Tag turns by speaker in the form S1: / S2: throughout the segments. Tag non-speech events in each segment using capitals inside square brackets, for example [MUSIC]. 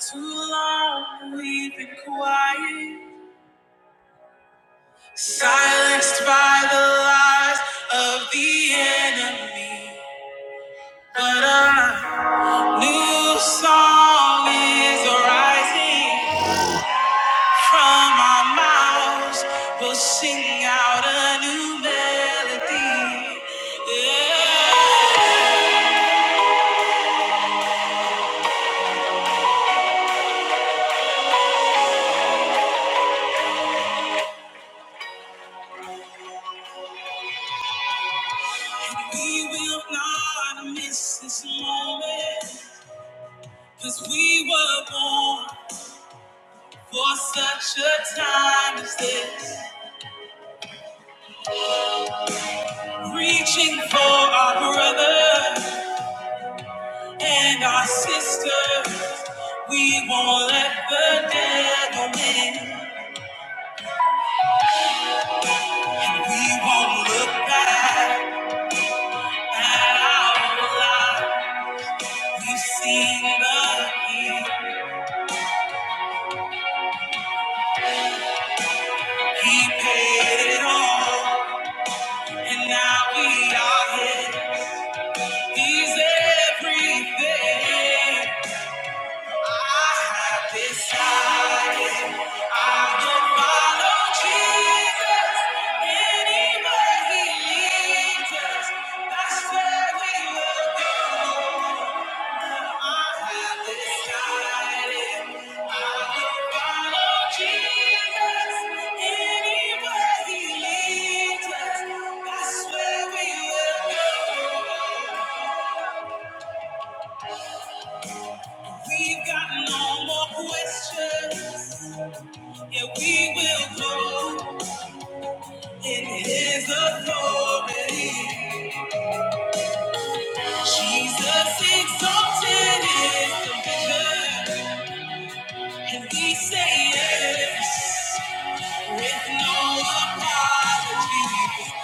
S1: Too long we've been quiet, silenced by the lies of the enemy. But a new song is arising from our mouths. We'll sing out a new melody. Yeah. We will not miss this moment, 'cause we were born. For such a time as this, reaching for our brothers and our sisters, we won't let the devil win. We won't look back at our lives. We've seen the King. He paid it all, and now we are His. He's everything. Decided I do follow Jesus anywhere he leads us. That's where we will go. I have decided I do follow Jesus anywhere he leads us. That's where we will go. We've got no more questions. Yeah, we will go. In his authority, Jesus exalted is the vision, and we say yes with no apology.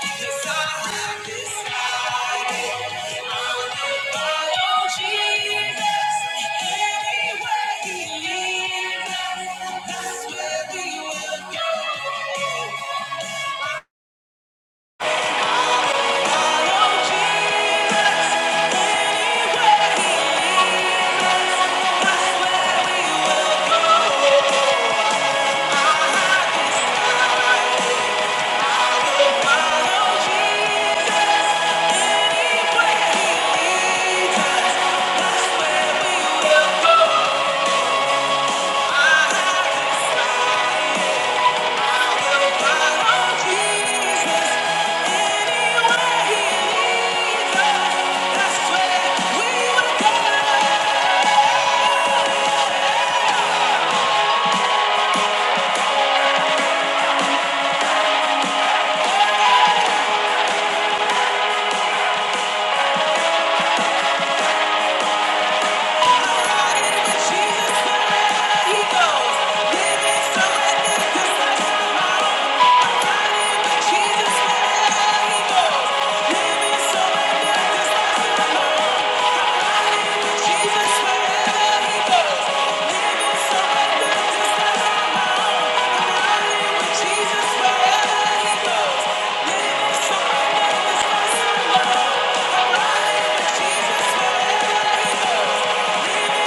S1: Because I have decided I will follow Jesus anywhere he leads us. That's where we will go. That's where we will go. Jesus, wherever he goes. Jesus.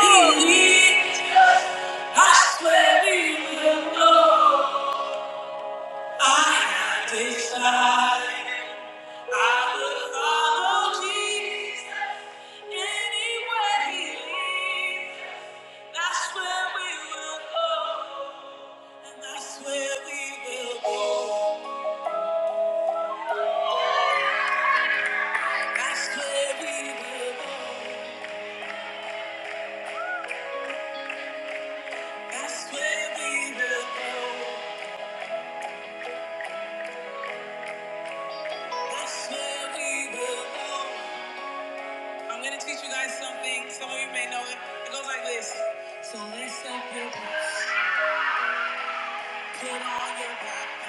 S1: He leads us, I swear he will know. I decided I will follow Jesus anywhere He leads. That's where we will go, and that's where we will go. That's where we will go. That's where we will go. That's where we will go. I'm gonna teach you guys something. Some of you may know it. It goes like this. So lace up your boots, put on your backpack.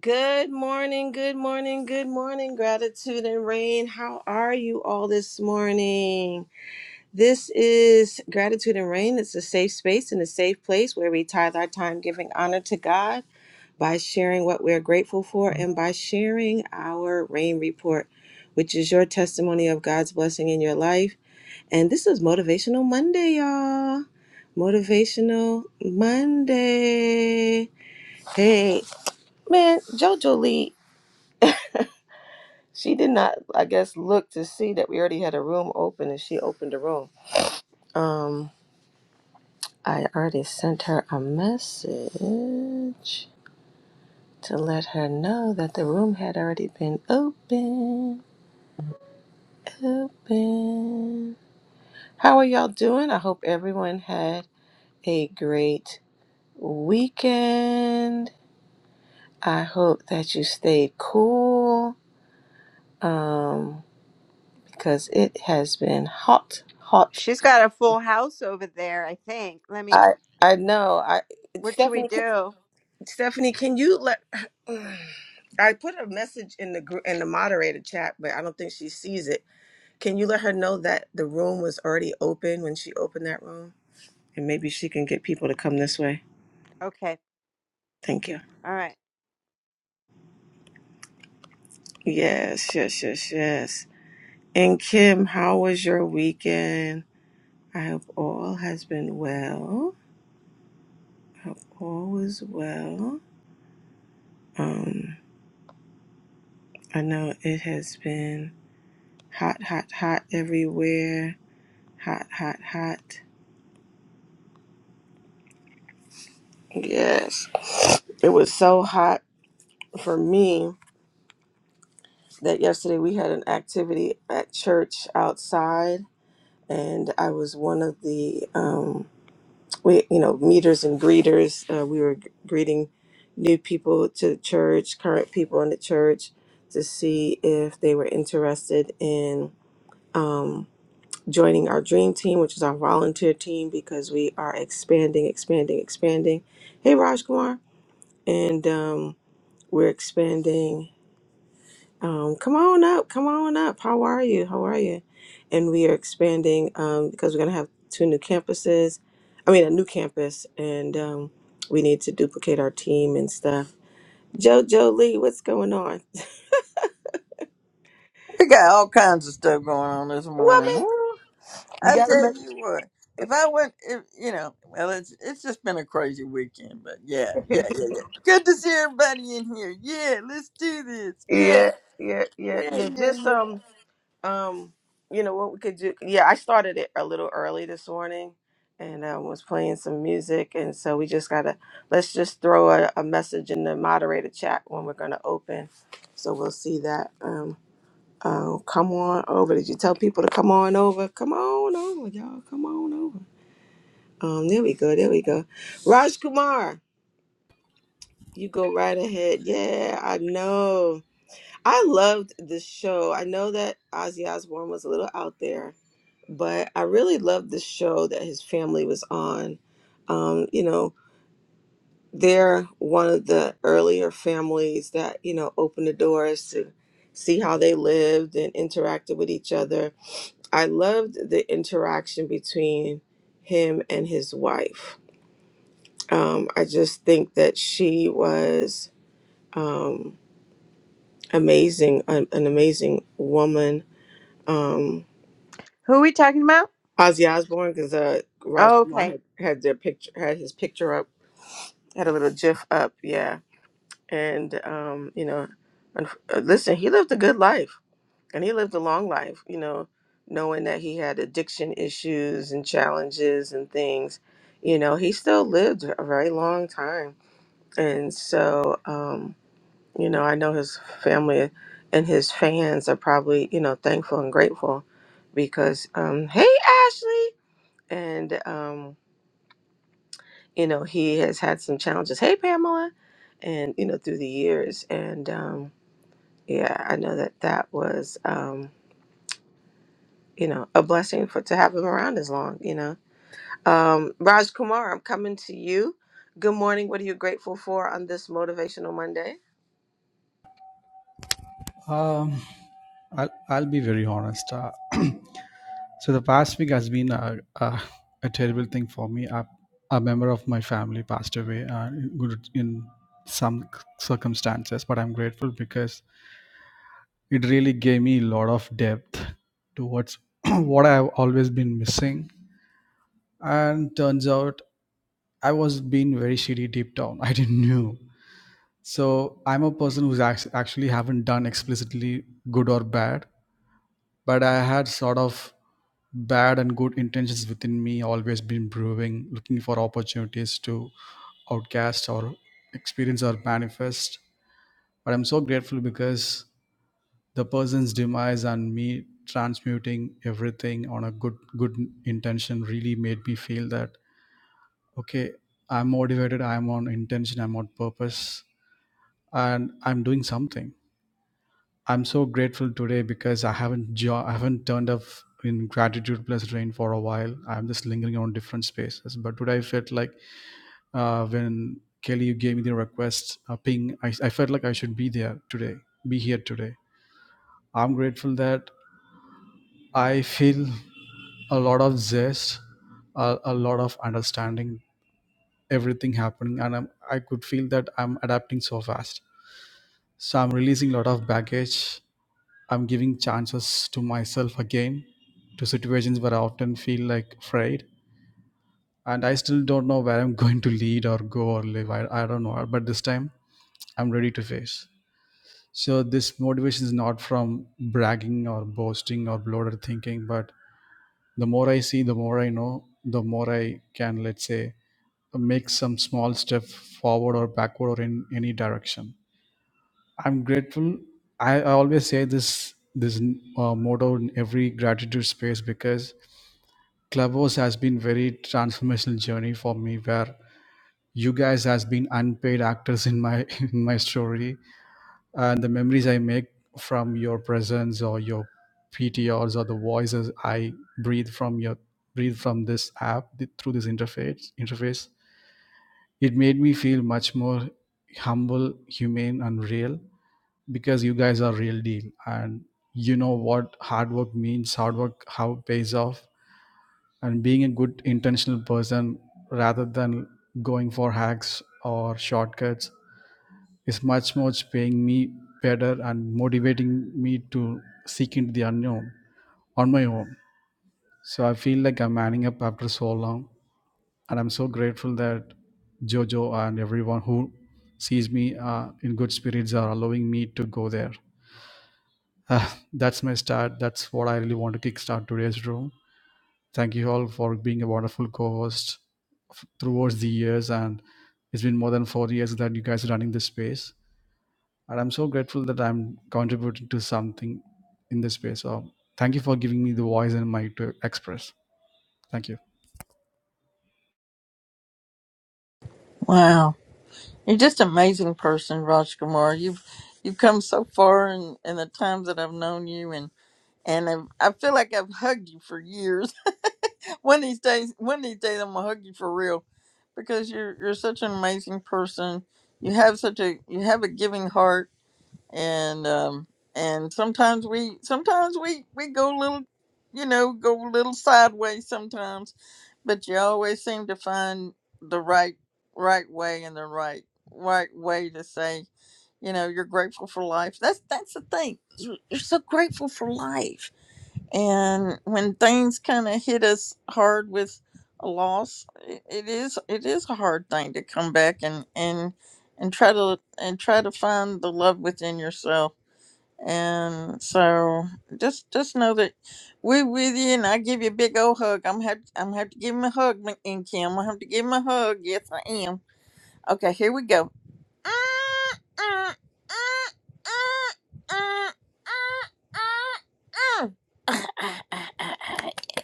S1: Good morning, good morning, good morning, gratitude and rain. How are you all this morning? This is gratitude and rain. It's a safe space and a safe place where we tithe our time giving honor to God by sharing what we're grateful for and by sharing our rain report, which is your testimony of God's blessing in your life. And this is Motivational Monday, y'all. Motivational Monday. Hey, man, JoJo Lee, she did not, I guess, look to see that we already had a room open and she opened the room. Um, I already sent her a message to let her know that the room had already been open. Open. How are y'all doing? I hope everyone had a great weekend. I hope that you stayed cool um, because it has been hot, hot.
S2: She's got a full house over there, I think. Let me,
S1: I I know. I
S2: what should we
S1: Stephanie, can-
S2: do?
S1: Stephanie, can you let? [CLEARS THROAT] I put a message in the group in the moderator chat, but I don't think she sees it. Can you let her know that the room was already open when she opened that room, and maybe she can get people to come this way?
S2: Okay.
S1: Thank you.
S2: All right.
S1: Yes, yes, yes, yes. And Kim, how was your weekend? I hope all has been well. Hope all is well. Um, I know it has been hot, hot, hot everywhere. Hot, hot, hot. Yes. It was so hot for me that yesterday we had an activity at church outside, and I was one of the, um, we, you know, meters and greeters. Uh, we were greeting new people to the church, current people in the church, to see if they were interested in. um, joining our dream team, which is our volunteer team, because we are expanding, expanding, expanding. Hey, Raj Kumar. And um, we're expanding. Um, come on up. Come on up. How are you? How are you? And we are expanding um, because we're going to have two new campuses. I mean, a new campus. And um, we need to duplicate our team and stuff. JoJo Lee, what's going on?
S3: We got all kinds of stuff going on this morning.
S1: Woman,
S3: Woo.
S1: you
S3: I
S1: got to
S3: tell
S1: make
S3: you what, if I went, if, you know, well, it's it's just been a crazy weekend, but yeah, yeah,
S1: [LAUGHS]
S3: yeah, yeah. Good to see everybody in here. Yeah, let's do this. Yeah,
S1: Yeah, yeah, yeah,
S3: yeah,
S1: yeah.
S3: yeah,
S1: Just,
S3: yeah.
S1: um, Um, you know what we could do? Yeah, I started it a little early this morning, and um, was playing some music, and so we just gotta let's just throw a, a message in the moderator chat when we're gonna open, so we'll see that. Um, uh, come on over. Did you tell people to come on over? Come on over, y'all. Come on over. Um, there we go. There we go. Raj Kumar, you go right ahead. Yeah, I know. I loved this show. I know that Ozzy Osbourne was a little out there, but I really loved the show that his family was on. Um, you know, they're one of the earlier families that, you know, opened the doors to see how they lived and interacted with each other. I loved the interaction between him and his wife. Um, I just think that she was um, amazing, an, an amazing woman. Um,
S2: Who are we talking about?
S1: Ozzy Osbourne because uh, Raj
S2: Oh,
S1: Kumar
S2: okay.
S1: had, had their picture, had his picture up, had a little GIF up, yeah. And um, you know, and, uh, listen, he lived a good life, and he lived a long life. You know, knowing that he had addiction issues and challenges and things, you know, he still lived a very long time. And so, um, you know, I know his family and his fans are probably you know thankful and grateful because, um, hey, Ashley, and um you know, he has had some challenges. Hey, Pamela, and you know, through the years, and um, yeah, I know that that was, um, you know, a blessing for to have him around as long. You know, um, Raj Kumar, I'm coming to you. Good morning. What are you grateful for on this motivational Monday?
S4: Um, I'll, I'll be very honest. Uh, [CLEARS THROAT] so the past week has been a, a, a terrible thing for me. A, a member of my family passed away uh, in good- in some circumstances, but I'm grateful because it really gave me a lot of depth towards [CLEARS THROAT] what I've always been missing. And turns out I was being very shitty deep down. [LAUGHS] I didn't know. So I'm a person who's act- actually haven't done explicitly good or bad. but I had sort of bad and good intentions within me always been brewing, looking for opportunities to outcast or experience or manifest. But I'm so grateful because the person's demise and me transmuting everything on a good good intention really made me feel that okay, I'm motivated, I'm on intention, I'm on purpose, and I'm doing something. I'm so grateful today because I haven't jo- I haven't turned off in gratitude plus rain for a while. I'm just lingering on different spaces. But today I felt like uh, when Kelly you gave me the request uh, ping, I, I felt like I should be there today, be here today. I'm grateful that I feel a lot of zest, a, a lot of understanding, everything happening, and I'm, I could feel that I'm adapting so fast. So I'm releasing a lot of baggage I'm giving chances to myself again to situations where I often feel like afraid and I still don't know where I'm [LAUGHS] going to lead or go or live. I, I don't know, but this time I'm ready to face. So this motivation is not from bragging or boasting or bloated thinking, but the more I see, the more I know, the more I can, let's say, make some small step forward or backward or in any direction I'm grateful. I, I always say this this uh, motto in every gratitude space because Clubhouse has been very transformational journey for me where you guys has been unpaid actors in my [LAUGHS] in my story and the memories I make from your presence or your PTRs or the voices I breathe from your breathe from this app th- through this interface interface it made me feel much more humble humane and real because you guys are real deal and you know what hard work means hard work how it pays off and being a good intentional person rather than going for hacks or shortcuts is much much paying me better and motivating me to seek into the unknown on my own so i feel like i'm manning up after so long and i'm so grateful that jojo and everyone who sees me uh, in good spirits are allowing me to go there Ah, that's my start. That's what I really want to kickstart today's room. Thank you all for being a wonderful co-host f- throughout the years, and it's been more than four years that you guys are running this space. And I'm so grateful that I'm contributing to something in this space. So thank you for giving me the voice and mic to express. Thank you.
S3: Wow, you're just an amazing person, Raj Kumar. You've you've come so far in in the times that I've known you, and and I've, I feel like I've hugged you for years. One of these days, one of these days, I'm gonna hug you for real, because you're you're such an amazing person. You have such a you have a giving heart, and um and sometimes we sometimes we we go a little, you know, go a little sideways sometimes, but you always seem to find the right right way and the right right way to say you know you're grateful for life. That's that's the thing. You're, you're so grateful for life and when things kind of hit us hard with a loss it, it is it is a hard thing to come back and and and try to and try to find the love within yourself and so just just know that we're with you and i give you a big old hug i'm have i'm have to give him a hug Ma- and kim i have to give him a hug yes i am okay here we go [LAUGHS]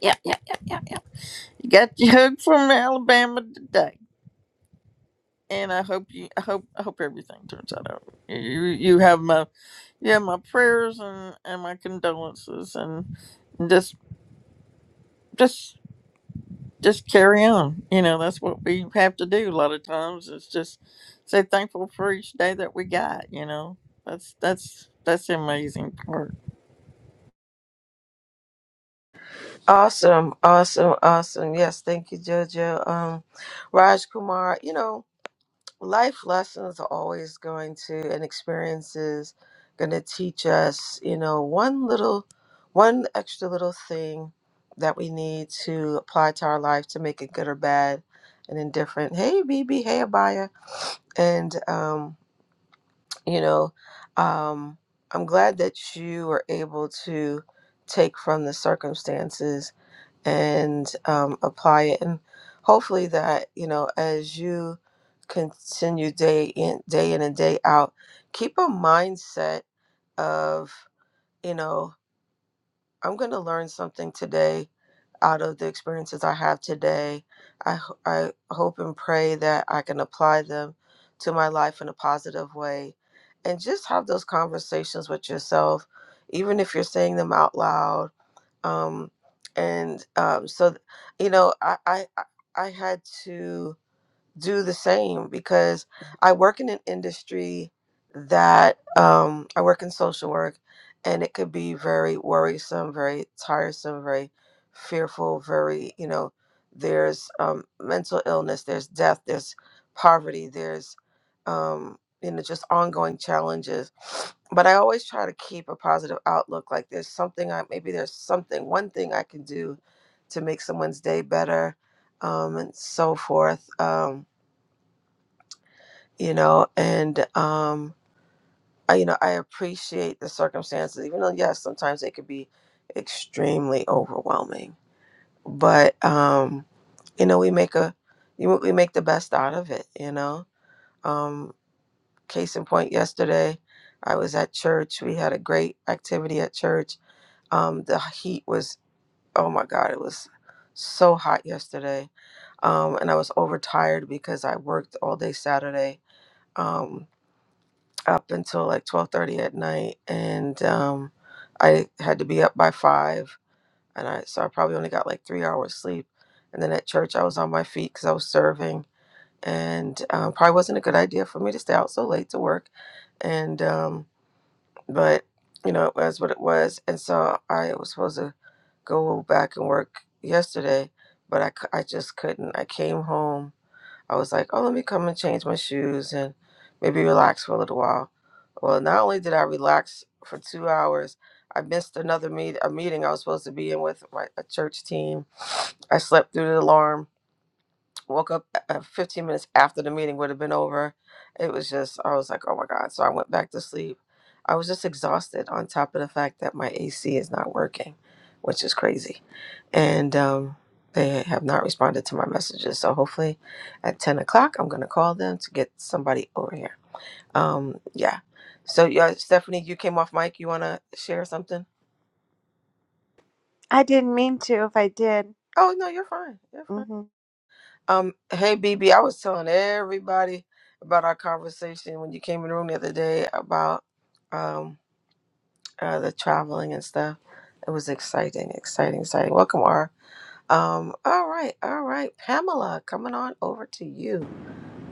S3: Yeah, yeah, yeah, yeah, yeah. You got your hug from Alabama today, and I hope you, I hope, I hope everything turns out. all right. You, you have my, you have my prayers and and my condolences, and just, just. just carry on. You know, that's what we have to do a lot of times. It's just say thankful for each day that we got. You know, that's that's that's the amazing part.
S1: Awesome, awesome, awesome. Yes, thank you, Jojo. Um, Raj Kumar, you know. life lessons are always going to and experiences going to teach us you know one little one extra little thing that we need to apply to our life to make it good or bad and indifferent hey bb hey abaya and um you know um i'm glad that you were able to take from the circumstances and um, apply it. And hopefully that, you know, as you continue day in, day in and day out, keep a mindset of, you know, I'm going to learn something today out of the experiences I have today. I, ho- I hope and pray that I can apply them to my life in a positive way. And just have those conversations with yourself, even if you're saying them out loud um, and um, so th- you know I, I I I had to do the same because I work in an industry that um, I work in social work and it could be very worrisome, very tiresome, very fearful, very, you know, there's um, mental illness, there's death, there's poverty, there's, um, you know, just ongoing challenges. But I always try to keep a positive outlook. Like there's something I, maybe there's something, one thing I can do to make someone's day better um, and so forth. Um, you know and um i you know i appreciate the circumstances even though yes sometimes they could be extremely overwhelming but um you know we make a you know, we make the best out of it you know um case in point yesterday i was at church we had a great activity at church um the heat was oh my god it was so hot yesterday um and i was overtired because i worked all day saturday Um up until like 12:30 at night and um I had to be up by 5 and I so I probably only got like 3 hours sleep and then at church I was on my feet cuz I was serving and um, probably wasn't a good idea for me to stay out so late to work and um but you know it was what it was and so I was supposed to go back and work yesterday but I cou- I just couldn't I came home I was like, oh, let me come and change my shoes and maybe relax for a little while. Well, not only did I relax for two hours, I missed another meet a meeting I was supposed to be in with my, a church team. I slept through the alarm woke up uh, 15 minutes after the meeting would have been over. It was just, I was like, oh my God. So I went back to sleep. I was just exhausted on top of the fact that my AC is not working, which is crazy. And um, they have not responded to my messages. So hopefully at 10 o'clock, I'm going to call them to get somebody over here. Um, yeah. So, yeah, Stephanie, you came off mic. You want to share something?
S2: I didn't mean to if I did.
S1: Oh, no, you're fine. You're fine.
S2: hmm
S1: Um, hey BB, I was telling everybody about our conversation when you came in the room the other day about um uh, the traveling and stuff. It was exciting, exciting, exciting. Welcome, R. Um, all right, all right, Pamela, coming on over to you.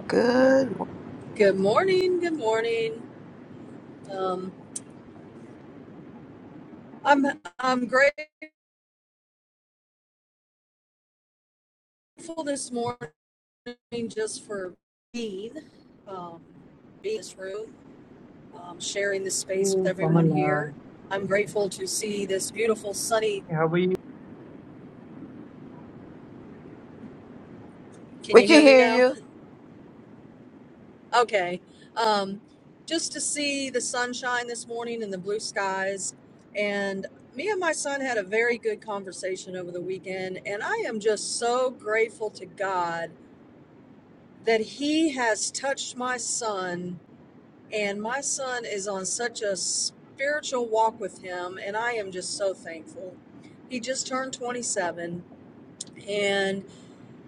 S1: Good. mo-
S5: Good morning. Good morning. Um, I'm I'm grateful this morning just for being um, being in this room, um, sharing this space
S6: Hey
S5: with everyone
S6: Pamela,
S5: here. I'm grateful to see this beautiful sunny.
S6: how are you?
S5: Can
S1: We
S5: you
S1: can
S5: hear me
S1: hear
S5: now? [LAUGHS]
S1: you.
S5: Okay. Um, just to see the sunshine this morning and the blue skies. And me and my son had a very good conversation over the weekend, and I am just so grateful to God that he has touched my son and my son is on such a spiritual walk with him and i am just so thankful he just turned 27 and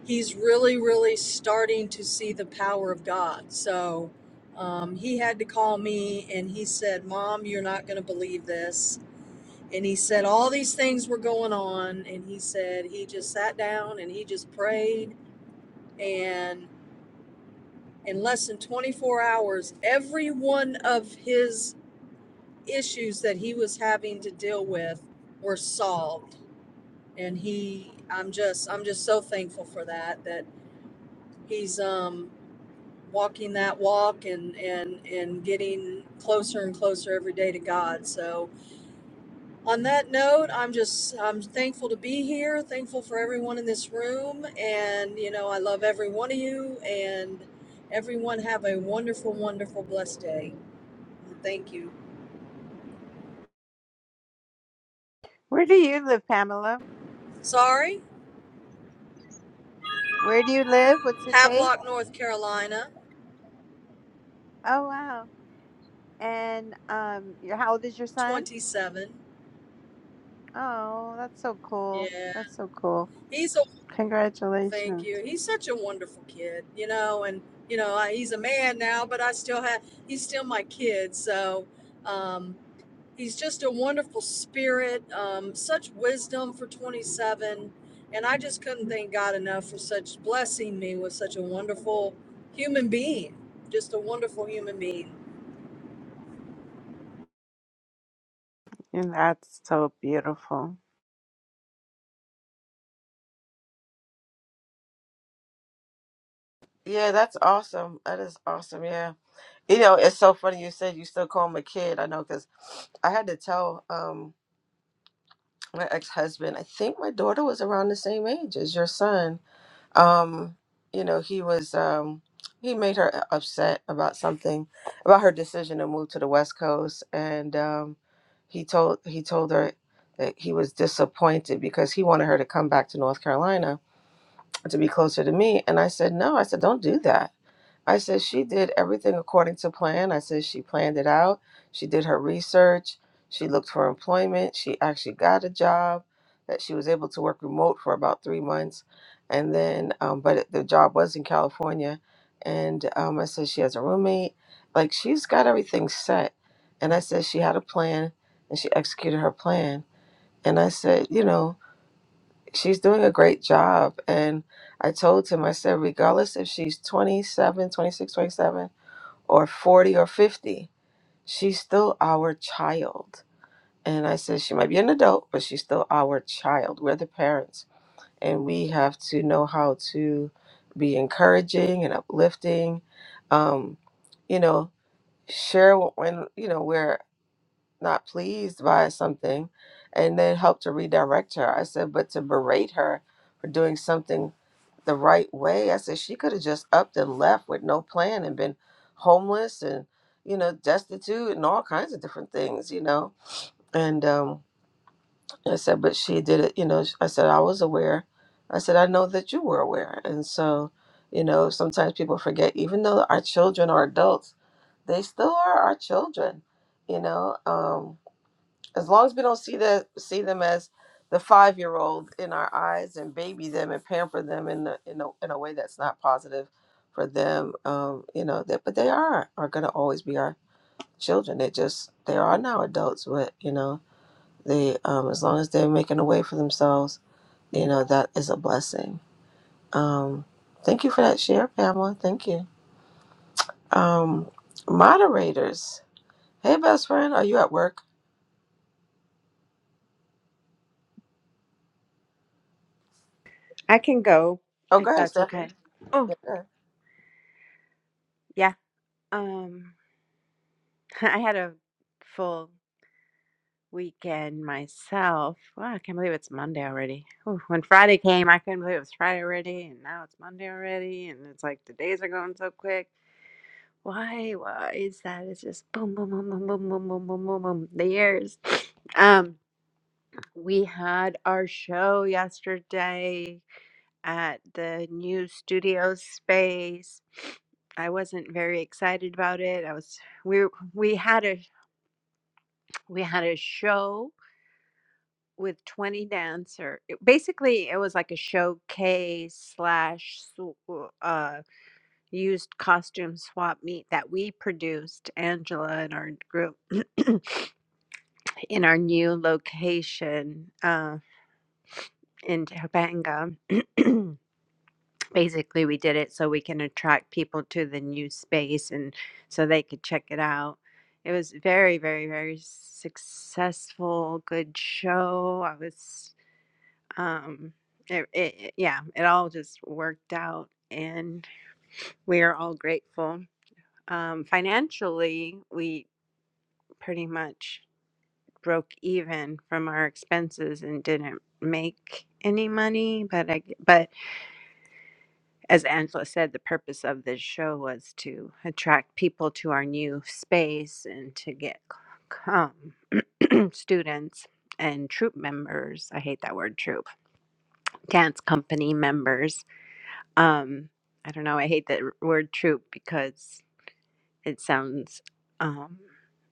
S5: he's really really starting to see the power of god so um, he had to call me and he said mom you're not going to believe this and he said all these things were going on and he said he just sat down and he just prayed and." in less than 24 hours every one of his issues that he was having to deal with were solved and he i'm just i'm just so thankful for that that he's um walking that walk and and and getting closer and closer every day to god so on that note i'm just i'm thankful to be here thankful for everyone in this room and you know i love every one of you and everyone have a wonderful wonderful blessed day Thank you.
S2: Where do you live, Pamela?
S5: Sorry,
S2: Where do you live? What's the date?
S5: Havelock, North Carolina,
S2: Oh, wow. And um, your, how old is your son?
S5: 27.
S2: Oh, that's so cool.
S5: Yeah,
S2: That's so cool.
S5: he's a thank
S2: Congratulations.
S5: you. He's such a wonderful kid, you know, and you know I, he's a man now, but I still have he's still my kid. So um, he's just a wonderful spirit, um, such wisdom for 27, and I just couldn't thank God enough for such blessing me with such a wonderful human being, just a wonderful human being.
S2: And that's so beautiful.
S1: Yeah, that's awesome. That is awesome. Yeah, you know, it's so funny you said you still call him a kid. I know because I had to tell um my ex husband. I think my daughter was around the same age as your son um you know he was um he made her upset about something about her decision to move to the west coast and um he told he told her that he was disappointed because he wanted her to come back to north carolina to be closer to me and i said no i said don't do that I said she did everything according to plan. I said she planned it out. She did her research. She looked for employment. She actually got a job that she was able to work remote for about three months. And then, um, but it- the job was in California. And um, I said she has a roommate. Like she's got everything set. And I said she had a plan and she executed her plan. And I said, you know, she's doing a great job. And I told him, I said, regardless if she's 27, 26, 27 or 40 or 50, she's still our child. And I said, she might be an adult, but she's still our child. We're the parents, and we have to know how to be encouraging and uplifting. Um, you know, share when, you know, where not pleased by something and then help to redirect her. I said, but to berate her for doing something the right way, I said, she could have just upped and left with no plan and been homeless and, you know, destitute and all kinds of different things, you know. And um, I said, but she did it, you know, sh- I said, I was aware. I said, I know that you were aware. And so, you know, sometimes people forget, even though our children are adults, they still are our children, you know. Um, as long as we don't see the see them as the five year old in our eyes and baby them and pamper them in the, in a in a way that's not positive for them, um, you know that. But they are are going to always be our children. They just they are now adults, but you know they um, as long as they're making a way for themselves, you know that is a blessing. Um, thank you for that share, Pamela. Thank you, um, moderators. Hey, best friend, are you at work?
S2: I can go
S1: Oh,
S2: if
S1: go ahead,
S2: that's
S1: Stephanie.
S2: okay. Oh,
S1: Yeah, go ahead.
S2: yeah. Um, [LAUGHS] I had a full weekend myself. Wow, I can't believe it's Monday already. Whew, when Friday came, I couldn't believe it was Friday already, and now it's Monday already, and it's like the days are going so quick. Why? Why is that? It's just boom, boom, boom, boom, boom, boom, boom, boom, boom, boom. The years. [SNIFFS] Um, we had our show yesterday at the new studio space. [SNIFFS] I wasn't very excited about it. I was we we had a we had a show with 20 dancer it- basically it was like a showcase slash sw- uh used costume swap meet that we produced angela and our group [CLEARS THROAT] in our new location uh in Topanga. [CLEARS THROAT] basically we did it so we can attract people to the new space and so they could check it out it was very very very successful good show i was um it, it it- yeah it all just worked out and we're all grateful um financially we pretty much broke even from our expenses and didn't make any money but i but as angela said the purpose of this show was to attract people to our new space and to get um, [CLEARS THROAT] students and troop members i hate that word troop dance company members Um, I don't know. I hate that r- word troop because it sounds um,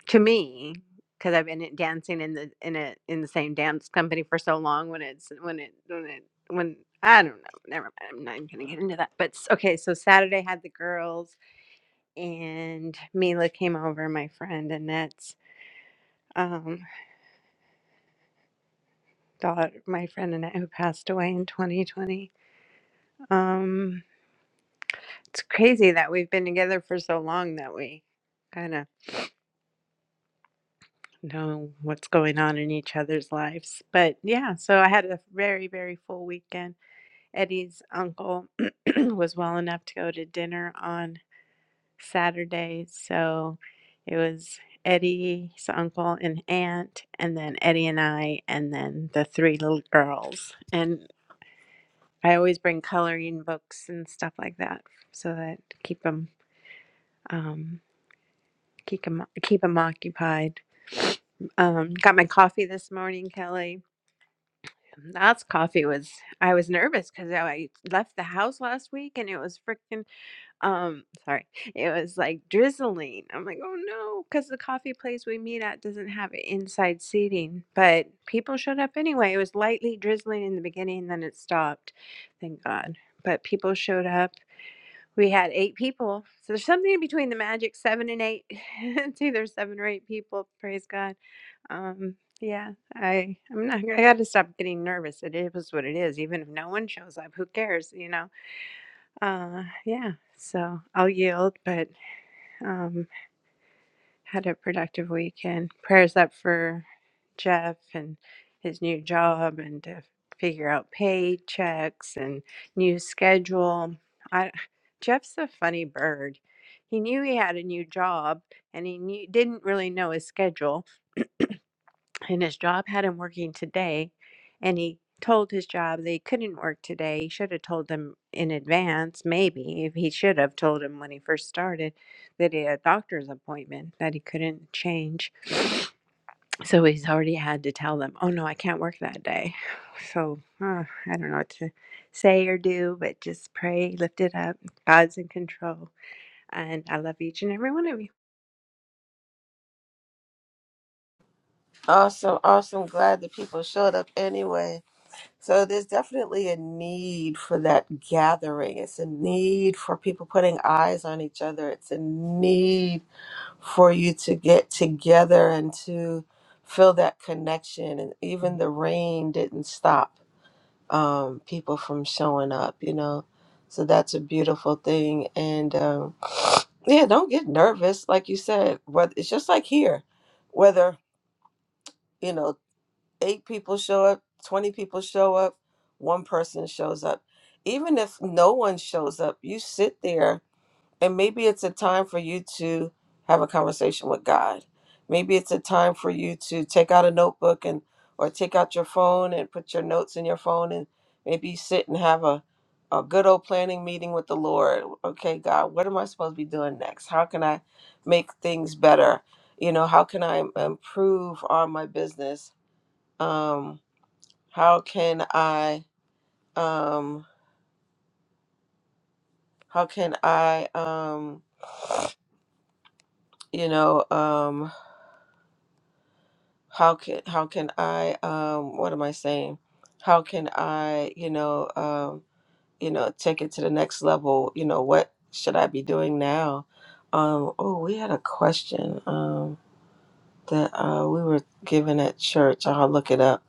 S2: to me because I've been in- dancing in the in a in the same dance company for so long. When it's when it when it when I don't know. Never mind. I'm not even gonna get into that. But s- okay, so Saturday had the girls and Mila came over. My friend Annette's um, daughter, my friend Annette, who passed away in 2020. Um, it's crazy that we've been together for so long that we kind of know what's going on in each other's lives. But yeah, so I had a very, very full weekend. Eddie's uncle [CLEARS THROAT] was well enough to go to dinner on Saturday. So it was Eddie's uncle and aunt, and then Eddie and I, and then the three little girls. And I always bring coloring books and stuff like that so that keep them um, keep them keep them occupied. Um, got my coffee this morning, Kelly That's coffee was I was nervous because I left the house last week and it was freaking um sorry it was like drizzling. I'm like oh no because the coffee place we meet at doesn't have inside seating, but people showed up anyway. It was lightly drizzling in the beginning, then it stopped. Thank God. But people showed up. We had eight people, so there's something in between the magic seven and eight. [LAUGHS] it's either seven or eight people. Praise God um, yeah, I I'm not I got to stop getting nervous. It is what it is. Even if no one shows up, who cares, you know? Uh, yeah. So I'll yield, but um, had a productive weekend. Prayers up for Jeff and his new job, and to figure out paychecks and new schedule. I Jeff's a funny bird. He knew he had a new job, and he knew, didn't really know his schedule and his job had him working today and he told his job they couldn't work today he should have told them in advance maybe if he should have told him when he first started that he had a doctor's appointment that he couldn't change [SNIFFS] so he's already had to tell them oh no i can't work that day [SIGHS] so uh, i don't know what to say or do but just pray lift it up god's in control and i love each and every one of you
S1: Awesome, awesome. Glad that people showed up anyway. So there's definitely a need for that gathering. It's a need for people putting eyes on each other. It's a need for you to get together and to feel that connection. And even the rain didn't stop um, people from showing up, you know. So that's a beautiful thing. And um, yeah, don't get nervous. Like you said, whether, it's just like here, whether, you know, eight people show up, 20 people show up, one person shows up. Even if no one shows up, you sit there and maybe it's a time for you to have a conversation with God. Maybe it's a time for you to take out a notebook and or take out your phone and put your notes in your phone and maybe sit and have a a good old planning meeting with the Lord. Okay, God, what am I supposed to be doing next? How can I make things better? You know, how can I improve on my business? Um, how can I um how can I um you know um how can how can I um what am I saying? How can I, you know, um, you know, take it to the next level? You know, what should I be doing now? Um, oh, we had a question um that uh we were given at church. I'll look it up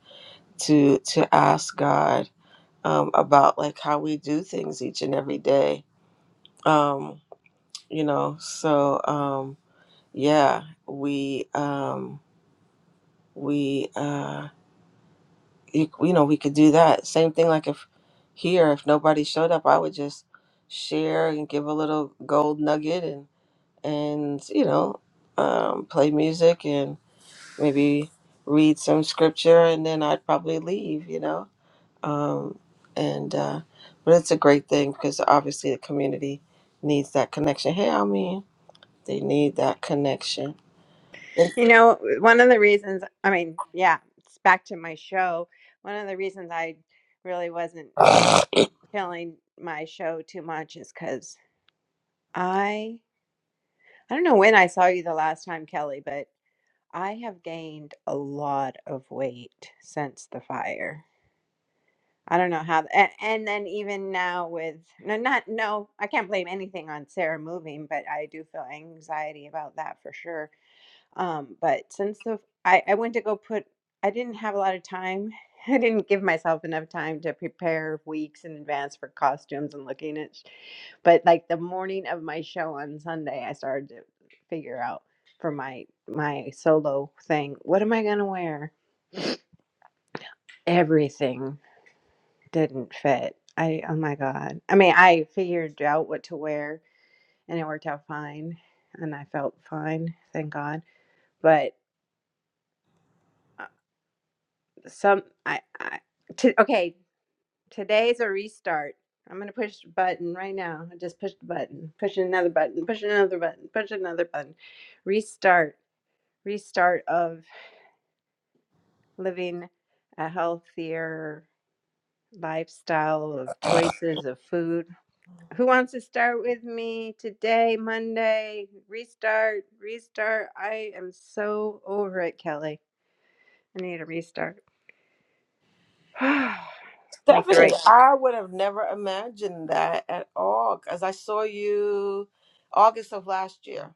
S1: to to ask God um about like how we do things each and every day. Um you know so um yeah we um we uh you, you know we could do that same thing like if here if nobody showed up i would just share and give a little gold nugget and and you know um play music and maybe read some scripture and then i'd probably leave you know um and uh but it's a great thing because obviously the community needs that connection hey i mean they need that connection
S2: You know, one of the reasons, I mean, yeah, it's back to my show. One of the reasons I really wasn't feeling my show too much is because I, I don't know when I saw you the last time, Kelly, but I have gained a lot of weight since the fire. I don't know how, and, and then even now with, no, not, no, I can't blame anything on Sarah moving, but I do feel anxiety about that for sure Um, but since the I, I went to go put, I didn't have a lot of time. [LAUGHS] I didn't give myself enough time to prepare weeks in advance for costumes and looking at. sh- But like the morning of my show on Sunday, I started to figure out for my my solo thing, what am I gonna wear? Everything didn't fit. I oh my god. I mean, I figured out what to wear, and it worked out fine, and I felt fine, thank God. But some I, I t- okay today's a restart i'm gonna push the button right now i just pushed the button Push another button Push another button Push another button restart restart of living a healthier lifestyle of choices of food who wants to start with me today monday restart restart i am so over it kelly i need a restart [SIGHS] make the
S1: Stephanie,
S2: right cho-
S1: I would have never imagined that at all because I saw you August of last year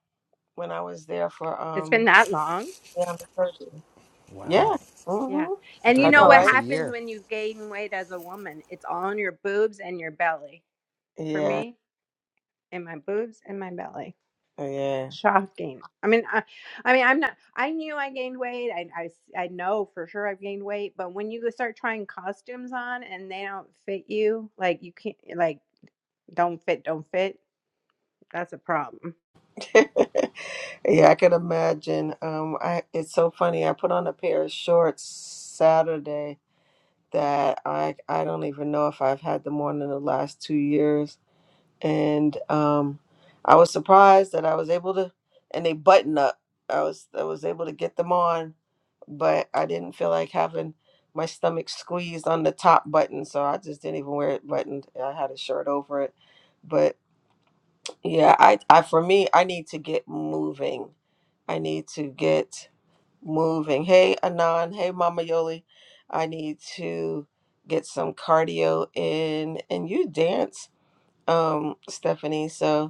S1: when I was there for
S2: it's been
S1: um
S2: that long
S1: yeah the surgery. Yeah.
S7: Wow.
S2: Yeah.
S1: Mm-hmm.
S7: It's
S2: And you
S1: I
S7: already been
S2: know
S1: know,
S2: what
S7: almost
S1: right?
S7: a
S2: happens
S7: year.
S2: when you gain weight as a woman? It's all in your boobs and your belly. For
S1: Yeah.
S2: me, in my boobs and my belly.
S1: Yeah.
S2: Shocking. I mean, I, I mean, I'm not. I knew I gained weight. I, I, s- I know for sure I've gained weight. But when you start trying costumes on and they don't fit you, like you can't, like don't fit, don't fit. That's a problem.
S1: [LAUGHS] yeah, I could imagine. Um I it's so funny. I put on a pair of shorts Saturday that I I don't even know if I've had them on in the last 2 years and um, I was surprised that I was able to. And they button up. I was I was able to get them on, but I didn't feel like having my stomach squeezed on the top button, so I just didn't even wear it buttoned. I had a shirt over it, but yeah, I I for me I need to get moving. I need to get moving. Hey Anon, hey Mama Yoli, I need to get some cardio in, and you dance, um, Stephanie. So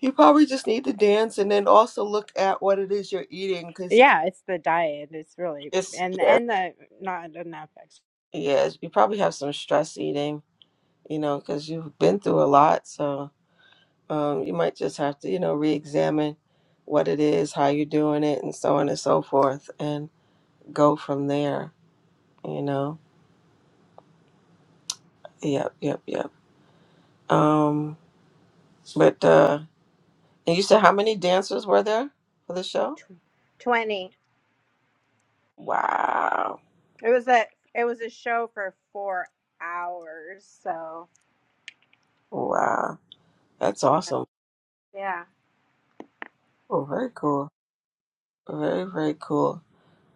S1: You probably just need to dance and then also look at what it is you're eating because
S2: Yeah, it's the diet. It's really
S1: it's,
S2: and
S1: yeah.
S2: and the not enough. ex-
S1: yeah, you probably have some stress eating, you know, because you've been through a lot. So um, you might just have to, you know, re examine what it is, how you're doing it, and so on and so forth, and go from there, you know. Yep, yep, yep. Um, but, uh, and you said how many dancers were there for the show?
S2: Tw- Twenty.
S1: Wow.
S2: It was a it was a show for four hours. So
S1: Wow. That's
S2: yeah,
S1: awesome.
S2: yeah.
S1: Oh, very cool. Very, very cool.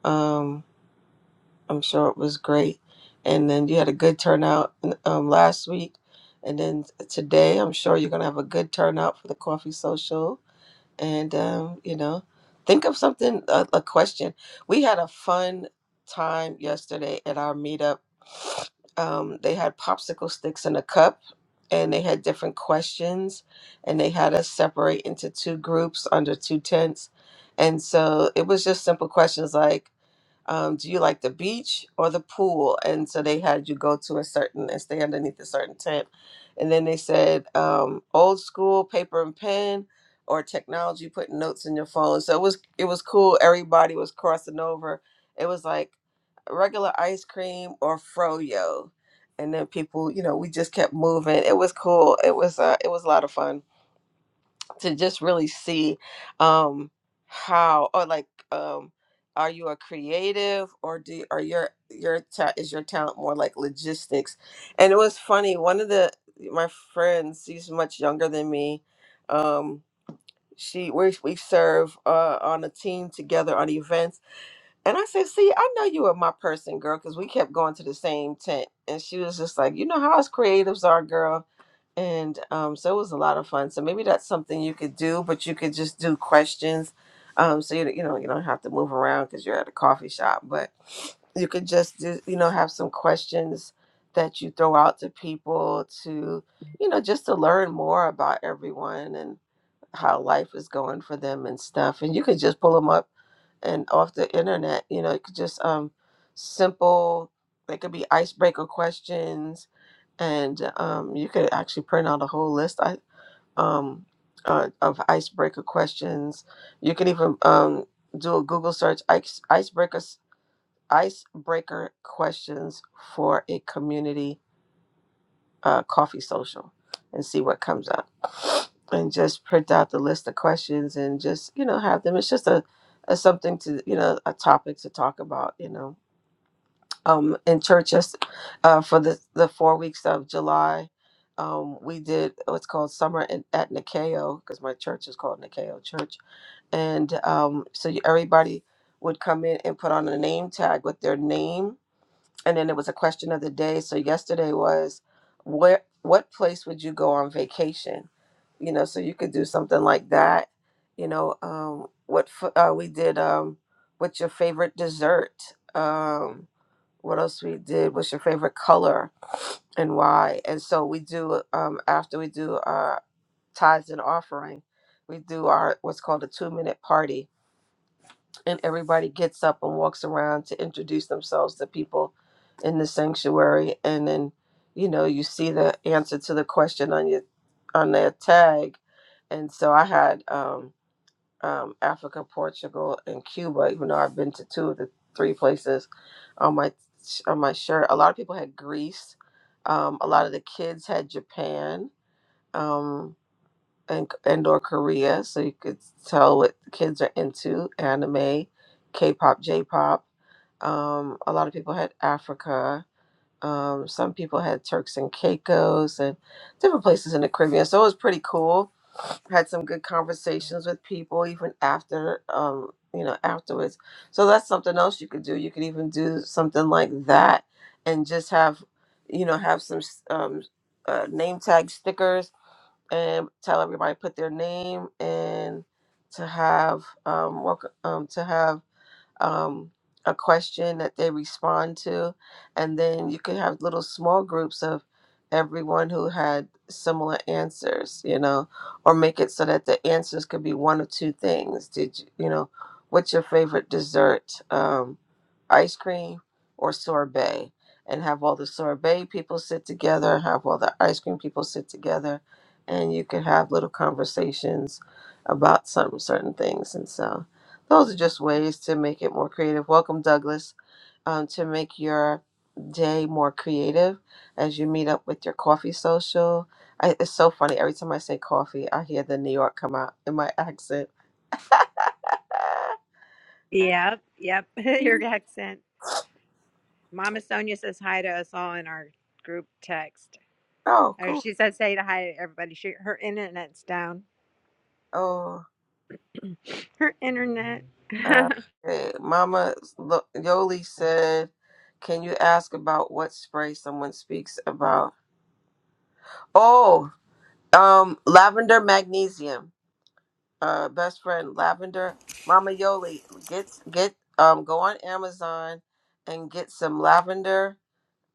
S1: Um, I'm sure it was great. And then you had a good turnout um, last week. And then today, I'm sure you're going to have a good turnout for the coffee social. And, um, you know, think of something, a, a question. We had a fun time yesterday at our meetup. Um, they had popsicle sticks in a cup and they had different questions and they had us separate into two groups under two tents. And so it was just simple questions like, um, do you like the beach or the pool? And so they had you go to a certain and stay underneath a certain tent. And then they said, um, old school paper and pen or technology, putting notes in your phone. So it was it was cool. Everybody was crossing over. It was like regular ice cream or froyo. And then people, you know, we just kept moving. It was cool. It was uh, it was a lot of fun to just really see um how or like um are you a creative or do are your your ta- is your talent more like logistics and it was funny one of the my friends she's much younger than me um she we, we serve uh, on a team together on events and i said see i know you are my person girl because we kept going to the same tent and she was just like you know how us creatives are girl and um, so it was a lot of fun. So maybe that's something you could do, but you could just do questions, um, so you you know you don't have to move around because you're at a coffee shop. But you could just do you know have some questions that you throw out to people to you know just to learn more about everyone and how life is going for them and stuff. And you could just pull them up and off the internet. You know, it could just um simple. They could be icebreaker questions, and um, you could actually print out a whole list I, um, uh, of icebreaker questions. You can even um, do a Google search ice, icebreaker icebreaker questions for a community uh, coffee social and see what comes up [SNIFFS] and just print out the list of questions and just you know have them it's just a, a something to you know a topic to talk about you know um in church just uh, for the the four weeks of july um, we did what's called summer in, at nikeo because my church is called nikeo church and um, so you, everybody would come in and put on a name tag with their name and then it was a question of the day. So yesterday was where what place would you go on vacation? You know, so you could do something like that. You know, um, what f- uh, we did. Um, what's your favorite dessert? Um, what else we did? What's your favorite color, and why? And so we do. Um, after we do our tithes and offering, we do our what's called a two minute party and everybody gets up and walks around to introduce themselves to people in the sanctuary and then you know you see the answer to the question on your on their tag and so i had um, um, africa portugal and cuba even though i've been to two of the three places on my on my shirt a lot of people had greece um, a lot of the kids had japan Um, and, and or Korea, so you could tell what kids are into: anime, K-pop, J-pop. Um, a lot of people had Africa. Um, some people had Turks and Caicos and different places in the Caribbean. So it was pretty cool. Had some good conversations with people even after, um, you know, afterwards. So that's something else you could do. You could even do something like that and just have, you know, have some um, uh, name tag stickers and tell everybody put their name and to have um welcome um to have um, a question that they respond to. And then you could have little small groups of everyone who had similar answers, you know, or make it so that the answers could be one of two things. Did you, you know, what's your favorite dessert? Um, ice cream or sorbet? And have all the sorbet people sit together, have all the ice cream people sit together, and you could have little conversations about some certain things. And so, those are just ways to make it more creative. Welcome, Douglas, um, to make your day more creative as you meet up with your coffee social. I, it's so funny. Every time I say coffee, I hear the New York come out in my accent.
S2: Yep, yep. [LAUGHS] Your
S1: [LAUGHS]
S2: accent. Mama Sonia says hi to us all in our group text.
S1: oh,
S2: Or
S1: cool.
S2: she says say to hi to everybody. She her internet's down.
S1: Oh,
S2: Her internet.
S1: uh,
S2: [LAUGHS]
S1: hey, Mama look, Yoli said, can you ask about what spray someone speaks about? Oh, um, lavender magnesium uh best friend lavender mama yoli get get um go on amazon and get some lavender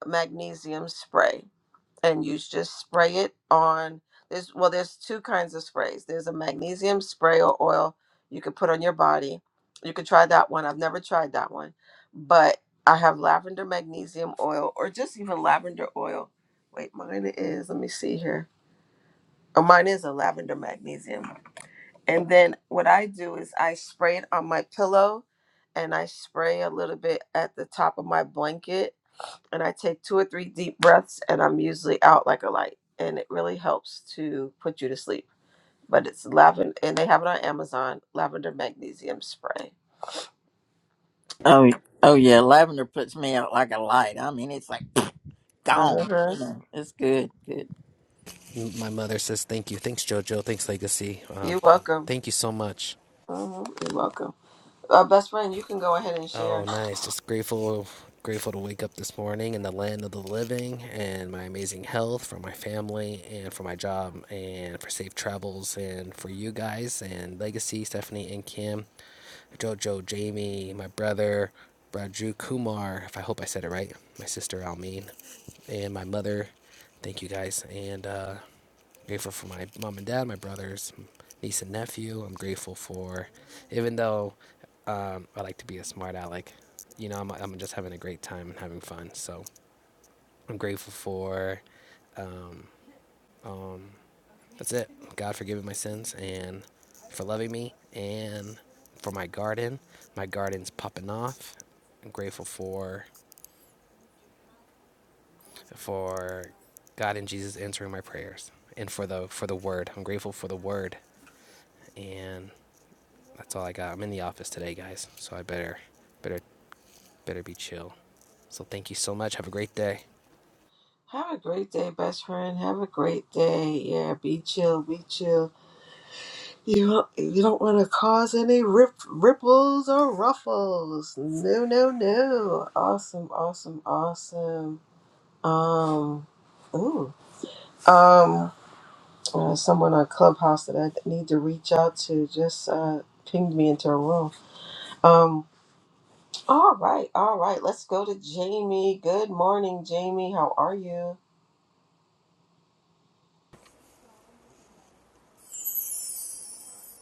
S1: magnesium spray and you just spray it on there's well there's two kinds of sprays there's a magnesium spray or oil you could put on your body you could try that one i've never tried that one but i have lavender magnesium oil or just even lavender oil wait mine is let me see here oh mine is a lavender magnesium and then what I do is I spray it on my pillow and I spray a little bit at the top of my blanket and I take two or three deep breaths and I'm usually out like a light and it really helps to put you to sleep. But it's lavender and they have it on Amazon, lavender magnesium spray.
S3: Oh, oh yeah, lavender puts me out like a light. I mean, it's like [CLEARS THROAT] gone.
S1: Uh-huh.
S3: You know, it's good, good.
S7: My mother says thank you. Thanks, JoJo. Thanks, Legacy. Um,
S1: You're welcome.
S7: thank you so much.
S1: Uh-huh. You're welcome. Uh, best friend, you can go ahead and
S7: Oh,
S1: share.
S7: nice. Just grateful, grateful to wake up this morning in the land of the living and my amazing health for my family and for my job and for safe travels and for you guys and Legacy, Stephanie, and Kim, JoJo, Jamie, my brother, Raju Kumar. If I hope I said it right. My sister Almeen, and my mother. Thank you guys. And uh, grateful for my mom and dad, my brothers, niece and nephew. I'm grateful for, even though um, I like to be a smart aleck, you know, I'm, I'm just having a great time and having fun. So I'm grateful for, um, that's it. God for giving my sins and for loving me and for my garden. My garden's popping off. I'm grateful for for God and Jesus answering my prayers and for the for the word. I'm grateful for the word and that's all I got. I'm in the office today, guys, so I better better better be chill. So thank you so much. Have a great day.
S1: Have a great day, best friend. Have a great day. Yeah, be chill, be chill. You don't, you don't want to cause any rip, ripples or ruffles. No, no, no. Awesome, awesome, awesome. Um, ooh. Um, uh, someone on Clubhouse that I need to reach out to just uh, pinged me into a room. Um, all right, all right. Let's go to Jamie. Good morning, Jamie. How are you?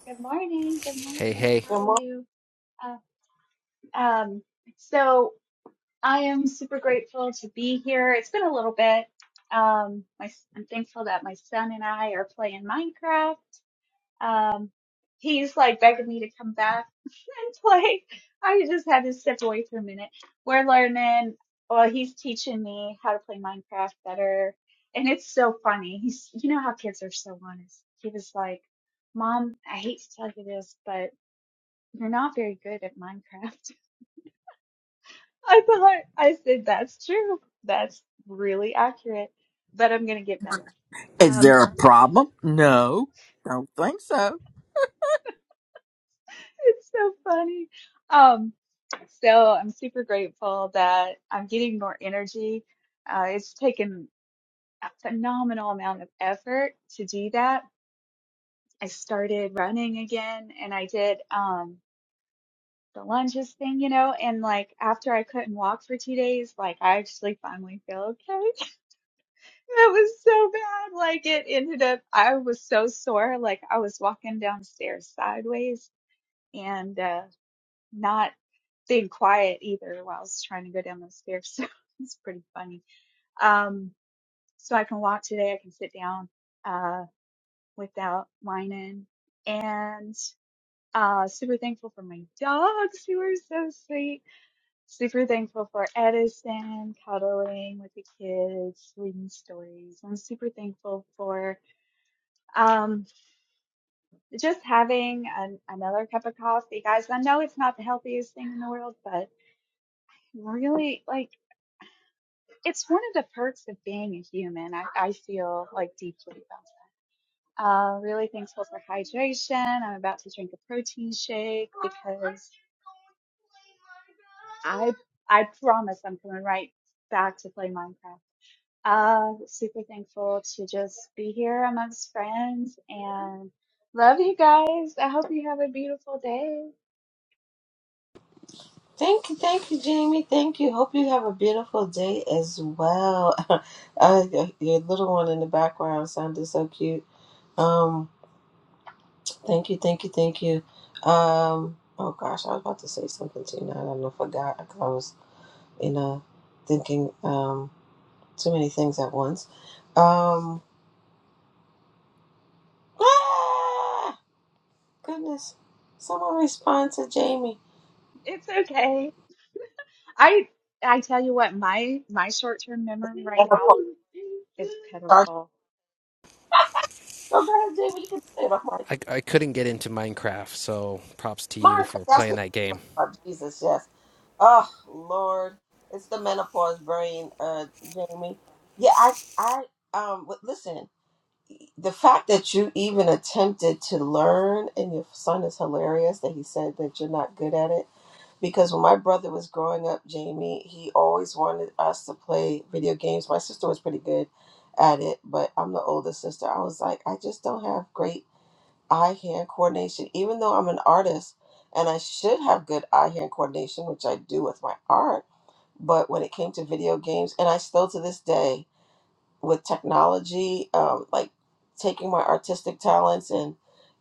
S8: Good morning. Good morning.
S7: Hey, hey.
S8: How
S1: Good
S8: are
S1: morning.
S8: you? Uh, um, so I am super grateful to be here. It's been a little bit. Um, my, I'm thankful that my son and I are playing Minecraft. Um, he's like begging me to come back and play. [LAUGHS] I just had to step away for a minute. We're learning. Well, he's teaching me how to play Minecraft better, and it's so funny. He's, you know how kids are so honest. He was like, "Mom, I hate to tell you this, but." You're not very good at Minecraft. [LAUGHS] I thought I said that's true. That's really accurate, but I'm gonna get better.
S3: Is
S8: Um,
S3: there a problem? No, don't think so.
S8: [LAUGHS] it's so funny. Um, so I'm super grateful that I'm getting more energy. Uh, it's taken a phenomenal amount of effort to do that. I started running again and I did um the lunges thing, you know, and like after I couldn't walk for two days, like I actually finally feel okay. That was so bad. Like it ended up, I was so sore. Like I was walking downstairs sideways and uh, not staying quiet either while I was trying to go down those stairs. [LAUGHS] So it's pretty funny. Um, so I can walk today. I can sit down uh, without whining. And uh, super thankful for my dogs who are so sweet. Super thankful for Edison cuddling with the kids, reading stories. I'm super thankful for. um. just having an, another cup of coffee, guys. I know it's not the healthiest thing in the world, but really, like, it's one of the perks of being a human. I, I feel like deeply about it. Uh, really thankful for hydration. I'm about to drink a protein shake because I I promise I'm coming right back to play Minecraft. Uh, super thankful to just be here amongst friends and love you guys. I hope you have a beautiful day.
S1: Thank you, thank you, Jamie. Thank you. Hope you have a beautiful day as well. [LAUGHS] uh, your your little one in the background sounded so cute. Um, thank you, thank you, thank you. Um, oh gosh, I was about to say something to you now. I don't know if I got because I was in a thinking um too many things at once. Um, ah, goodness, someone respond to Jamie.
S8: It's okay. I I tell you what, my my short term memory right
S1: And of
S8: now is
S1: course,
S8: pitiful.
S1: Go ahead, Jamie. You can say it. I'm like,
S7: I, I couldn't get into Minecraft, so props to you
S1: Monica,
S7: for
S1: that's
S7: playing
S1: what.
S7: that game.
S1: Oh, Jesus, yes. Oh Lord, it's the menopause brain, uh, Jamie. Yeah, I, I, um, but listen, the fact that you even attempted to learn, and your son is hilarious that he said that you're not good at it. Because when my brother was growing up, Jamie, he always wanted us to play video games. My sister was pretty good at it, but I'm the older sister. I was like, I just don't have great eye-hand coordination, even though I'm an artist and I should have good eye-hand coordination, which I do with my art but when it came to video games and i still to this day with technology um, like taking my artistic talents and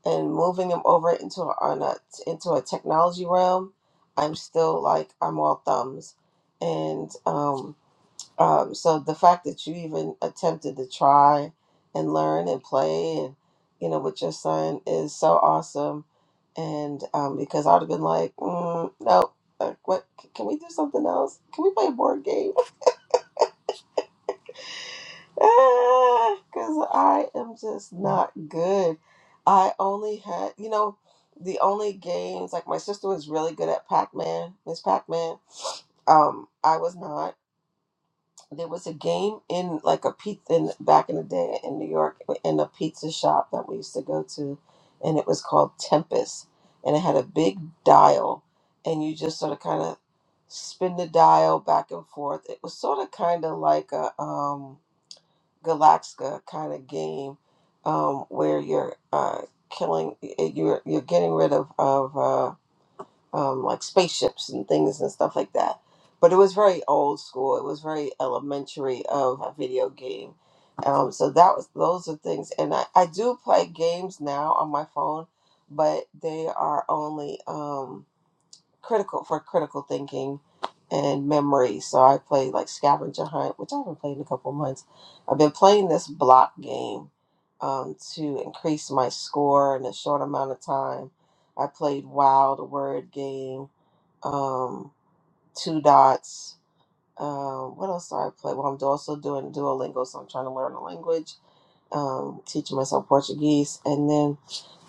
S1: and moving them over into a, on a, into a technology realm i'm still like i'm all thumbs and um, um, so the fact that you even attempted to try and learn and play and you know with your son is so awesome and um, because i'd have been like mm, no like, what can we do something else can we play a board game because I am just not good. I only had, you know, the only games like my sister was really good at Pac Man, Miss Pac Man. Um, I was not. There was a game in like a pizza in, back in the day in New York in a pizza shop that we used to go to, and it was called Tempest, and it had a big dial, and you just sort of kind of spin the dial back and forth. It was sort of kind of like a um Galaxka kind of game um, where you're uh, killing, you're you're getting rid of of uh, um, like spaceships and things and stuff like that. But it was very old school. It was very elementary of a video game. Um, so that was those are things, and I, I do play games now on my phone, but they are only. Um, critical for critical thinking and memory. So I played like scavenger hunt, which I haven't played in a couple of months. I've been playing this block game um, to increase my score in a short amount of time. I played Wild Word Game, um, Two Dots. Um, what else do I play? Well, I'm also doing Duolingo, so I'm trying to learn a language, um, teaching myself Portuguese, and then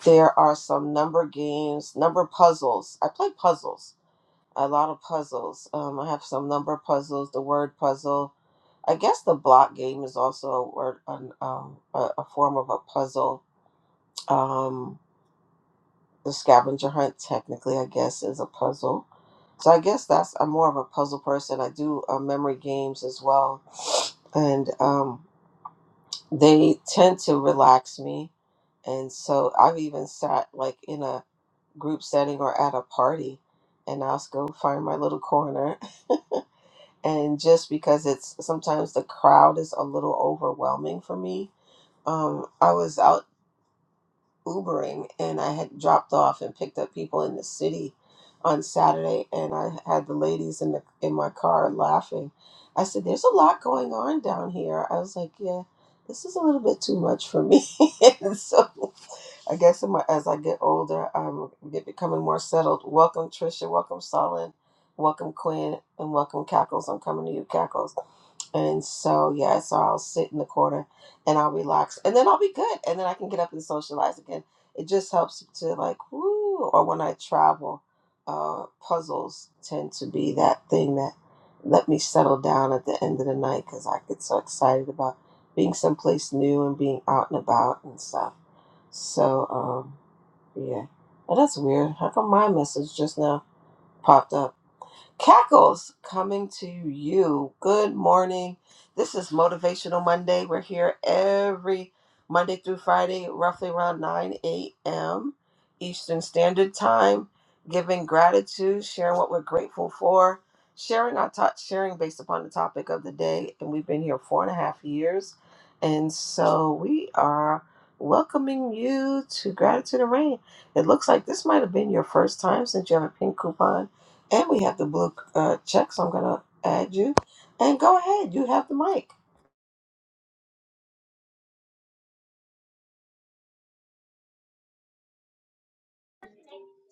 S1: there are some number games, number puzzles. I play puzzles a lot of puzzles. Um, I have some number puzzles, the word puzzle. I guess the block game is also a word, an, um, a, a form of a puzzle. Um, the scavenger hunt, technically, I guess, is a puzzle. So I guess that's I'm more of a puzzle person. I do uh, memory games as well, and um, they tend to relax me. And so I've even sat like in a group setting or at a party, and I'll just go find my little corner and just because it's sometimes the crowd is a little overwhelming for me. Um, I was out Ubering and I had dropped off and picked up people in the city on Saturday, and I had the ladies in the in my car laughing. I said, "There's a lot going on down here." I was like, "Yeah, this is a little bit too much for me." [LAUGHS] And so I guess in my, as I get older, I'm get, becoming more settled. Welcome, Trisha. Welcome, Solid. Welcome, Quinn. And welcome, Cackles. I'm coming to you, Cackles. And so, yeah, so I'll sit in the corner and I'll relax. And then I'll be good. And then I can get up and socialize again. It just helps to, like, woo. Or when I travel, uh, puzzles tend to be that thing that let me settle down at the end of the night because I get so excited about being someplace new and being out and about and stuff. So, um, yeah. Oh, that's weird. How come my message just now popped up? Cackles coming to you. Good morning. This is Motivational Monday. We're here every Monday through Friday, roughly around 9 a.m. Eastern Standard Time, giving gratitude, sharing what we're grateful for, sharing our thoughts, sharing based upon the topic of the day. And we've been here four and a half years. And so we are welcoming you to Gratitude and Rain. It looks like this might have been your first time since you have a pink coupon and we have the blue uh, checks. so I'm going to add you. And go ahead. You have the mic.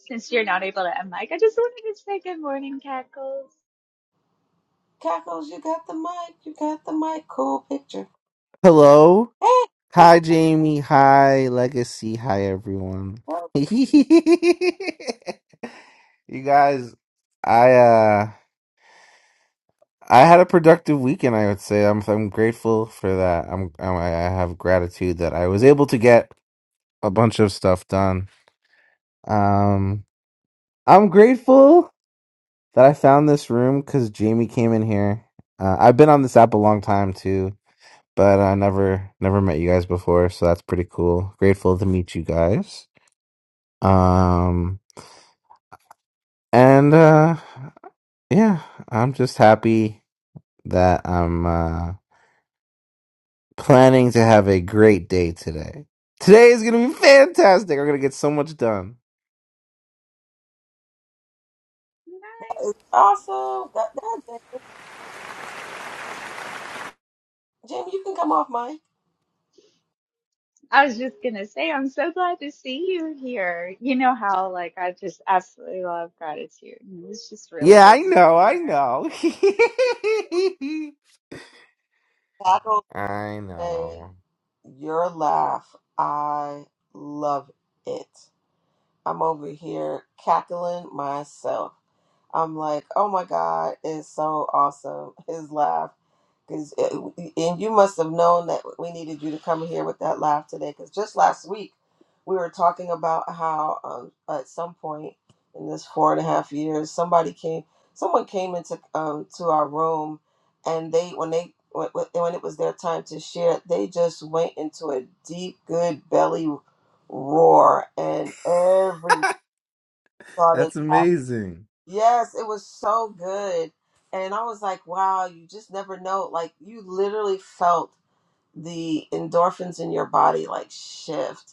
S8: Since you're not able to unmic, I just wanted to say good morning, cackles.
S1: Cackles, you got the mic. You got the mic. Cool picture.
S9: Hello.
S1: Hey,
S9: Hi, Jamie. Hi, Legacy. Hi, everyone.
S1: that was
S9: [LAUGHS] you guys, I uh, I had a productive weekend. I would say I'm I'm grateful for that. I'm, I'm I have gratitude that I was able to get a bunch of stuff done. Um, I'm grateful that I found this room because Jamie came in here. Uh, I've been on this app a long time too but I never never met you guys before, so that's pretty cool. Grateful to meet you guys. Um and uh yeah, I'm just happy that I'm uh planning to have a great day today. Today is going to be fantastic. I'm going to get so much done.
S8: Nice.
S1: awesome. Got that. damn Jim, you can come off mic.
S8: I was just gonna say I'm so glad to see you here. You know how like I just absolutely love gratitude. and It just really
S9: Yeah, I
S8: good to see
S9: know.
S8: you
S9: I
S8: here.
S9: know. [LAUGHS]
S1: Cackles
S9: I
S1: say,
S9: know.
S1: your laugh. I love it. I'm over here cackling myself. I'm like, oh my God, it's so awesome. His laugh. Cause uh, and you must have known that we needed you to come here with that laugh today. Cause just last week we were talking about how um, at some point in this four and a half years, somebody came, someone came into um, to our room, and they when they when when it was their time to share, they just went into a deep, good belly roar, and everyone started
S9: That's
S1: laughing
S9: amazing.
S1: Yes, it was so good. And I was like, wow, you just never know. Like, you literally felt the endorphins in your body like shift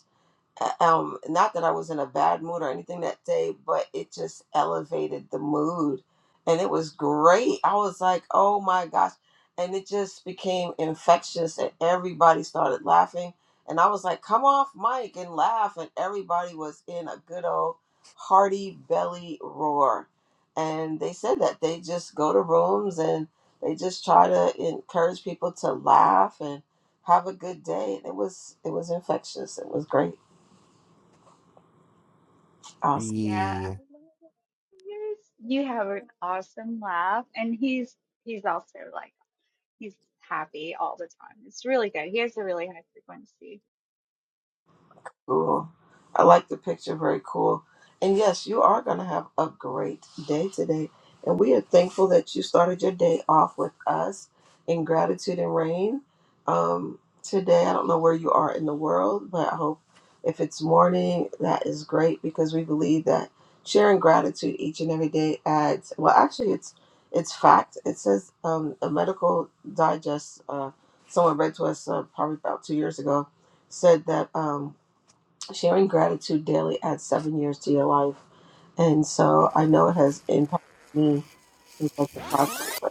S1: um not that I was in a bad mood or anything that day, but it just elevated the mood and it was great. I was like, "Oh my gosh." And it just became infectious and everybody started laughing and I was like, "Come off mic and laugh." And everybody was in a good old hearty belly roar. And they said that they just go to rooms and they just try to encourage people to laugh and have a good day. it was it was infectious. It was great. Awesome.
S8: Yeah.
S9: Yeah.
S8: Yes. You have an awesome laugh, and he's he's also like he's happy all the time. It's really good. He has a really high frequency.
S1: Cool. I like the picture. Very cool. And yes, you are going to have a great day today. And we are thankful that you started your day off with us in gratitude and rain. Um, today, I don't know where you are in the world, but I hope if it's morning, that is great because we believe that sharing gratitude each and every day adds. Well, actually, it's it's fact. It says um, a medical digest. Uh, someone read to us uh, probably about two years ago said that. Um, sharing gratitude daily adds seven years to your life. And so I know it has impacted me in such a positive way.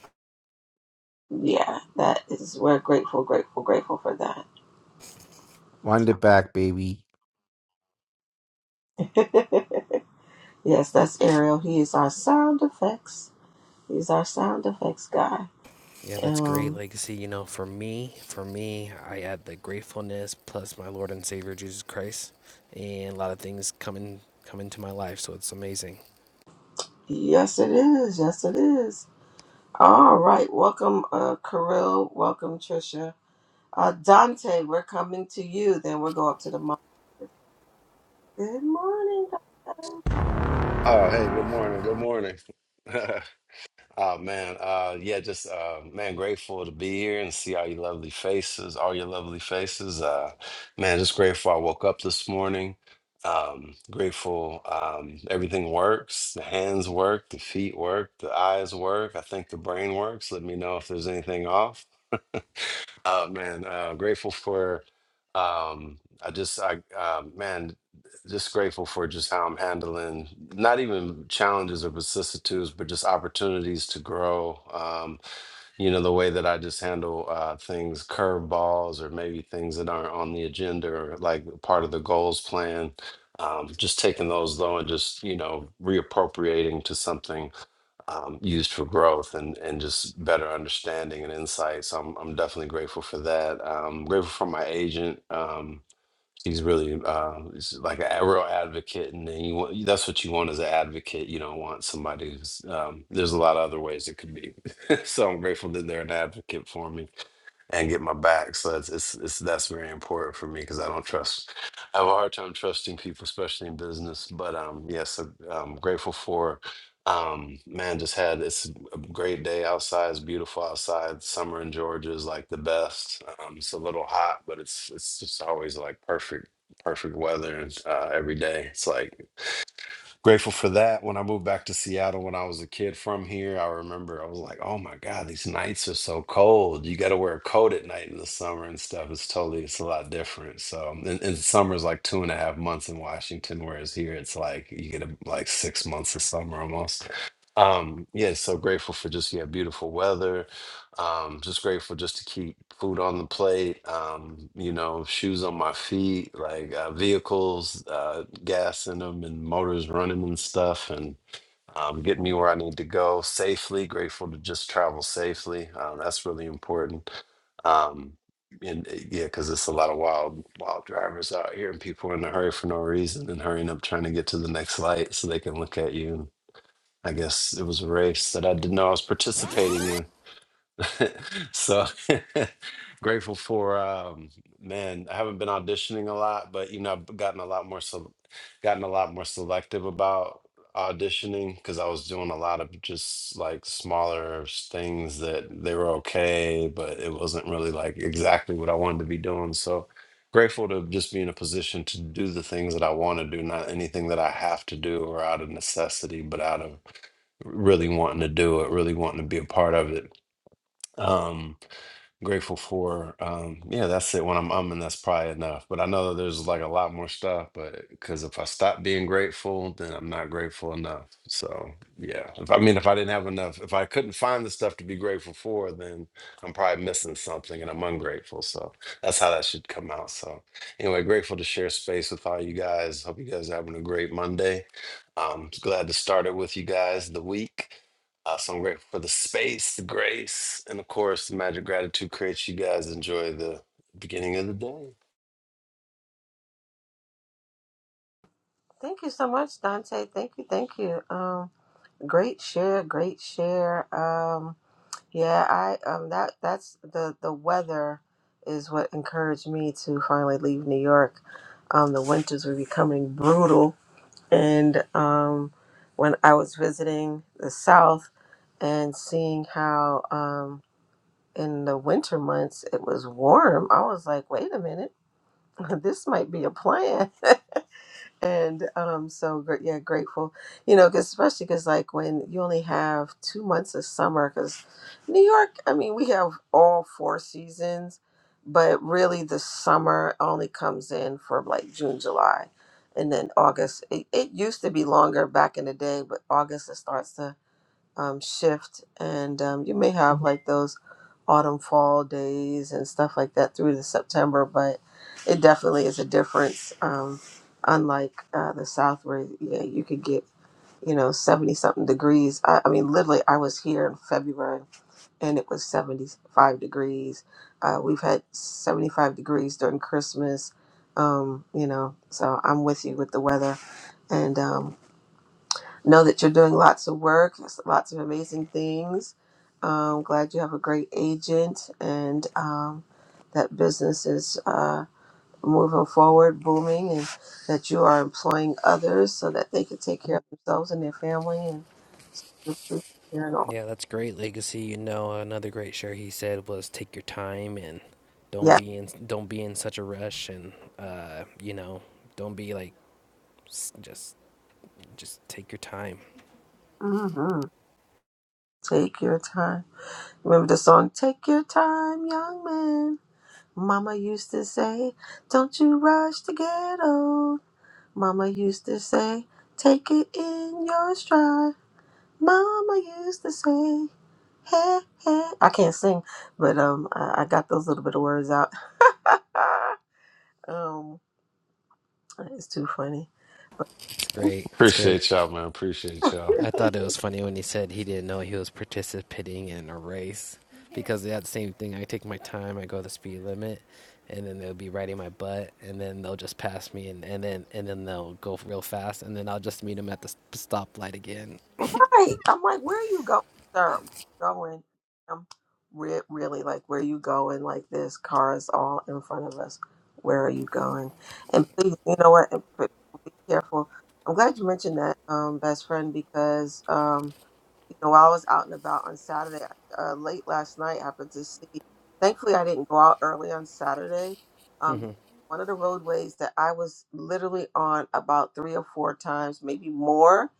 S1: Yeah, that is, we're grateful, grateful, grateful for that.
S9: Wind it back, baby.
S1: [LAUGHS] yes, that's Ariel. He is our sound effects. He's our sound effects guy.
S7: Yeah, that's great
S1: Um,
S7: legacy. You know, for me, for me, I add the gratefulness plus my Lord and Savior Jesus Christ, and a lot of things come in come into my life. So it's amazing.
S1: yes, it is. Yes, it is. All right. Welcome, uh, Kirill. Welcome, Trisha. Uh, Dante, we're coming to you. Then we'll go up to the mic. Good morning, guys.
S10: Oh, hey, good morning. Good morning. [LAUGHS] Oh man, uh yeah, just uh man, grateful to be here and see all your lovely faces, all your lovely faces. Uh man, just grateful I woke up this morning. Um grateful um everything works. The hands work, the feet work, the eyes work. I think the brain works. Let me know if there's anything off. Oh man, uh, grateful for. Um, I just, I uh, man, just grateful for just how I'm handling not even challenges or vicissitudes, but just opportunities to grow. Um, you know, the way that I just handle uh, things, curveballs, or maybe things that aren't on the agenda or like part of the goals plan. Um, just taking those though and just you know reappropriating to something um, used for growth and and just better understanding and insight. So I'm I'm definitely grateful for that. Um, grateful for my agent. Um, he's really uh, he's like a real advocate, and then you want, that's what you want as an advocate. You don't want somebody who's um, there's a lot of other ways it could be. [LAUGHS] so I'm grateful that they're an advocate for me and get my back. So that's it's, it's that's very important for me because I don't trust. I have a hard time trusting people, especially in business. But um, yes, uh, I'm grateful for. Um, man, just had it's a great day outside. It's beautiful outside. Summer in Georgia is like the best. Um, it's a little hot, but it's it's just always like perfect, perfect weather and, uh, every day. It's like grateful for that. When I moved back to Seattle when I was a kid from here, I remember I was like, oh my God, these nights are so cold. You got to wear a coat at night in the summer and stuff. It's totally, it's a lot different. So, and, and summer's like two and a half months in Washington, whereas here it's like you get a, like six months of summer almost. Um, yeah, so grateful for just, yeah, beautiful weather um, just grateful just to keep food on the plate, um, you know, shoes on my feet, like uh, vehicles, uh, gas in them, and motors running and stuff, and um, getting me where I need to go safely. Grateful to just travel safely. Um, that's really important. Um, and uh, yeah, because it's a lot of wild, wild drivers out here, and people are in a hurry for no reason and hurrying up trying to get to the next light so they can look at you. I guess it was a race that I didn't know I was participating in [LAUGHS] so [LAUGHS] grateful for um man i haven't been auditioning a lot but you know i've gotten a lot more so gotten a lot more selective about auditioning because i was doing a lot of just like smaller s- things that they were okay but it wasn't really like exactly what i wanted to be doing so grateful to just be in a position to do the things that i want to do not anything that i have to do or out of necessity but out of really wanting to do it really wanting to be a part of it um grateful for um yeah that's it when i'm umming that's probably enough but i know that there's like a lot more stuff but because if i stop being grateful then i'm not grateful enough so yeah if i mean if i didn't have enough if i couldn't find the stuff to be grateful for then i'm probably missing something and i'm ungrateful so that's how that should come out so anyway grateful to share space with all you guys hope you guys are having a great monday i glad to start it with you guys the week uh, so I'm grateful for the space, the grace, and of course, the magic gratitude creates you guys enjoy the beginning of the day.
S1: Thank you so much, Dante. Thank you, thank you. Um, great share, great share. Um, Yeah, I um that that's the the weather is what encouraged me to finally leave New York. Um, the winters were becoming brutal, and um, when I was visiting the South and seeing how um, in the winter months it was warm, I was like, wait a minute, [LAUGHS] this might be a plan. [LAUGHS] and um, so great, yeah, grateful. You know, because especially because like when you only have two months of summer, because New York, I mean, we have all four seasons, but really the summer only comes in for like June, July, and then August. It, it used to be longer back in the day, but August it starts to um, shift, and um, you may have like those autumn fall days and stuff like that through to September, but it definitely is a difference. Um, unlike uh, the South, where yeah, you could get you know seventy something degrees. I, I mean, literally, I was here in February and it was seventy five degrees. Uh, we've had seventy five degrees during Christmas. Um, you know, so I'm with you with the weather, and um, Know that you're doing lots of work, lots of amazing things. Um, glad you have a great agent and um, that business is uh, moving forward, booming, and that you are employing others so that they can take care of themselves and their family and you know,
S7: Yeah, that's great legacy. You know, another great share he said was take your time and don't
S1: yeah.
S7: be in don't be in such a rush and uh, you know, don't be like just just take your time.
S1: hmm Take your time. Remember the song, Take Your Time, Young Man? Mama used to say, Don't you rush to get old. Mama used to say, take it in your stride. Mama used to say, hey, hey. I can't sing, but um, I, I got those little bit of words out. [LAUGHS] um, it's too funny. But
S7: That's great. That's great.
S10: Appreciate y'all, man. Appreciate y'all.
S7: I
S1: [LAUGHS]
S7: thought it was funny when he said he didn't know he was participating in a race because that's the same thing. I take my time. I go the speed limit. And then they'll be riding my butt, and then they'll just pass me, and, and then and then they'll go real fast, and then I'll just meet them at the stoplight again.
S1: Right. I'm like, where are you going, sir? Going. I'm re- really like, where are you going? Like, this car is all in front of us. Where are you going? And please, you know what? And p- Be careful. I'm glad you mentioned that, um, best friend, because. um you know, while I was out and about on Saturday, uh, late last night, happened to see. Thankfully, I didn't go out early on Saturday.
S7: [LAUGHS]
S1: Um, because one of the roadways that I was literally on about three or four times, maybe more,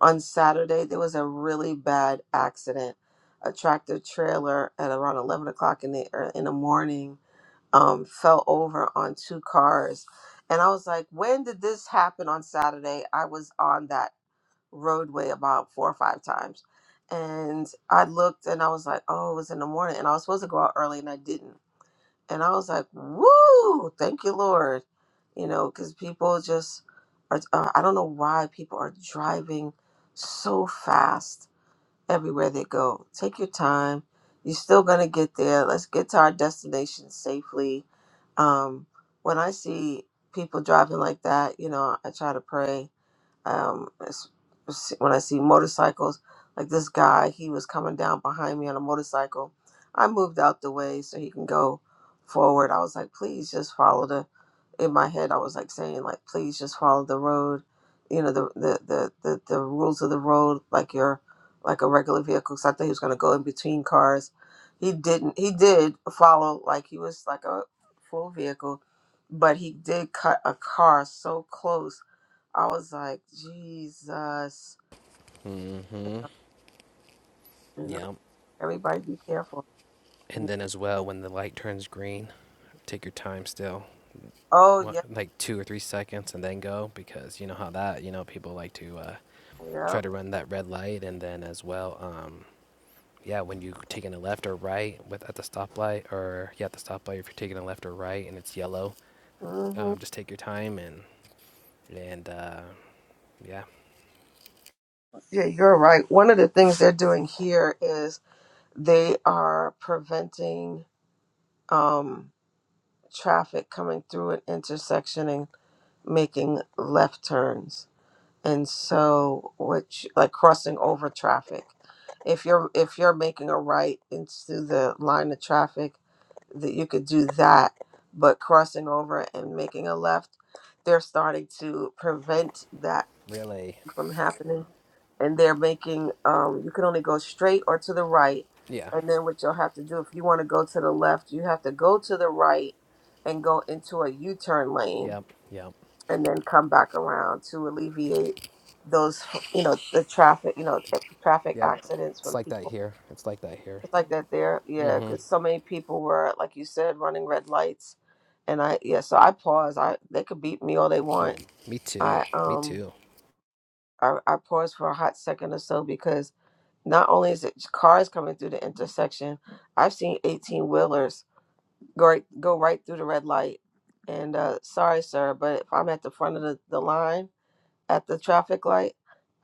S1: on Saturday, there was a really bad accident. A tractor trailer at around eleven o'clock in the er, in the morning um, fell over on two cars, and I was like, "When did this happen on Saturday?" I was on that roadway about four or five times. And I looked and I was like, oh, it was in the morning. And I was supposed to go out early and I didn't. And I was like, woo, thank you, Lord. You know, because people just are, uh, I don't know why people are driving so fast everywhere they go. Take your time. You're still going to get there. Let's get to our destination safely. Um, when I see people driving like that, you know, I try to pray um, it's- it's- when I see motorcycles, like this guy, he was coming down behind me on a motorcycle. I moved out the way so he can go forward. I was like, please just follow the. In my head, I was like saying, like, please just follow the road. You know, the the the the, the rules of the road, like you're like a regular vehicle. So I thought he was gonna go in between cars. He didn't. He did follow, like he was like a full vehicle, but he did cut a car so close I was like, Jesus.
S7: Mm-hmm.
S1: You know,
S7: Yeah.
S1: everybody be careful.
S7: And then as well, when the light turns green, take your time still,
S1: Oh,
S7: what,
S1: yeah.
S7: like two or three seconds, and then go because you know how that you know people like to uh, try
S1: Yep.
S7: to run that red light, and then as well, um, yeah, when you taking a left or right with at the stoplight or yeah at the stoplight, if you're taking a left or right and it's yellow,
S1: hmm
S7: um, just take your time and and uh, yeah,
S1: Yeah, you're right. One of the things they're doing here is they are preventing um, traffic coming through an intersection and making left turns. And so, which like crossing over traffic. If you're if you're making a right into the line of traffic, that you could do that but crossing over and making a left they're starting to prevent that
S7: really,
S1: from happening and they're making um, you can only go straight or to the right
S7: yeah,
S1: and then what you'll have to do if you want to go to the left you have to go to the right and go into a u-turn lane
S7: yep, yep,
S1: and then come back around to alleviate those you know the traffic you know traffic
S7: yep.
S1: accidents
S7: It's
S1: from
S7: like that
S1: people
S7: here. It's like that here.
S1: it's like that there. Yeah,
S7: Mm-hmm.
S1: because so many people were, like you said, running red lights. And I, yeah, so I pause. I they could beat me all they
S7: Yo,
S1: want.
S7: me too.
S1: I
S7: Me
S1: um
S7: too.
S1: I, I pause for a hot second or so because not only is it cars coming through the intersection, I've seen eighteen wheelers go right, go right through the red light. And uh sorry, sir, but if I'm at the front of the, the line at the traffic light,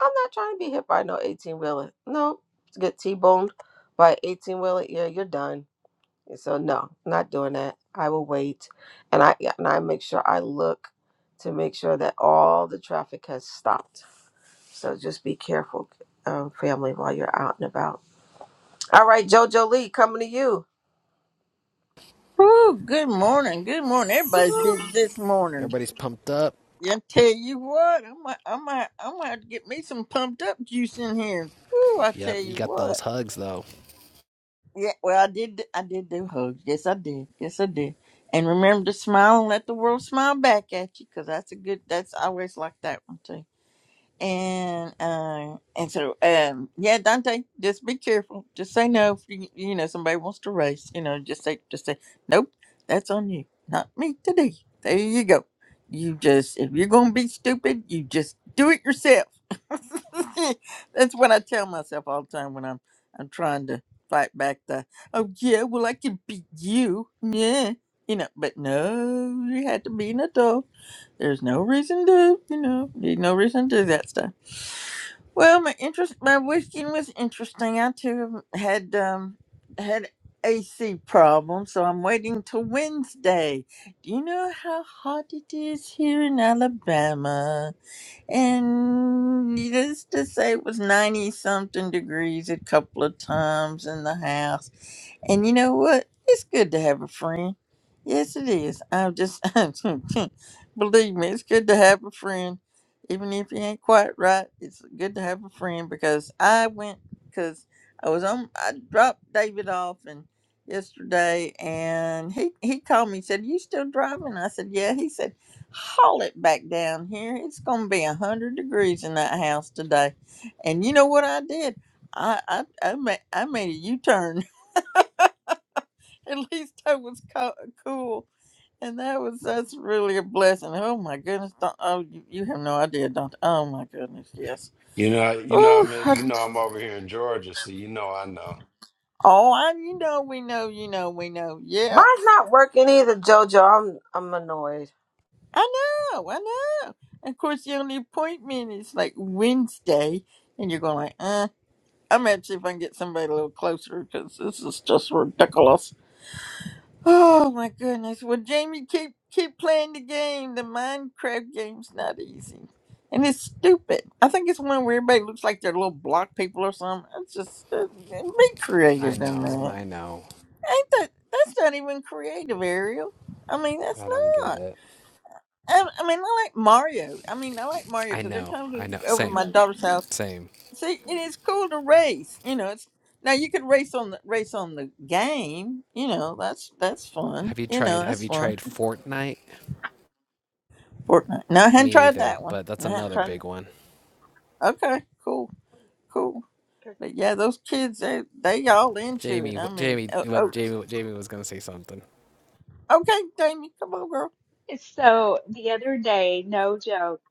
S1: I'm not trying to be hit by no eighteen wheeler. No, to get T boned by eighteen wheeler, yeah, you're done so no, not doing that. I will wait, and I yeah, and I make sure I look to make sure that all the traffic has stopped. So just be careful, um, family, while you're out and about. All right, Jojo Lee, coming to you.
S3: Woo, good morning, good morning. Everybody's busy this morning.
S7: Everybody's pumped up.
S3: I tell you what, I might, I might, I might have to get me some pumped up juice in here. Woo, I
S7: Yep,
S3: tell
S7: you
S3: you
S7: got
S3: what.
S7: those hugs though.
S3: Yeah, well, I did. I did do hugs. Yes, I did. Yes, I did. And remember to smile and let the world smile back at you, because that's a good. That's I always like that one too. And uh, and so um, yeah, Dante, just be careful. Just say no if you, you know somebody wants to race. You know, just say just say nope. That's on you, not me today. There you go. You just if you're gonna be stupid, you just do it yourself [LAUGHS] That's what I tell myself all the time when I'm I'm trying to fight back the oh yeah, well I can beat you. Yeah. You know, but no, you had to be an adult. There's no reason to, you know, there's no reason to do that stuff. Well, my interest, my weekend was interesting. I too had um had AC problems, so I'm waiting till Wednesday. Do you know how hot it is here in Alabama? And needless to say, it was 90 something degrees a couple of times in the house. And you know what? It's good to have a friend. Yes, it is. I'm just, [LAUGHS] believe me, it's good to have a friend. Even if you ain't quite right, it's good to have a friend because I went, because I was on, I dropped David off and yesterday and he, he called me, said, you still driving? I said, yeah. He said, haul it back down here. It's going to be 100 degrees in that house today. And you know what I did? I, I, I, made, I made a U-turn [LAUGHS] at least I was co- cool. And that was that's really a blessing. Oh my goodness, Don- oh you, you have no idea, Doctor. Oh my goodness, yes.
S10: You know, you know,
S3: Ooh,
S10: I'm
S3: I,
S10: you know, I'm over here in Georgia, so you know, I know.
S3: oh, I you know we know you know we know. Yeah,
S1: Mine's not working either, Jojo. I'm I'm annoyed.
S3: I know, I know. And of course, the only appointment is like Wednesday, and you're going like, uh, I'm gonna see if I can get somebody a little closer because this is just ridiculous. Oh my goodness. Well, Jamie, keep keep playing the game. The Minecraft game's not easy, and it's stupid. I think it's one where everybody looks like they're little block people or something. It's just uh, be
S7: I
S3: creative in
S7: know,
S3: that.
S7: I know.
S3: Ain't that? That's not even creative, Ariel. I mean, that's
S7: I don't get
S3: not.
S7: it.
S3: I, I mean, I like Mario. I mean, I like Mario
S7: I
S3: because every
S7: know,
S3: time
S7: I
S3: we
S7: know.
S3: go over to
S7: Same,
S3: my daughter's house,
S7: same.
S3: see, it is cool to race. You know, it's now you could race on the race on the game. You know, that's that's fun.
S7: Have you
S3: You
S7: tried?
S3: know,
S7: Have
S3: that's
S7: you
S3: fun
S7: tried Fortnite?
S3: Fortnite. No, I hadn't
S7: Me
S3: tried
S7: either,
S3: that one.
S7: but that's
S3: No, I hadn't
S7: another
S3: tried
S7: big
S3: that.
S7: one.
S3: Okay, cool, cool. But yeah, those kids, they they all into it.
S7: Jamie,
S3: I
S7: what
S3: mean,
S7: Jamie,
S3: oh, oh,
S7: what Jamie, what Jamie was gonna say something.
S3: okay, Jamie, come on, girl.
S8: So the other day, no joke,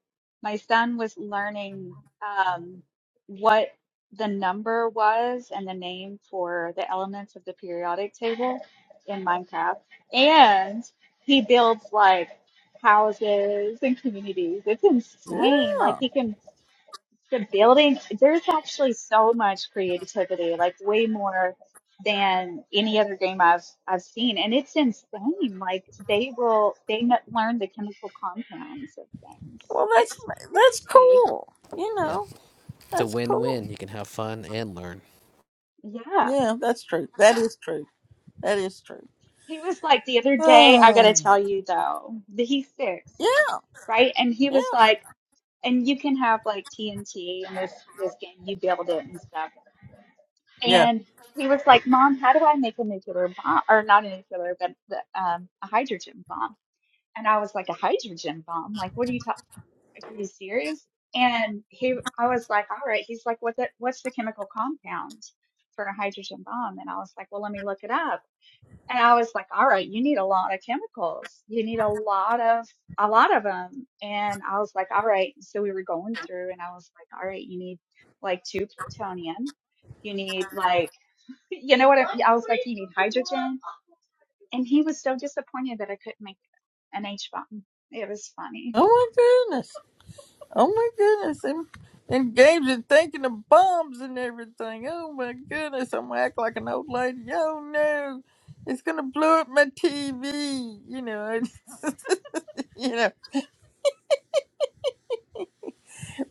S8: my son was learning um, what the number was and the name for the elements of the periodic table in Minecraft. And he builds like houses and communities. It's insane. Like
S3: Yeah.
S8: he can the building there's actually so much creativity like way more than any other game i've i've seen and it's insane like they will they kn- learn the chemical compounds of things
S3: Well, that's
S8: it's
S3: that's
S8: crazy
S3: cool. You
S7: Yep.
S3: know,
S7: It's a
S3: that's cool.
S7: win-win. You can have fun and learn.
S8: yeah
S3: Yeah, that's true. That is true. That is true. [SIGHS]
S8: he was like the other day i gotta
S3: Oh.
S8: tell you though that he's six
S3: Yeah,
S8: right and he was
S3: yeah,
S8: like and you can have like tnt and this this game you build it and stuff
S3: yeah.
S8: And he was like, Mom, how do I make a nuclear bomb? Or not a nuclear, but the, um, a hydrogen bomb. And I was like, a hydrogen bomb? Like, what are you talking? Are you serious? And he, I was like, all right. He's like, what the, what's the chemical compound for a hydrogen bomb? And I was like, well, let me look it up. And I was like, all right, you need a lot of chemicals. You need a lot of, a lot of them. And I was like, all right. So we were going through and I was like, all right, you need like two plutonium. You need like you know what? I, I was like, you need hydrogen. And he was so disappointed that I couldn't make an H bomb. It was funny.
S3: Oh my goodness. Oh my goodness, and engaged in thinking of bombs and everything. Oh my goodness, I'm gonna act like an old lady. Oh no, it's gonna blow up my TV. You know, [LAUGHS] you know.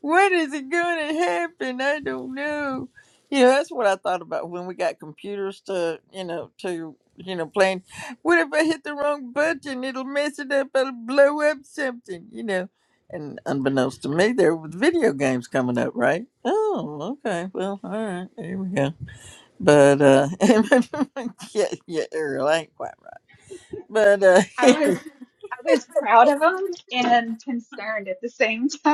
S3: What is it going to happen? I don't know. You know, that's what I thought about when we got computers to, you know, to, you know, playing. What if I hit the wrong button? It'll mess it up. It'll blow up something, you know. And unbeknownst to me, there was video games coming up, right? Oh, okay. Well, all right. There we go. But, uh, [LAUGHS] yeah, yeah, Ariel, I ain't quite right. But, uh,
S8: I was
S3: [LAUGHS]
S8: I was proud of him and concerned at the same time. [LAUGHS]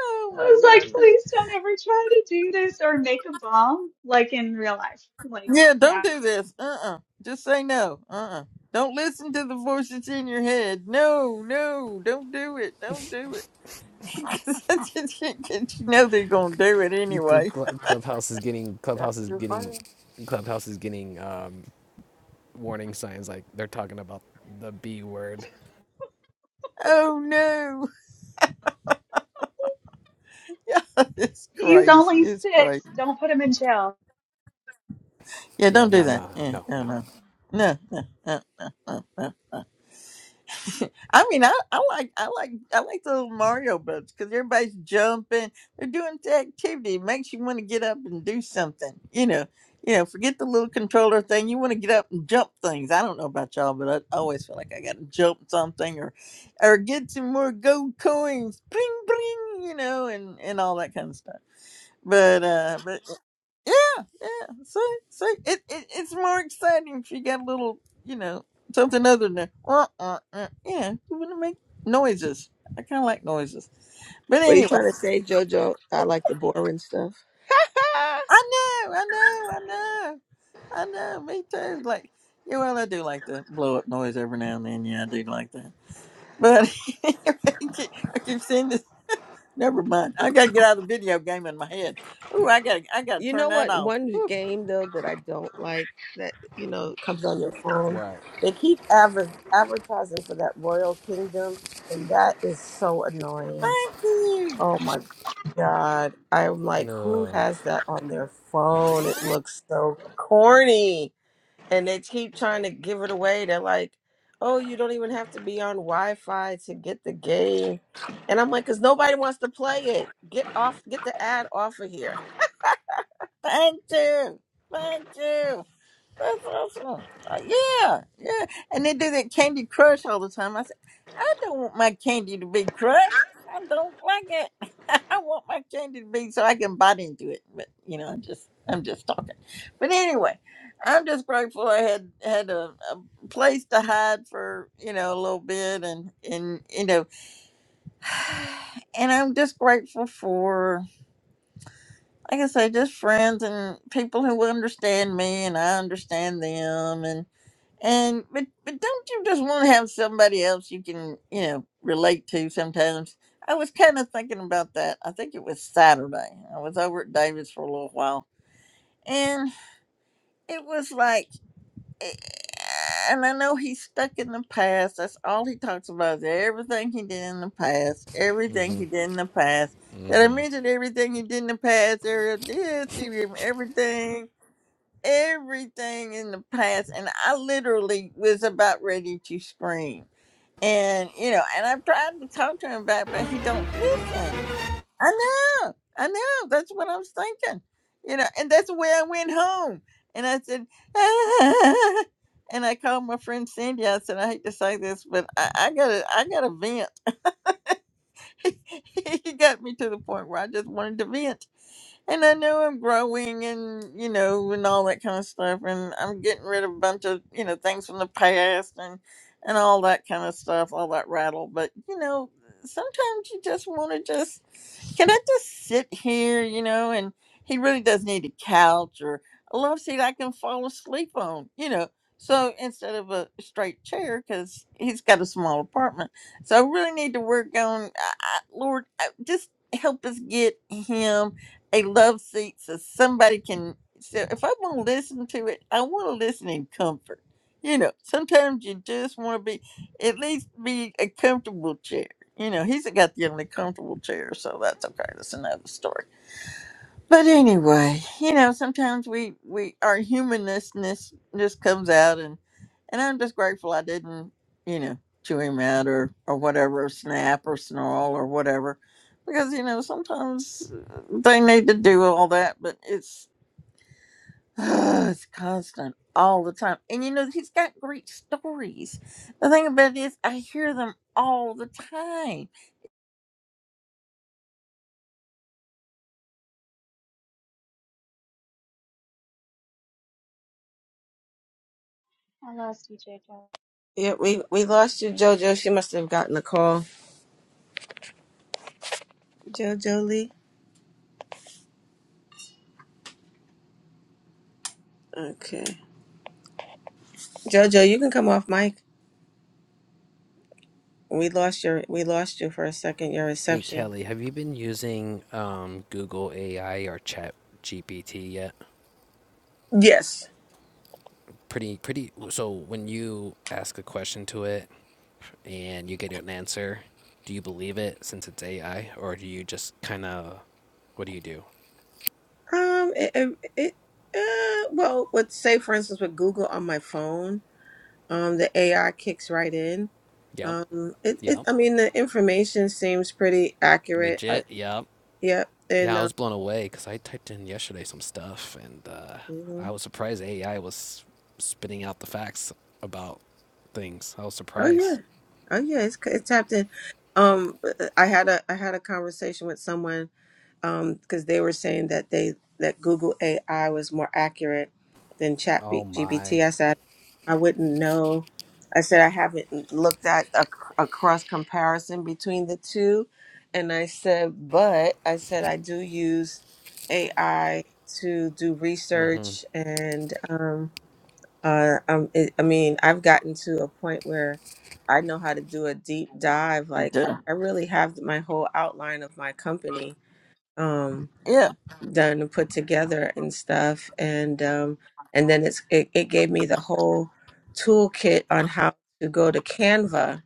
S3: oh my
S8: I was like,
S3: goodness.
S8: please don't ever try to do this or make a bomb like in real life. Like,
S3: Yeah,
S8: no.
S3: don't do this. Uh uh Just say no. Uh uh do not listen to the voice that's in your head. No, no, don't do it. Don't do it. [LAUGHS] 'Cause I you know they're going to do it anyway.
S7: Clubhouse is getting
S1: That's
S7: Clubhouse is
S1: too
S7: getting
S1: funny.
S7: Clubhouse is getting um, warning signs like they're talking about the B word.
S3: Oh, no. [LAUGHS] it's
S8: He's
S3: crazy.
S8: only
S3: It's crazy.
S8: six. Don't put him in jail.
S3: Yeah,
S7: Yeah,
S3: don't do
S7: no,
S3: that.
S7: no,
S3: Yeah,
S7: no,
S3: no,
S7: no.
S3: no. No, no, no, no, no. no. I mean, I, I like I like I like the little Mario boats because everybody's jumping. They're doing the activity. It makes you want to get up and do something. You know, you know. Forget the little controller thing. You want to get up and jump things. I don't know about y'all, but I always feel like I got to jump something or, or get some more gold coins. Bling bling. You know, and and all that kind of stuff. But uh, but yeah, yeah. See, see, it, it it's more exciting if you got a little, you know, something other than uh, uh, uh. Yeah, you want to make noises. I kind of like noises, but
S1: What are you
S3: anyway,
S1: trying to say, Jojo? I like the boring stuff. [LAUGHS]
S3: I know, I know, I know, I know. Me too. Like, yeah, well, I do like the blow up noise every now and then. Yeah, I do like that. But [LAUGHS] I keep seeing this. Never mind. I gotta get out of the video game in my head. Ooh, I gotta, I gotta
S1: You know
S3: turn that
S1: what?
S3: off.
S1: One game though that I don't like that you know comes on your phone.
S7: What?
S1: They keep adver- advertising for that Royal Kingdom, and that is so annoying.
S3: Thank you,
S1: Oh my god! I'm like, who
S7: No.
S1: has that on their phone? It looks so corny, and they keep trying to give it away. They're like, oh, you don't even have to be on Wi-Fi to get the game, and I'm like, because nobody wants to play it. Get off, get the ad off of here.
S3: thank you, thank you. [LAUGHS] That's awesome. Uh, Yeah, yeah. And they do that Candy Crush all the time. I said, I don't want my candy to be crushed. I don't like it. [LAUGHS] I want my candy to be so I can bite into it. But you know, I'm just I'm just talking. But anyway, I'm just grateful I had had a, a place to hide for you know a little bit, and and you know, [SIGHS] and I'm just grateful for like I say, just friends and people who understand me, and I understand them, and but but don't you just want to have somebody else you can you know relate to sometimes? I was kind of thinking about that. I think it was Saturday. I was over at David's for a little while, and it was like, eh, and I know he's stuck in the past. That's all he talks about is everything he did in the past, everything he did in the past. Did I mention everything he did in the past? Ariel did. She remember everything everything in the past and I literally was about ready to scream. And you know, and I tried to talk to him about it, but he don't listen. I know, I know, that's what I was thinking. You know, and that's the way I went home. And I said, [LAUGHS] "Ah," and I called my friend Cindy. I said, I hate to say this, but I, I gotta I gotta vent. [LAUGHS] he got me to the point where I just wanted to vent and I know I'm growing and you know and all that kind of stuff and I'm getting rid of a bunch of you know things from the past and and all that kind of stuff all that rattle but you know sometimes you just want to just can I just sit here you know and he really does need a couch or a love seat I can fall asleep on you know so instead of a straight chair because he's got a small apartment so I really need to work on I, I, Lord I, just help us get him a love seat so somebody can so if I want to listen to it, I want to listen in comfort. You know, sometimes you just want to be at least be a comfortable chair. You know, he's got the only comfortable chair, so that's okay. That's another story. But anyway, you know, sometimes we we our humannessness just comes out, and and I'm just grateful I didn't, you know, chew him out or or whatever, snap or snarl or whatever, because you know sometimes uh, they need to do all that, but it's [SIGHS] it's constant all the time, and you know he's got great stories. The thing about it is, I hear them all the time.
S8: I lost you, Jojo.
S1: Yeah, we we lost you, JoJo. She must have gotten a call. JoJo Lee. Okay. JoJo, you can come off mic. We lost your we lost you for a second. Your
S7: Hey
S1: reception.
S7: Kelly, have you been using um, Google AI or Chat GPT yet?
S1: Yes.
S7: Pretty, pretty. So when you ask a question to it and you get an answer, do you believe it since it's AI, or do you just kind of, what do you do?
S1: Um. It. it, it uh, well, with say for instance with Google on my phone, um, the AI kicks right in.
S7: Yep,
S1: Um. It. it
S7: yep,
S1: I mean, the information seems pretty accurate. I,
S7: legit, yep.
S1: yep. And.
S7: Yeah, I
S1: Uh,
S7: was blown away because I typed in yesterday some stuff, and uh, I
S1: mhm.
S7: was surprised AI was spitting out the facts about things. I was
S1: Oh yeah.
S7: surprised.
S1: Oh yeah. It's it's tapped in. Um. I had a I had a conversation with someone um, because they were saying that they that Google AI was more accurate than Chat
S7: Oh
S1: B-
S7: my.
S1: GPT. I said I wouldn't know. I said I haven't looked at a, a cross comparison between the two, and I said, but I said I do use AI to do
S7: Mhm.
S1: research, and um, uh, um, it, I mean, I've gotten to a point where I know how to do a deep dive.
S3: He
S1: Like I
S3: do.
S1: I really have my whole outline of my company Um,
S3: Yeah.
S1: done and put together and stuff and um and then it's it, it gave me the whole toolkit on how to go to canva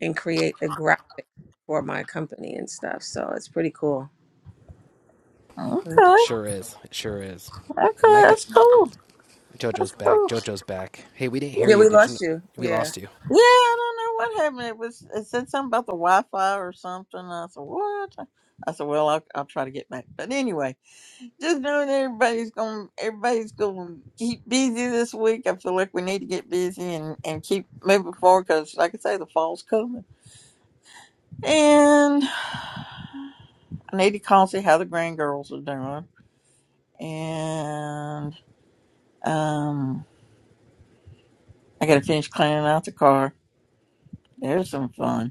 S1: and create the graphic for my company and stuff so it's pretty cool Mm.
S7: It
S3: Okay.
S7: sure is. It sure is. And
S3: Okay.
S7: I could.
S3: That's cool.
S7: JoJo's
S3: That's
S7: back.
S3: cool.
S7: JoJo's back. Hey, we didn't hear
S1: yeah
S7: you.
S1: we
S7: Did you?
S1: lost you
S7: we
S1: yeah
S7: lost you.
S3: Yeah, I don't know what happened. It was it said something about the Wi-Fi or something. I said what? I said well, I'll, I'll try to get back. But anyway, just knowing everybody's going, to everybody's going to keep busy this week. I feel like we need to get busy and and keep moving forward because, like I say, the fall's coming. And I need to call and see how the grand girls are doing. And um, I got to finish cleaning out the car. There's some fun.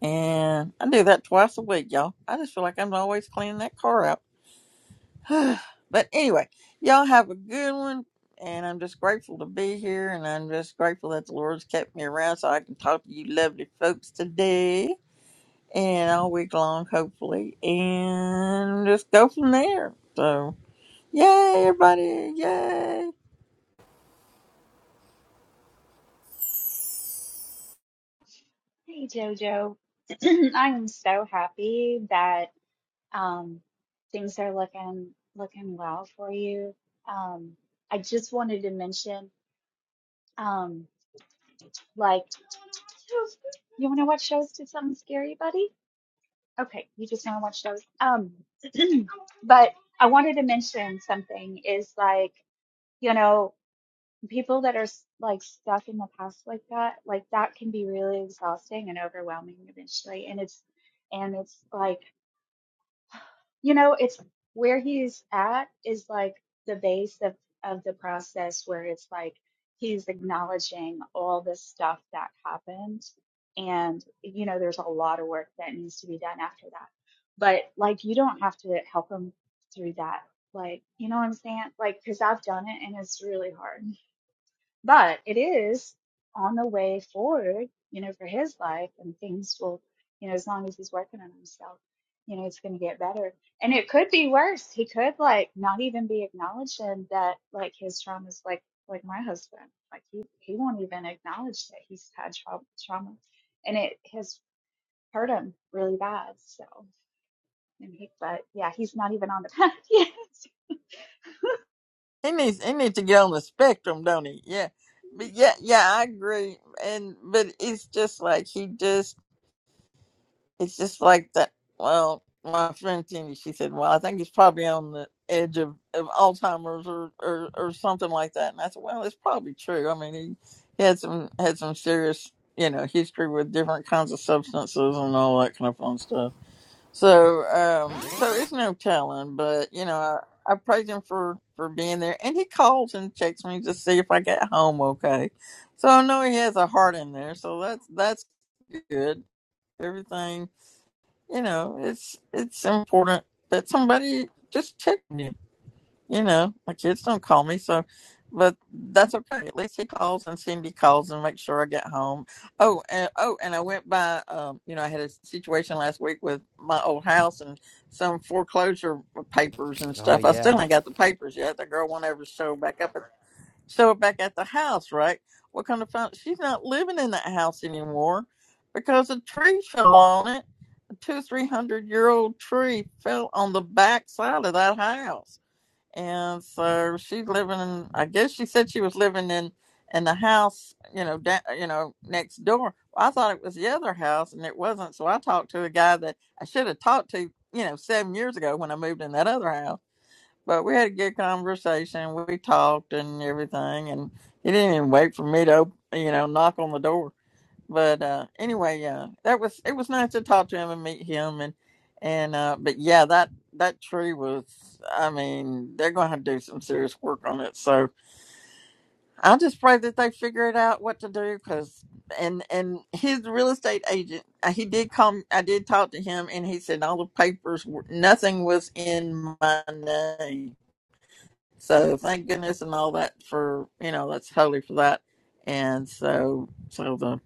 S3: And I do that twice a week, y'all. I just feel like I'm always cleaning that car out. [SIGHS] but anyway, y'all have a good one. And I'm just grateful to be here. And I'm just grateful that the Lord's kept me around so I can talk to you lovely folks today and all week long, hopefully. And just go from there. So, yay, everybody. Yay.
S8: Hey, Jojo. [CLEARS THROAT] I am so happy that. Um, things are looking looking well for you. Um, I just wanted to mention, um, like, you want to watch shows to something scary, buddy? Okay, you just want to watch shows. Um, [CLEARS THROAT] but I wanted to mention something is like, you know, people that are s- like stuck in the past like that, like that can be really exhausting and overwhelming eventually. And it's, and it's like You know, it's where he's at is like the base of, of the process where it's like he's acknowledging all the stuff that happened. And, you know, there's a lot of work that needs to be done after that. But like, you don't have to help him through that. Like, you know what I'm saying? Like, because I've done it and it's really hard but it is on the way forward, you know, for his life and things will, you know, as long as he's working on himself, you know, it's going to get better. And it could be worse. He could like not even be acknowledging that like his trauma's like, like my husband, like he, he won't even acknowledge that he's had trauma, trauma and it has hurt him really bad. So, and he, but yeah, he's not even on the path [LAUGHS] yet.
S3: He needs, he needs to get on the spectrum, don't he? Yeah. But yeah, yeah, I agree. And, but it's just like he just, it's just like that. Well, my friend Cindy, she said, "Well, I think it's probably on the edge of, of Alzheimer's or, or or something like that." And I said, "Well, it's probably true. I mean, he, he had some had some serious, you know, history with different kinds of substances and all that kind of fun stuff. So, um, so it's no telling. But you know, I, I praise him for for being there, and he calls and checks me to see if I get home okay. So I know he has a heart in there. So that's that's good. Everything." you know, it's it's important that somebody just check on you. You know, my kids don't call me, so but that's okay. At least he calls and Cindy calls and makes sure I get home. Oh, and oh, and I went by. Um, you know, I had a situation last week with my old house and some foreclosure papers and
S7: Oh
S3: stuff. I
S7: yeah.
S3: still ain't got the papers yet. The girl went over to show back up, at, show it back at the house, right? What kind of fun? She's not living in that house anymore because a tree fell on it two, three hundred year old tree fell on the back side of that house. And so she's living in, I guess she said she was living in, in the house, you know, da- you know, next door. Well, I thought it was the other house and it wasn't. So I talked to a guy that I should have talked to, you know, seven years ago when I moved in that other house. But we had a good conversation. We talked and everything. And he didn't even wait for me to, you know, knock on the door but uh anyway yeah that was it was nice to talk to him and meet him and and uh but yeah that that tree was i mean they're gonna have to do some serious work on it so i just pray that they figure it out what to do because and and his real estate agent uh, he did come i did talk to him and he said all the papers were nothing was in my name so thank goodness and all that for you know that's holy for that. And so so the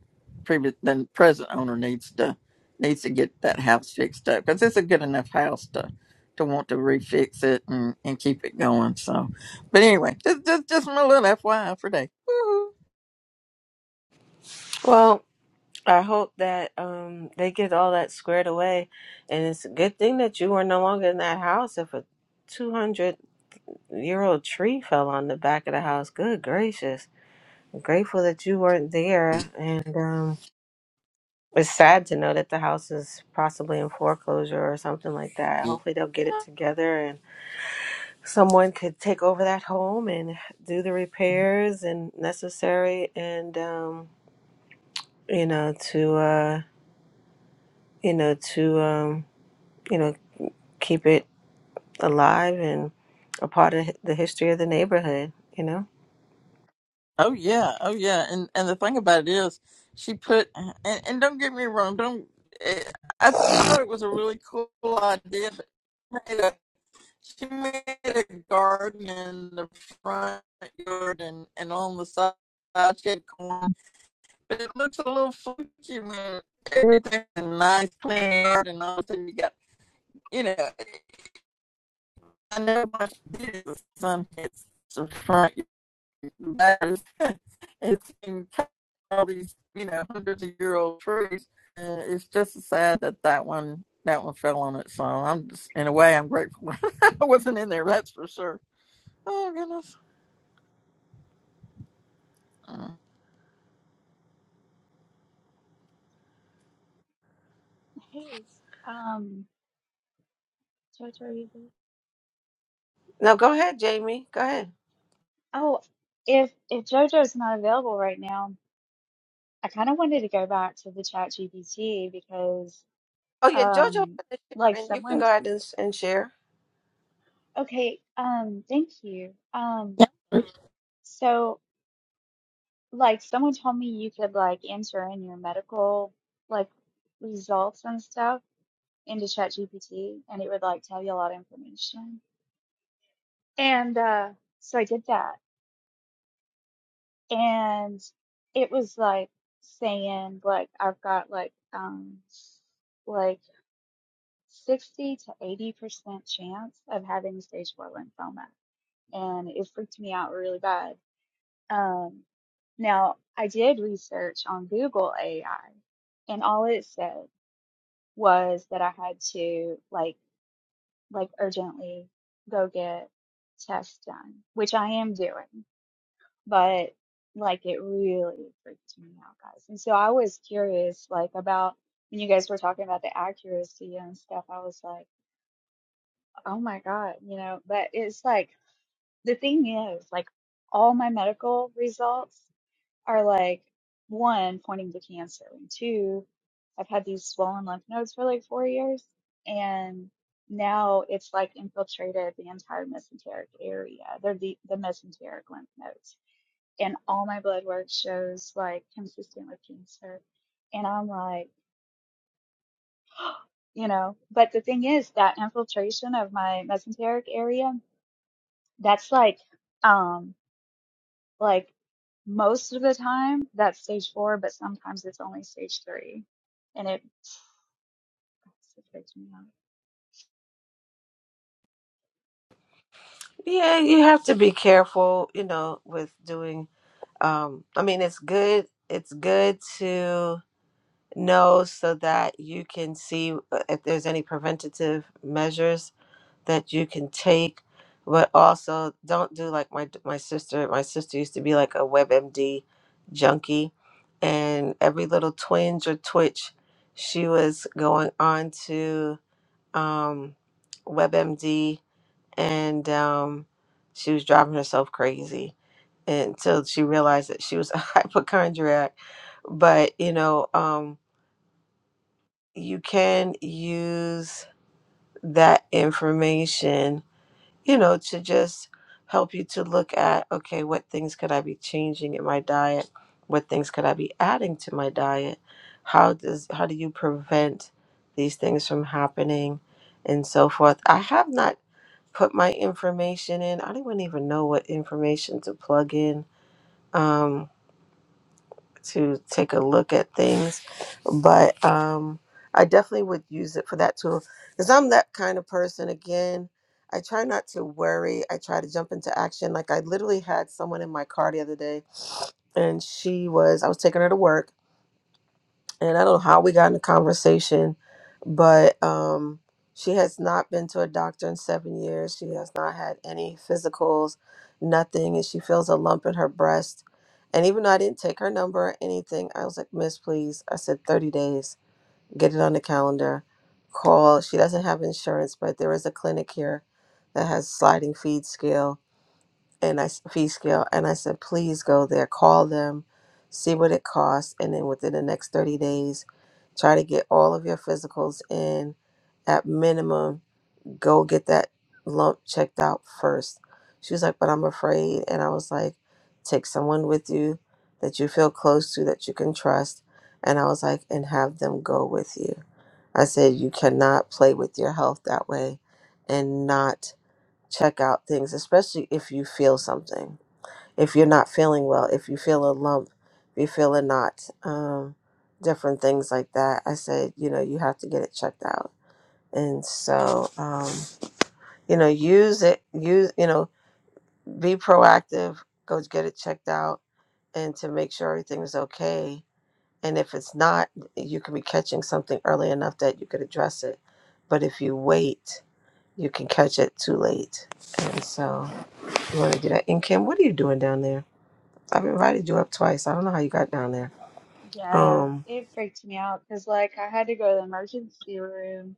S3: previous then present owner needs to needs to get that house fixed up because it's a good enough house to to want to refix it and and keep it going. So, but anyway, just just just my little FYI for day. Woo-hoo.
S1: Well, I hope that um they get all that squared away, and it's a good thing that you were no longer in that house. If a two hundred year old tree fell on the back of the house, good gracious! I'm grateful that you weren't there, and um. It's sad to know that the house is possibly in foreclosure or something like that. Hopefully, they'll get it together and someone could take over that home and do the repairs and necessary, and um, you know, to uh, you know, to um, you know, keep it alive and a part of the history of the neighborhood. You know.
S3: Oh yeah, oh yeah, and and the thing about it is, she put and, and don't get me wrong, don't eh, I thought it was a really cool idea, but She made a garden in the front yard and, and on the side she had corn. But it looks a little funky when everything's a nice clean yard and all of a sudden you got you know I know my did with the sun hits the front yard. [LAUGHS] it's in all these, you know, hundreds of year old trees. Uh, it's just so sad that that one that one fell on its own. I'm just in a way I'm grateful [LAUGHS] I wasn't in there, that's for sure. Oh goodness. Mm.
S8: hey, um, George, where are you?
S1: No, go ahead, Jamie. Go ahead.
S8: Oh, if if JoJo's not available right now, I kind of wanted to go back to the Chat GPT because
S1: Oh yeah, JoJo
S8: um
S1: finished
S8: like
S1: sharing. You can
S8: someone
S1: go ahead and, and share.
S8: okay, um thank you. Um
S3: Yeah, Hoo,
S8: so like someone told me you could like enter in your medical like results and stuff into Chat GPT and it would like tell you a lot of information. And uh so I did that and it was like saying like I've got like um like 60 to 80 percent chance of having stage four lymphoma, and it freaked me out really bad. Um, now I did research on Google AI, and all it said was that I had to like like urgently go get tests done, which I am doing. but like it really freaks me out, guys. And so I was curious, like about when you guys were talking about the accuracy and stuff. I was like, oh my God, you know. But it's like the thing is, like all my medical results are like one pointing to cancer, and two, I've had these swollen lymph nodes for like four years, and now it's like infiltrated the entire mesenteric area. They're the the mesenteric lymph nodes and all my blood work shows like consistent with cancer. And I'm like, you know, but the thing is that infiltration of my mesenteric area, that's like, um, like most of the time that's stage four, but sometimes it's only stage three. And it, it freaked me out.
S1: Yeah, you have to be careful, you know, with doing um i mean it's good it's good to know so that you can see uh, if there's any preventative measures that you can take but also don't do like my my sister my sister used to be like a webmd junkie and every little twinge or twitch she was going on to um webmd and um, she was driving herself crazy until she realized that she was a [LAUGHS] hypochondriac. But you know, um, you can use that information you know, to just help you to look at okay, what things could I be changing in my diet? What things could I be adding to my diet? How does how do you prevent these things from happening and so forth? I have not put my information in. I don't even know what information to plug in. Um, to take a look at things, but um, I definitely would use it for that tool because I'm that kind of person. Again, I try not to worry. I try to jump into action. Like I literally had someone in my car the other day, and she was I was taking her to work, and I don't know how we got in a conversation, but um, she has not been to a doctor in seven years. She has not had any physicals, nothing, and she feels a lump in her breast. And even though I didn't take her number or anything, I was like, Miss, please. I said, 30 days, get it on the calendar, call. She doesn't have insurance, but there is a clinic here that has sliding feed scale and I s- fee scale, and I said, please go there, call them, see what it costs, and then within the next 30 days, try to get all of your physicals in. At minimum, go get that lump checked out first. She was like, but I'm afraid, and I was like, take someone with you that you feel close to that you can trust, and I was like, and have them go with you. I said, you cannot play with your health that way, and not check out things, especially if you feel something. If you're not feeling well, if you feel a lump, if you feel a knot, um, different things like that. I said, you know, you have to get it checked out. And so, um, you know, use it, use, you know, be proactive, go get it checked out and to make sure everything's okay. And if it's not, you can be catching something early enough that you could address it. But if you wait, you can catch it too late. And so, you want to do that? And Kim, what are you doing down there? I've invited you up twice. I don't know how you got down there.
S8: Yeah,
S1: Um,
S8: it freaked me out because like I had to go to the emergency room.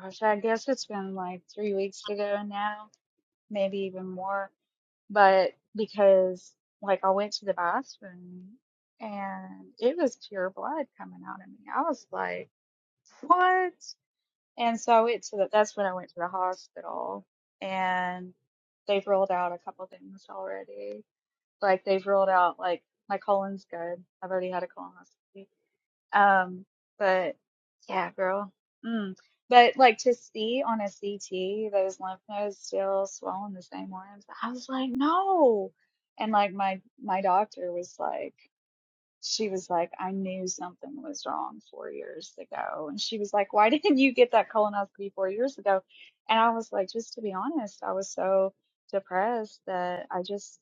S8: Gosh, I guess it's been like three weeks ago now, maybe even more but because like I went to the bathroom and it was pure blood coming out of me. I was like, what? And so I went to the, that's when I went to the hospital and they've ruled out a couple things already. Like they've ruled out like my colon's good. I've already had a colonoscopy um, but yeah, girl. Mm. But like to see on a CT those lymph nodes still swollen the same ones, I was like, no. And like my my doctor was like, she was like, I knew something was wrong four years ago. And she was like, why [LAUGHS] didn't you get that colonoscopy four years ago? And I was like, just to be honest, I was so depressed that I just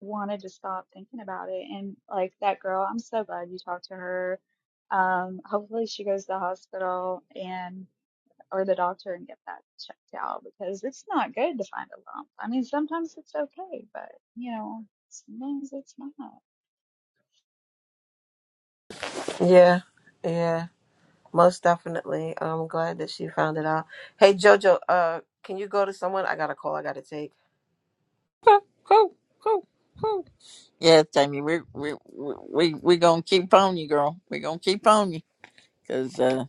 S8: wanted to stop thinking about it. And like that girl, I'm so glad you talked to her. Um, hopefully she goes to the hospital and or the doctor and get that checked out because it's not good to find a lump. I mean, sometimes it's okay, but you know, sometimes it's not.
S1: yeah, yeah, most definitely. I'm glad that she found it out. Hey, Jojo, uh, can you go to someone? I got a call I got to take.
S3: hoo, hoo, hoo. Yeah, Tammy, we we we we gonna keep on you, girl. We gonna keep on you, cause uh,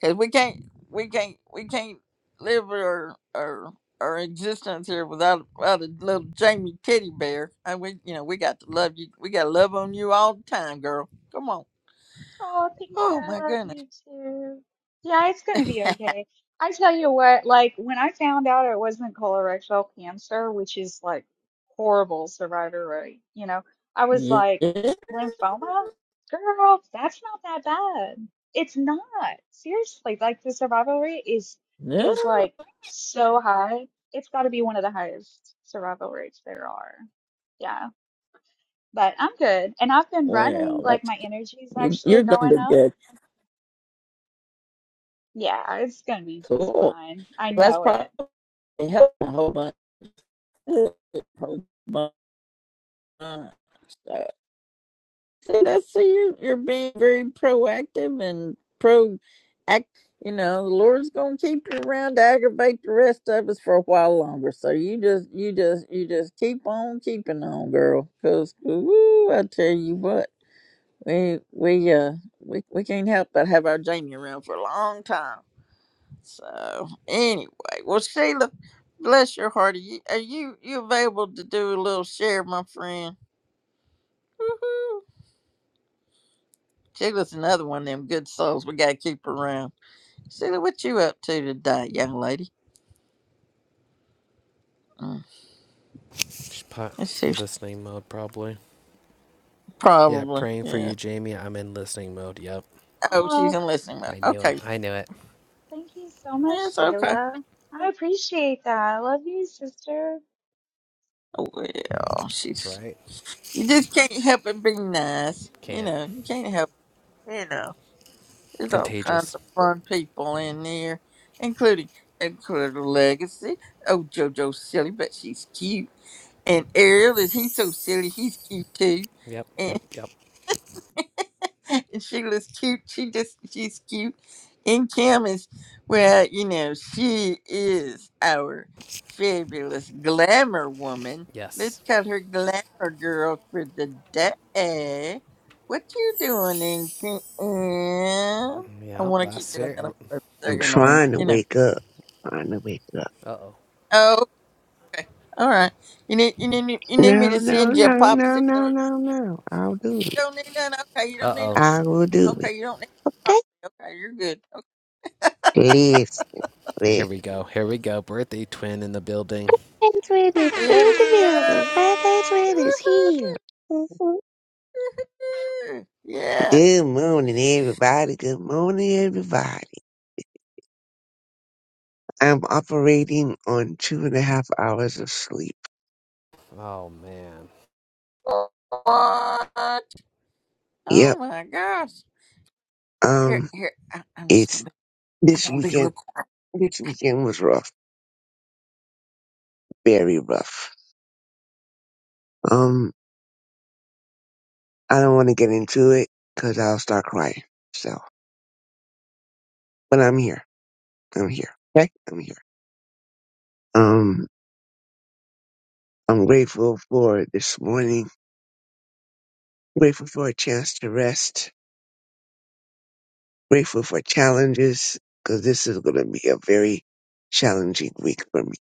S3: 'cause we can't we can't we can't live our our our existence here without without a little Jamie teddy bear. And we you know we got to love you. We got to love on you all the time, girl. Come on.
S8: Oh, thank you.
S3: Oh my
S8: I love
S3: goodness.
S8: you too. Yeah, it's gonna be okay. I tell you what, like when I found out it wasn't colorectal cancer, which is like horrible survivor rate, you know, I
S3: [LAUGHS]
S8: was
S3: yeah.
S8: like,
S3: yeah.
S8: lymphoma? Girl, that's not that bad. It's not. Seriously, like the survival rate is is like so high. It's got to be one of the highest survival rates there are. Yeah, but I'm good. And I've been running,
S3: Well,
S8: like
S3: that's
S8: my
S3: good.
S8: energy's
S3: You
S8: actually
S3: you're
S8: going
S3: gonna be
S8: up.
S3: good.
S8: Yeah, it's gonna be just
S3: Cool. Well,
S8: fine. I
S3: that's
S8: know it.
S3: probably. They help a whole bunch. Whole bunch. So, so that's so you you're being very proactive and pro act you know, the Lord's gonna keep you around to aggravate the rest of us for a while longer. So you just you just you just keep on keeping on, girl. Cause woo, I tell you what, we we uh we, we can't help but have our Jamie around for a long time. So anyway, well, Sheila, bless your heart. Are you are you, you available to do a little share, my friend? Woohoo! Sheila's another one of them good souls. We gotta keep her around. Sheila, what you up to today, young lady? Mm,
S7: She's put
S3: let's see.
S7: listening mode probably. Yeah.
S3: Probably.
S7: Praying for
S3: Yeah.
S7: you, Jamie. I'm in listening mode. Yep.
S3: Oh, she's
S8: Oh,
S3: in listening mode.
S7: I knew it.
S3: Okay,
S7: I knew it.
S8: thank you so much,
S3: that's okay.
S8: Sheila. I appreciate that. I love you, sister.
S3: Oh, Well,
S7: That's
S3: she's
S7: right.
S3: you just can't help but be nice. You
S7: Can't.
S3: know, you can't help. You know. There's all kinds
S7: Contagious.
S3: of fun people in there, including including Legacy. Oh, JoJo's silly, but she's cute. And Ariel is he's so silly, he's cute too.
S7: Yep. Yep. Yep.
S3: [LAUGHS] and she looks cute. She just she's cute. And Kim is well, you know, she is our fabulous glamour woman. Let's
S7: Yes.
S3: call her glamour girl for the day. What you doing in Kim? I
S7: Yep.
S3: want to keep
S7: Last
S3: doing
S7: year.
S3: that. I'm sorry, so
S11: I'm
S3: annoying.
S11: trying to
S3: You know.
S11: wake up. Trying to wake up.
S7: Uh oh.
S3: Oh, okay. All right. You need you need you need me
S11: No,
S3: to
S11: no,
S3: send you a
S11: no, no, no,
S3: popsicle.
S11: no, no. I'll do it.
S3: Don't need none. Okay, you don't
S7: Uh
S3: need.
S7: oh.
S11: I will do
S3: No,
S11: it.
S3: okay, you don't need. Popsicle.
S11: Okay?
S3: Okay, you're good.
S11: Listen,
S7: Here
S11: listen.
S7: we go. Here we go. Birthday twin in the building.
S11: Patriot is in
S3: It
S11: the building.
S3: does.
S11: My Patriot is here. Mhm.
S3: Yeah.
S11: Good morning, everybody. Good morning, everybody. I'm operating on two and a half hours of sleep.
S7: Oh man.
S3: What? Oh
S11: Yep.
S3: my gosh. Here,
S11: Um,
S3: here. I, I'm just
S11: it's
S3: gonna. Be, I'm
S11: this
S3: gonna be
S11: weekend.
S3: real
S11: This weekend was rough. Very rough. Um. I don't want to get into it because I'll start crying. So, but I'm here. I'm here. Okay, I'm here. Um, I'm grateful for this morning. Grateful for a chance to rest. Grateful for challenges because this is going to be a very challenging week for me,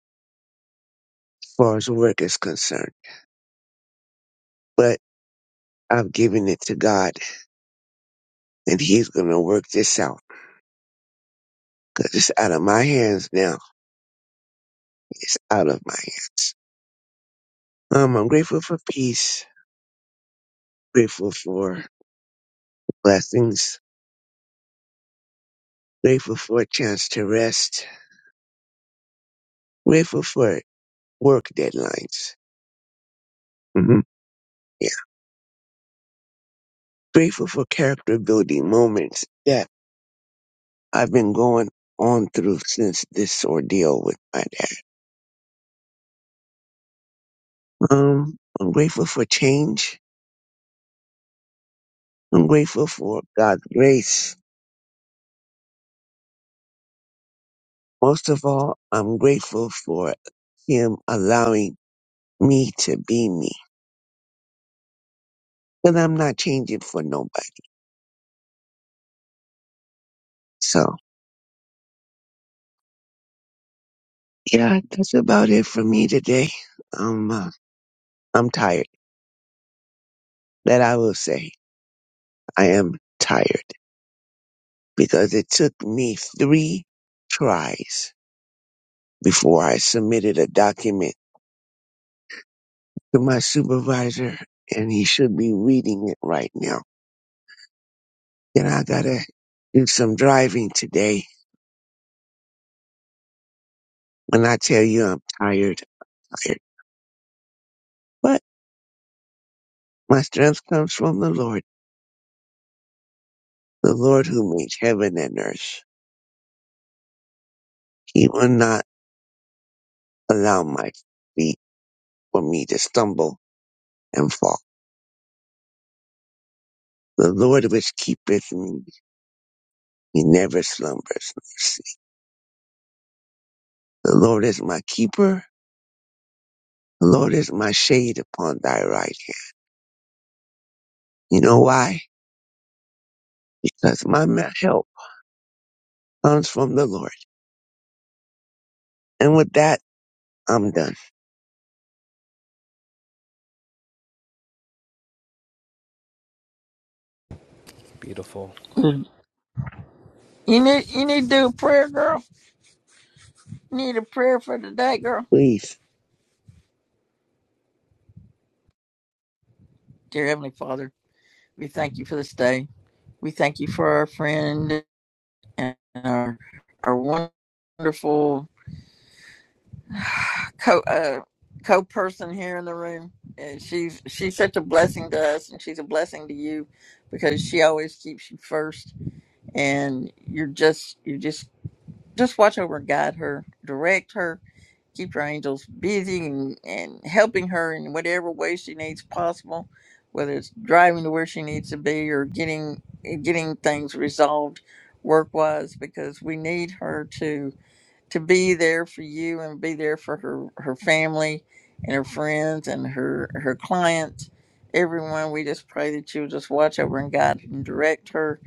S11: as far as work is concerned. But I've given it to God, and He's going to work this out because it's out of my hands now. It's out of my hands. Um, I'm grateful for peace. Grateful for blessings Grateful for a chance to rest. Grateful for work deadlines. hmm Yeah. Grateful for character building moments that I've been going on through since this ordeal with my dad. Um, I'm grateful for change. I'm grateful for God's grace. Most of all, I'm grateful for Him allowing me to be me. And I'm not changing for nobody. So yeah, that's about it for me today. Um, uh, I'm tired. That I will say. I am tired because it took me three tries before I submitted a document to my supervisor and he should be reading it right now. Then I gotta do some driving today. When I tell you I'm tired, tired. But my strength comes from the Lord, the Lord who made heaven and earth. He will not allow my feet for me to stumble and fall. The Lord which keepeth me, he never slumbers. The Lord is my keeper. The Lord is my shade upon thy right hand. You know why? Because my help comes from the Lord. And with that, I'm done.
S7: Beautiful.
S3: quiet. You need, you need to do a prayer, girl. You need a prayer for today, girl.
S11: Please.
S3: Dear Heavenly Father, we thank you for this day. We thank you for our friend and our our wonderful co uh, co person here in the room, and she's she's such a blessing to us, and she's a blessing to you because she always keeps you first, and you're just you just just watch over, and guide her, direct her, keep your angels busy, and, and helping her in whatever way she needs possible, whether it's driving to where she needs to be or getting getting things resolved work wise, because we need her to to be there for you and be there for her her family and her friends and her her clients everyone we just pray that you'll just watch over and guide and direct her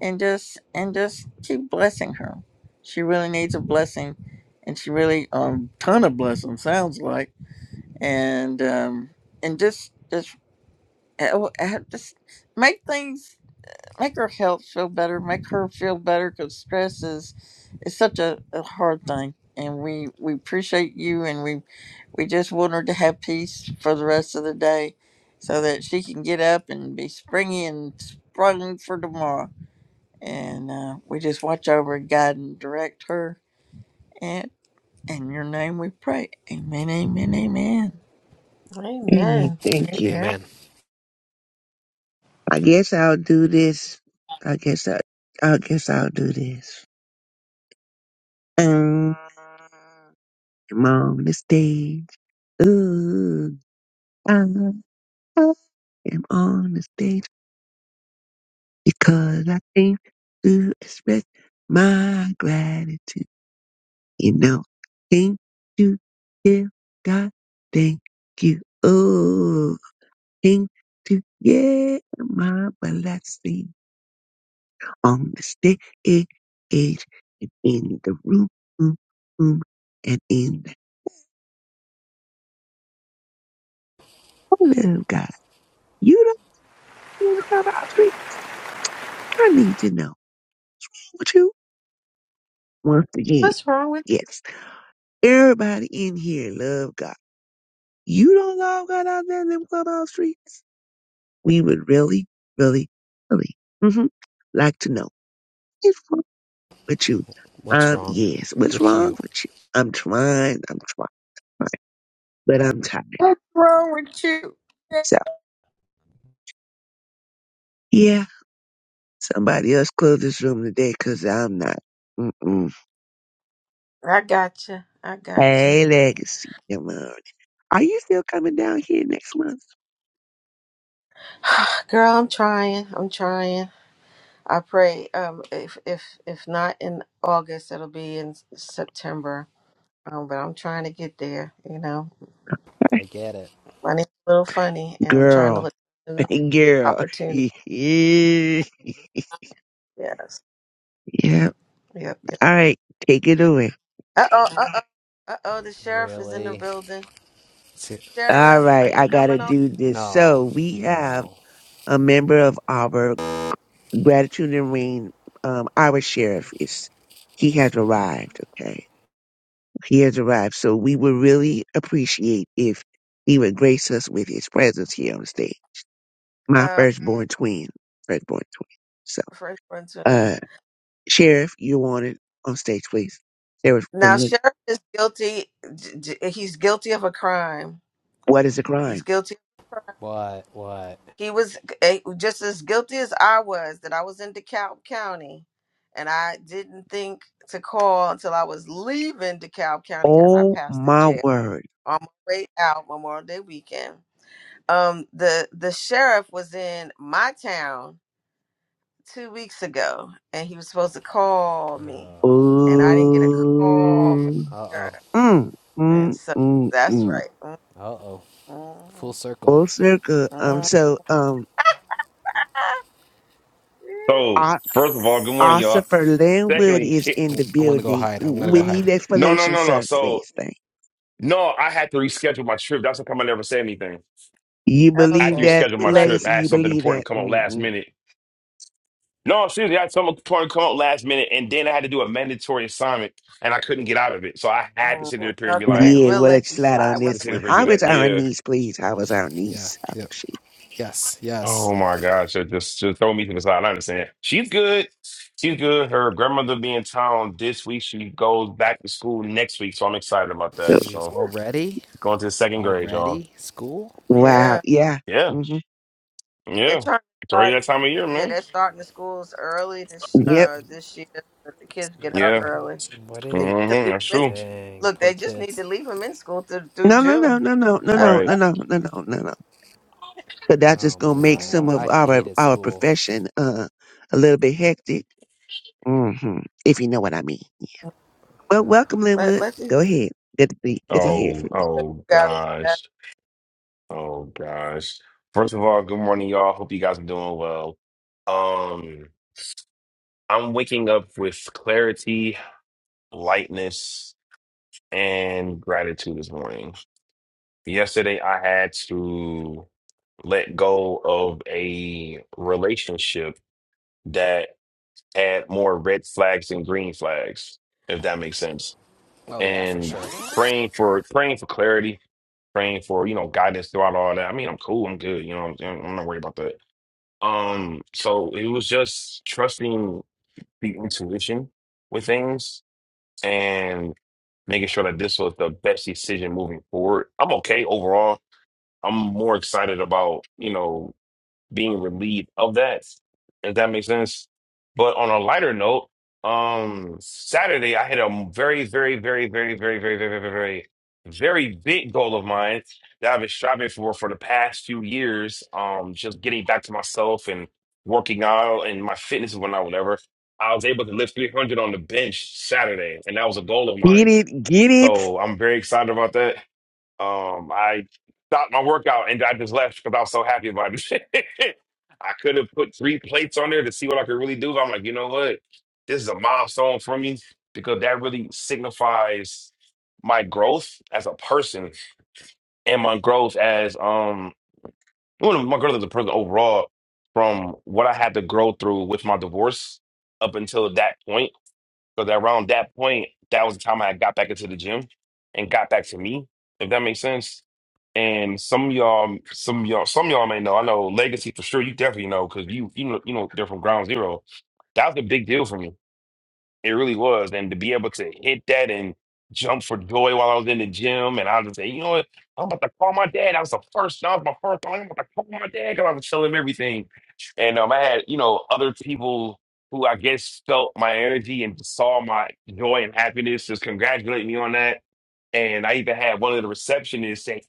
S3: and just and just keep blessing her she really needs a blessing and she really um ton of blessing sounds like and um and just just oh, uh, just make things make her health feel better, make her feel better because stress is is such a, a hard thing. And we we appreciate you, and we we just want her to have peace for the rest of the day, so that she can get up and be springy and sprung for tomorrow. And uh, we just watch over, and guide, and direct her. And in your name we pray. Amen. Amen. Amen.
S11: Amen.
S1: Amen.
S11: Thank you.
S7: Amen.
S11: I guess I'll do this. I guess I, I guess I'll do this. Um, I'm on the stage. Ooh, I, I am on the stage because I came to express my gratitude. You know, thank you, yeah, God, thank you. Oh, thank you, yeah, my blessing on the stage and in the room, room, room, and in the hello, God. You don't need to come out street. I need to know. Don't you? Once again,
S1: What's wrong with?
S11: yes. Everybody in here love God. You don't love God out there in them clubhouse streets. We would really, really, really hmm like to know what's wrong with you.
S7: What's
S11: Um,
S7: wrong
S11: yes, what's
S7: with
S11: wrong
S7: you?
S11: with you? I'm trying, I'm trying, but I'm tired of
S3: What's wrong with you?
S11: myself. Yeah, somebody else close this room today because I'm not. Mm-mm.
S1: I got you. I got you.
S11: Hey, Legacy, come on. Are you still coming down here next month?
S1: [SIGHS] Girl, I'm trying. I'm trying. I pray. Um, if if if not in August, it'll be in September. Um, but I'm trying to get there. You know,
S7: I get it.
S1: money's a little funny, and I'm trying to
S11: Girl,
S1: look.
S11: [LAUGHS] girl. [LAUGHS]
S1: Opportunity.
S11: yeah,
S1: Yes.
S11: all
S1: Yep. yep.
S11: right, take it away.
S1: Uh oh. Uh oh. Uh oh. The sheriff is in the
S7: Really?
S1: building.
S11: All
S1: Sheriff, are
S11: right,
S1: you
S11: I gotta
S1: coming on?
S11: do this. So
S7: No,
S11: we have
S7: no.
S11: a member of our gratitude and rain, um, our sheriff is, he has arrived. Okay. He has arrived. So we would really appreciate if he would grace us with his presence here on stage. My
S1: Uh,
S11: firstborn twin, firstborn twin. So,
S1: first one to end.
S11: uh, sheriff, you're wanted on stage, please. Sheriff
S1: Now,
S11: Quinlan,
S1: sheriff is guilty. j- j- He's guilty of a crime.
S11: what is the
S1: He's
S11: crime?
S1: guilty.
S7: What? What?
S1: He was eh, just as guilty as I was that I was in DeKalb County, and I didn't think to call until I was leaving DeKalb County as I
S11: Oh
S1: passed the
S11: my
S1: jail
S11: word.
S1: on my way out Memorial Day weekend. um the the sheriff was in my town two weeks ago and he was supposed to call me
S7: Uh
S1: and i didn't get a
S11: Oh,
S1: call from the
S7: oh.
S1: sheriff
S11: Mm, mm,
S1: and so
S11: mm,
S1: that's
S11: mm.
S1: right
S7: Uh oh. Full
S1: Mhm,
S7: circle.
S11: Full circle. Um,
S1: mhm, mhm.
S11: so, um,
S1: [LAUGHS]
S12: So,
S11: O-
S12: first of all, good morning, y'all.
S11: Ossifer Linwood
S12: Secondly,
S11: is in the
S7: I'm gonna go
S11: building.
S7: hide. I'm gonna go
S11: We
S7: hide.
S11: need
S12: [LAUGHS] no, no,
S11: explanation,
S12: no, no.
S11: sir,
S12: So,
S11: please. Thank
S12: no, I had to reschedule my trip. That's how come I never said anything.
S11: you. You
S12: I had
S11: believe
S12: to
S1: okay
S11: that
S12: reschedule
S1: we
S12: my trip.
S1: lucky
S11: legacy?
S12: I had
S11: You
S12: something
S11: believe
S12: important
S11: that?
S12: come up last
S11: hmm
S12: minute. No, seriously, I had something important come up last minute, and then I had to do a mandatory assignment, and I couldn't get out of it. So I had to sit there
S1: Mhm.
S12: up here and be
S1: okay
S12: like,
S11: Yeah,
S1: we'll
S11: we'll let you
S1: let you
S11: slide
S1: slide
S11: on
S12: I had
S1: We'll
S12: to
S11: this
S12: sit
S11: one.
S12: up here and do
S11: How is
S12: that.
S11: our
S12: Yeah.
S11: niece, please? How is our
S7: Yeah.
S11: niece? How
S7: Yep.
S11: is she?
S7: Yes. Yes.
S12: Oh my gosh, uh, just just throw me to the side. I understand. She's good. She's good. Her grandmother be in town this week. She goes back to school next week, so I'm excited about
S11: Oh,
S12: that.
S7: Jeez.
S12: So.
S7: Already?
S12: Going to the second grade, y'all.
S7: Already? School?
S1: let-
S11: Wow.
S1: yeah
S11: Yeah.
S12: Yeah,
S11: hmm
S1: they're
S12: yeah.
S1: trying to
S12: It's already
S1: start
S12: that time of year,
S1: yeah
S12: man.
S1: they're starting the schools early this
S11: Yep.
S1: uh this year so the kids get out
S12: Yeah,
S1: early
S7: What do
S12: hmm
S1: they
S7: they
S1: need
S7: do?
S1: to leave
S12: that's
S1: 'em in,
S12: true.
S7: Dang.
S1: look they
S7: Poor
S1: just need
S7: kids.
S1: to leave them in school through, through
S11: No, no, no,
S1: june
S11: no, no, no, no, no,
S12: Right.
S11: no, no, no, no, no. But that's just
S7: Oh
S11: gonna make
S7: man.
S1: hmm
S11: some of
S7: I
S11: our
S7: hated
S11: our
S7: school.
S11: profession uh a little bit hectic. hmm If you know what I mean. Yeah. Well,
S7: Nah.
S11: welcome,
S1: Let
S11: Linwood.
S1: let these
S11: Go ahead. Good to see. Good to hear
S12: Oh,
S11: from you.
S12: oh
S1: got it.
S12: gosh. Oh gosh. First of all, good morning, y'all. Hope you guys are doing well. Um, I'm waking up with clarity, lightness, and gratitude this morning. Yesterday, I had to let go of a relationship that. had more red flags than green flags, if that makes sense.
S7: Oh yeah, for
S12: And
S7: sure.
S12: praying for praying for clarity, praying for, you know, guidance throughout all that. I mean, I'm cool, I'm good, you know, I'm, I'm not worried about that. Um, so it was just trusting the intuition with things and making sure that this was the best decision moving forward. I'm okay overall. I'm more excited about, you know, being relieved of that. If that makes sense. But on a lighter note, um, Saturday I hit a very, very, very, very, very, very, very, very, very, very big goal of mine that I've been striving for for the past few years. Um, just getting back to myself and working out and my fitness and whatnot, whatever. I was able to lift 300 on the bench Saturday, and that was a goal of
S11: Get
S12: mine.
S11: it, get it.
S12: So I'm very excited about that. Um, I stopped my workout and I just left because I was so happy about it. [LAUGHS] I could have put three plates on there to see what I could really do. but I'm like, you know what? This is a milestone for me because that really signifies my growth as a person and my growth as um well, my growth as a person overall from what I had to grow through with my divorce up until that point because around that point, that was the time I got back into the gym and got back to me, if that makes sense. And some of y'all, some of y'all, some of y'all may know. I know Legacy for sure. You definitely know because you, you know, you know, they're from Ground Zero. That was a big deal for me it really was. And to be able to hit that and jump for joy while I was in the gym, and I was say, you know what? I'm about to call my dad. That was the first, that was my first time. I'm about to call my dad because I was telling him everything. And um, I had, you know, other people who I guess felt my energy and saw my joy and happiness just congratulate me on that. And I even had one of the receptionists say,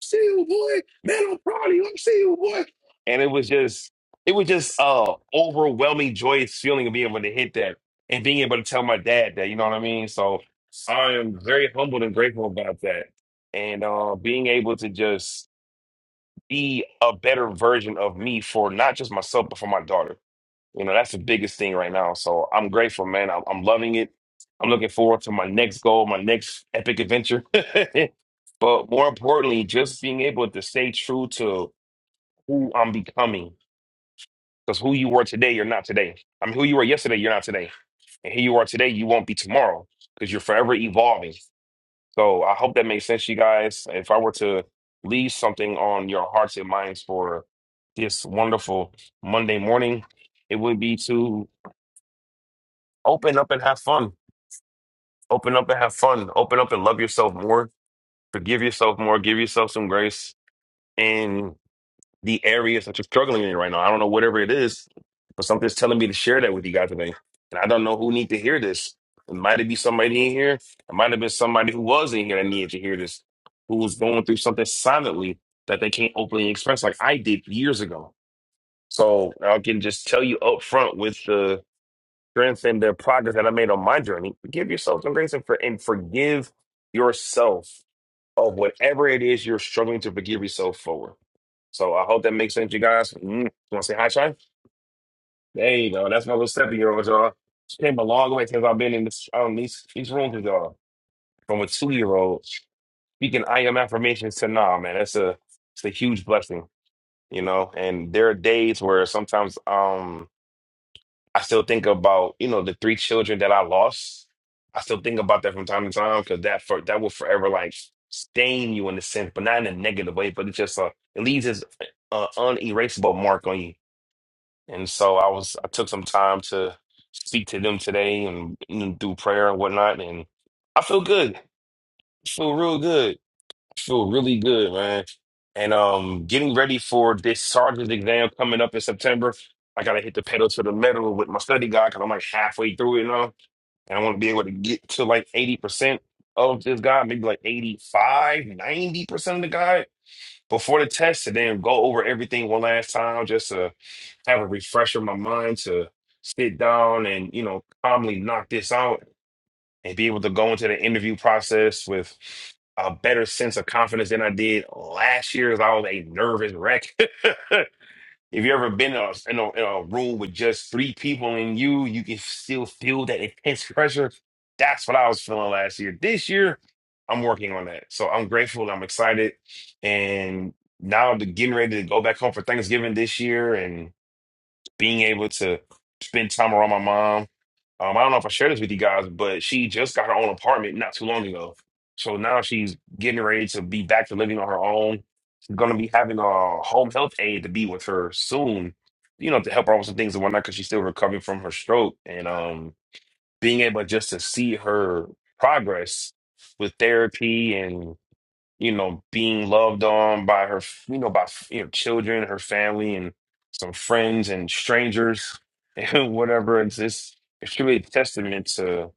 S12: see you, boy. Man, I'm proud of you. I'm seeing you, boy. And it was just, it was just uh overwhelming, joyous feeling of being able to hit that and being able to tell my dad that, you know what I mean? So I am very humbled and grateful about that. And uh being able to just be a better version of me for not just myself, but for my daughter. You know, that's the biggest thing right now. So I'm grateful, man. I'm, I'm loving it. I'm looking forward to my next goal, my next epic adventure. [LAUGHS] But more importantly, just being able to stay true to who I'm becoming. Because who you were today, you're not today. I mean, who you were yesterday, you're not today. And who you are today, you won't be tomorrow because you're forever evolving. So I hope that makes sense, you guys. If I were to leave something on your hearts and minds for this wonderful Monday morning, it would be to Open up and have fun. Open up and have fun. Open up and love yourself more. Forgive yourself more. Give yourself some grace in the areas that you're struggling in right now. I don't know whatever it is, but something's telling me to share that with you guys today. And I don't know who need to hear this. It might have been somebody in here. It might have been somebody who was in here that needed to hear this, who was going through something silently that they can't openly express like I did years ago. So I can just tell you up front with the strength and the progress that I made on my journey. Give yourself some grace and, for, and forgive yourself of whatever it is you're struggling to forgive yourself for. So I hope that makes sense, you guys. Mm. You want to say hi, Shine? There you go. That's my little seven year old, y'all. She came a long way since I've been in this, um, these, these rooms with y'all. From a two year old speaking I am affirmations to nah, man. That's a, it's a huge blessing, you know? And there are days where sometimes, um, I still think about, you know, the three children that I lost. I still think about that from time to time because that for that will forever like stain you in a sense, but not in a negative way. But it just uh, it leaves this uh, unerasable mark on you. And so I was I took some time to speak to them today and you know, do prayer and whatnot, and I feel good. I feel real good. Feel really good, man. And um, getting ready for this sergeant's exam coming up in September. I gotta hit the pedal to the metal with my study guide because I'm like halfway through it now, and I want to be able to get to like 80% of this guide, maybe like eighty five, ninety percent of the guide before the test, and then go over everything one last time just to have a refresher in my mind to sit down and you know calmly knock this out and be able to go into the interview process with a better sense of confidence than I did last year. As I was a nervous wreck. [LAUGHS] if you ever been in a, in, a, in a room with just three people and you, you can still feel that intense pressure. That's what I was feeling last year. This year, I'm working on that. So I'm grateful. I'm excited, and now to getting ready to go back home for Thanksgiving this year and being able to spend time around my mom um, I don't know if I shared this with you guys, but she just got her own apartment not too long ago. So now she's getting ready to be back to living on her own. She's going to be having a home health aide to be with her soon, you know, to help her with some things and whatnot because she's still recovering from her stroke. And um, being able just to see her progress with therapy and you know, being loved on by her, you know, by you know, children, her family, and some friends and strangers, [LAUGHS] and whatever. It's it's it's really a testament to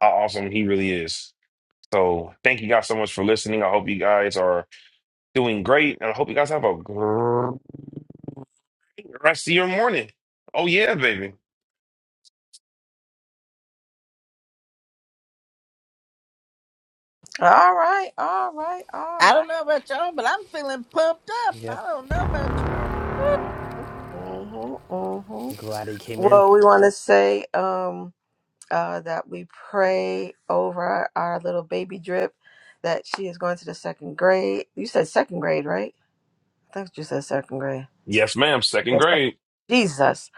S12: how awesome he really is. So thank you guys so much for listening. I hope you guys are doing great, and I hope you guys have a great rest of your morning. Oh yeah, baby.
S1: All right, all right, all
S3: I
S1: right.
S3: don't know about y'all, but I'm feeling pumped up. I
S7: Yep.
S3: don't know about y'all.
S1: Mm-hmm, mm-hmm. mm-hmm.
S7: I'm Glad he came in.
S1: Well, we want to say um uh that we pray over our little baby drip that she is going to the second grade. You said second grade, right? I think you said second grade.
S12: Yes, ma'am. Second
S1: Yes.
S12: grade.
S1: Jesus,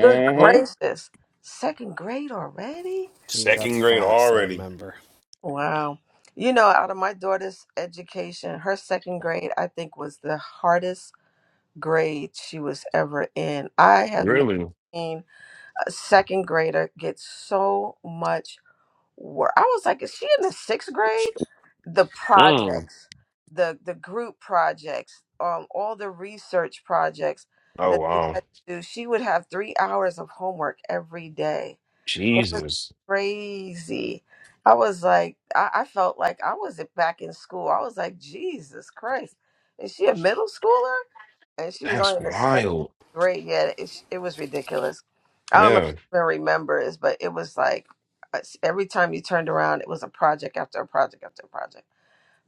S1: good gracious, second grade already?
S7: Jeez, that's
S12: Second grade
S7: fast. I
S12: already.
S7: remember.
S1: Wow. You know, out of my daughter's education, her second grade, I think, was the hardest grade she was ever in. I have never
S12: Really?
S1: seen a second grader get so much work. I was like, is she in the sixth grade? The
S12: Mm.
S1: projects, the the group projects, um, all the research projects
S12: Oh
S1: that they
S12: wow.
S1: had to do. She would have three hours of homework every day it was
S12: Jesus.
S1: crazy. I was like, I, I felt like I was back in school. I was like, Jesus Christ, is she a middle schooler? And she was
S12: That's
S1: only in the second
S12: wild.
S1: grade yet. It, it was ridiculous. I don't know
S12: Yeah,
S1: if you even remember this, but it was like uh, every time you turned around, it was a project after a project after a project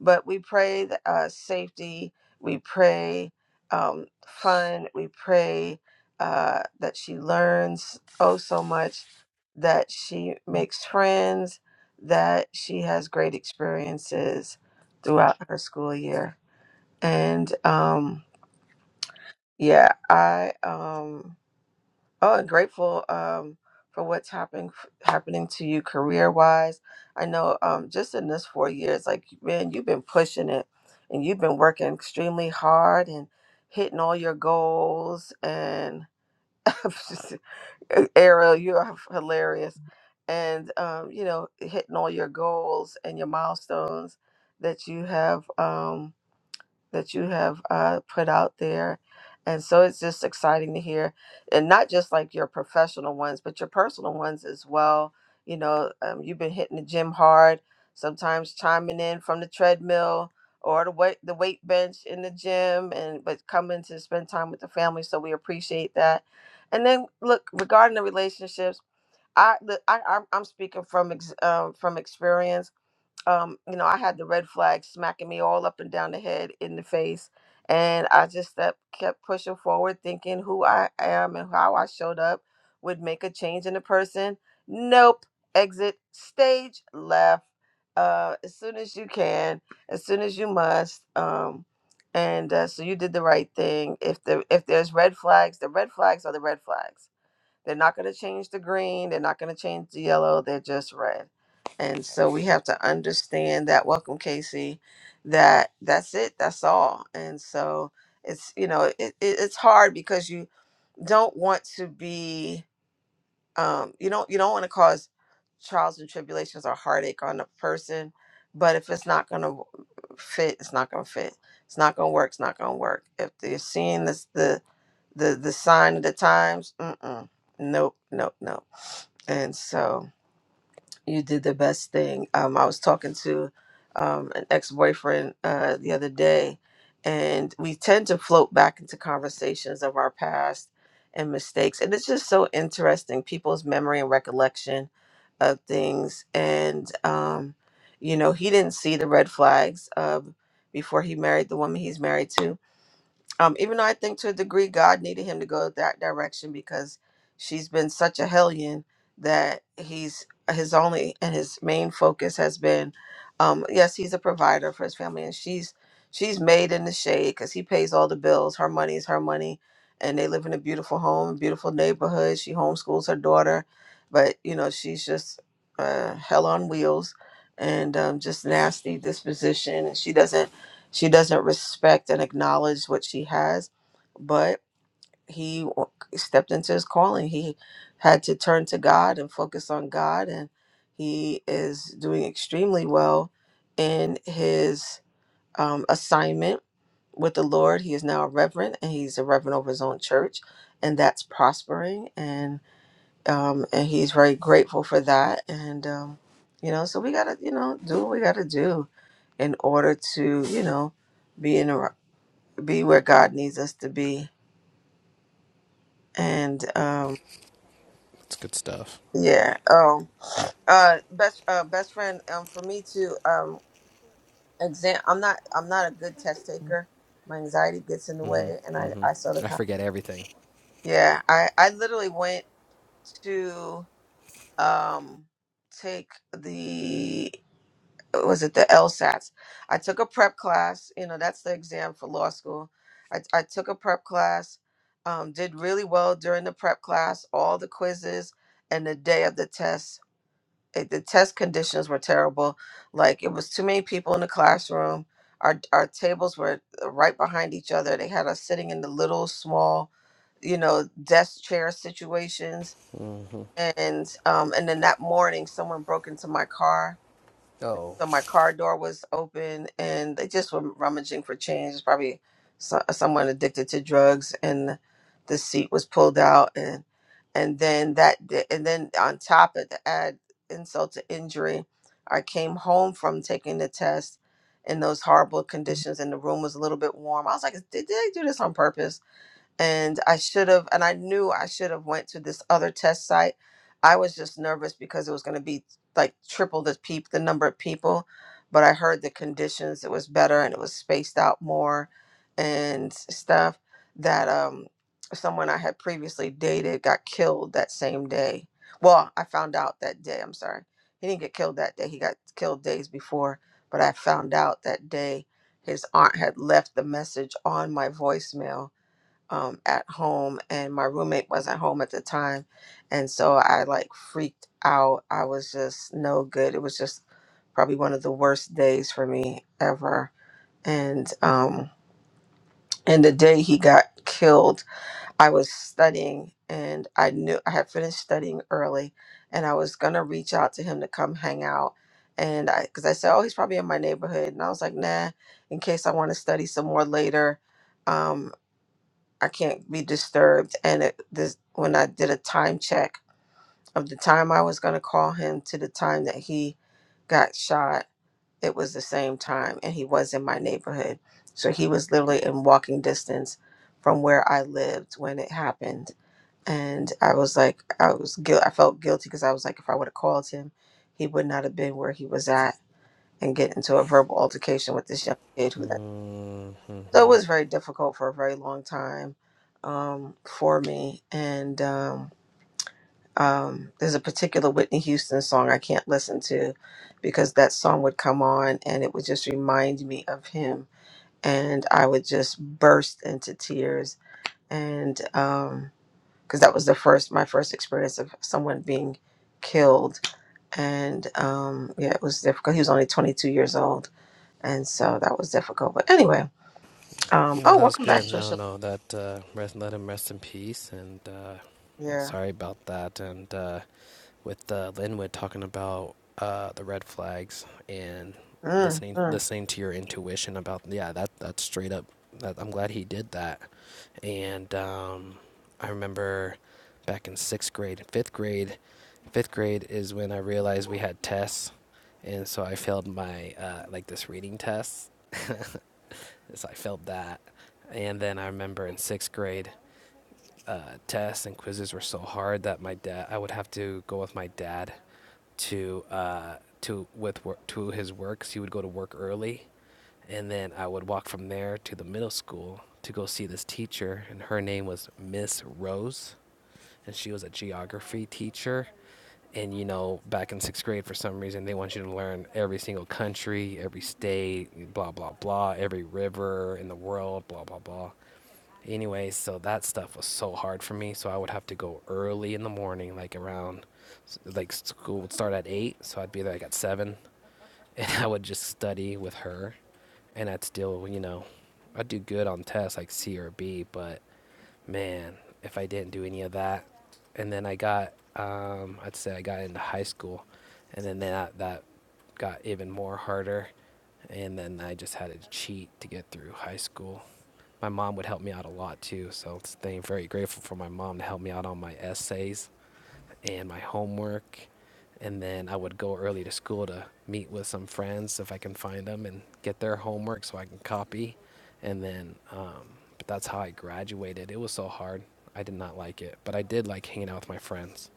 S1: but we pray that, uh, safety. We pray um, fun. We pray uh, that she learns oh so much, that she makes friends, that she has great experiences throughout her school year. And um, yeah, I. Um, Oh, and grateful um, for what's happening happening to you career wise. I know um, just in this four years, like man, you've been pushing it, and you've been working extremely hard and hitting all your goals. And [LAUGHS] Ariel, you are hilarious, and um, you know hitting all your goals and your milestones that you have. Um, that you have uh, put out there. And so it's just exciting to hear, and not just like your professional ones, but your personal ones as well. You know, um, you've been hitting the gym hard, sometimes chiming in from the treadmill or the weight the weight bench in the gym, and but coming to spend time with the family. So we appreciate that. And then look regarding the relationships, I the, I I'm, I'm speaking from ex, um, from experience um, you know, I had the red flag smacking me all up and down the head in the face. And I just stepped, kept pushing forward, thinking who I am and how I showed up would make a change in the person. Nope. Exit stage left uh, as soon as you can, as soon as you must. Um, and uh, so you did the right thing. If the if there's red flags, the red flags are the red flags they're not going to change the green. They're not going to change the yellow. They're just red. And so we have to understand that. Welcome, Casey. That that's it. That's all. And so it's you know it, it, it's hard because you don't want to be um, you don't you don't want to cause trials and tribulations or heartache on a person. But if it's not going to fit, it's not going to fit. It's not going to work. It's not going to work. If they're seeing this, the the the sign of the times, mm-mm, nope, nope, nope. And so you did the best thing. Um, I was talking to um, an ex boyfriend uh, the other day, and we tend to float back into conversations of our past and mistakes. And it's just so interesting people's memory and recollection of things. And, um, you know, he didn't see the red flags uh, before he married the woman he's married to um, even though I think to a degree God needed him to go that direction because she's been such a hellion that he's his only and his main focus has been, um, yes, he's a provider for his family, and she's she's made in the shade because he pays all the bills. Her money is her money, and they live in a beautiful home, beautiful neighborhood. She homeschools her daughter, but you know she's just uh, hell on wheels and um, just nasty disposition, and she doesn't she doesn't respect and acknowledge what she has, but he w- stepped into his calling. He had to turn to God and focus on God, and he is doing extremely well in his um, assignment with the Lord. He is now a reverend, and he's a reverend over his own church, and that's prospering. And um, and he's very grateful for that. And um, you know, so we gotta you know do what we gotta do in order to you know be in the be where God needs us to be. And um
S7: It's good stuff.
S1: yeah. Oh uh best uh best friend, um for me to um exam I'm not I'm not a good test taker. My anxiety gets in the way and I, I sort of
S7: I forget everything.
S1: Yeah, I, I literally went to um take the was it the LSATs? I took a prep class. You know, that's the exam for law school. I, I took a prep class, um, did really well during the prep class, all the quizzes, and the day of the test. It, the test conditions were terrible. Like it was too many people in the classroom. Our our tables were right behind each other. They had us sitting in the little small, you know, desk chair situations. And um, and then that morning, someone broke into my car
S7: Oh,
S1: so my car door was open and they just were rummaging for change It's probably so, someone addicted to drugs and the seat was pulled out and and then that di- and then on top of the add insult to injury i came home from taking the test in those horrible conditions and the room was a little bit warm i was like did they do this on purpose and I should have and I knew I should have went to this other test site. I was just nervous because it was going to be like triple the peep the number of people, but I heard the conditions it was better and it was spaced out more and stuff that um someone I had previously dated got killed that same day. Well, I found out that day, I'm sorry. He didn't get killed that day. He got killed days before, but I found out that day his aunt had left the message on my voicemail um, at home and my roommate wasn't home at the time and so i like freaked out i was just no good it was just probably one of the worst days for me ever and um and the day he got killed i was studying and i knew i had finished studying early and i was gonna reach out to him to come hang out and i because i said oh he's probably in my neighborhood and i was like nah in case i want to study some more later um, I can't be disturbed. And it, this, when I did a time check of the time I was going to call him to the time that he got shot, it was the same time, and he was in my neighborhood. So he was literally in walking distance from where I lived when it happened. And I was like, I was guilt. I felt guilty because I was like, if I would have called him, he would not have been where he was at and get into a verbal altercation with this young kid who then so it
S7: Mm-hmm.
S1: was very difficult for a very long time um, for me. And um, um, there's a particular Whitney Houston song I can't listen to because that song would come on and it would just remind me of him. And I would just burst into tears. And because that was the first, my first experience of someone being killed. And um, yeah, it was difficult. He was only 22 years old. And so that was difficult. But anyway, um,
S7: No,
S1: oh,
S7: that was
S1: welcome back,
S7: good. No,
S1: Trisha.
S7: no, that uh, rest, let him rest in peace. And uh, yeah,
S1: Yeah.
S7: sorry about that. And uh, with uh, Linwood talking about uh, the red flags and
S1: Mm,
S7: listening,
S1: mm.
S7: listening to your intuition about yeah, that that's straight up. That, I'm glad he did that. And um, I remember back in sixth grade, fifth grade. Fifth grade is when I realized we had tests, and so I failed my uh, like this reading test. [LAUGHS] So I felt that. And then I remember in sixth grade, uh, tests and quizzes were so hard that my dad, I would have to go with my dad to uh, to with wor- to his works. He would go to work early, and then I would walk from there to the middle school to go see this teacher, and her name was Miss Rose and she was a geography teacher. And you know, back in sixth grade, for some reason, they want you to learn every single country, every state, blah blah blah, every river in the world, blah blah blah. Anyway, so that stuff was so hard for me. So I would have to go early in the morning, like around, like school would start at eight, so I'd be there like at seven, [LAUGHS] and I would just study with her, and I'd still, you know, I'd do good on tests like C or B, but man, if I didn't do any of that, and then I got, um, I'd say I got into high school, and then that that got even more harder, and then I just had to cheat to get through high school. My mom would help me out a lot too, so I'm very grateful for my mom to help me out on my essays and my homework. And then I would go early to school to meet with some friends if I can find them and get their homework so I can copy. And then, um, but that's how I graduated. It was so hard. I did not like it, but I did like hanging out with my friends.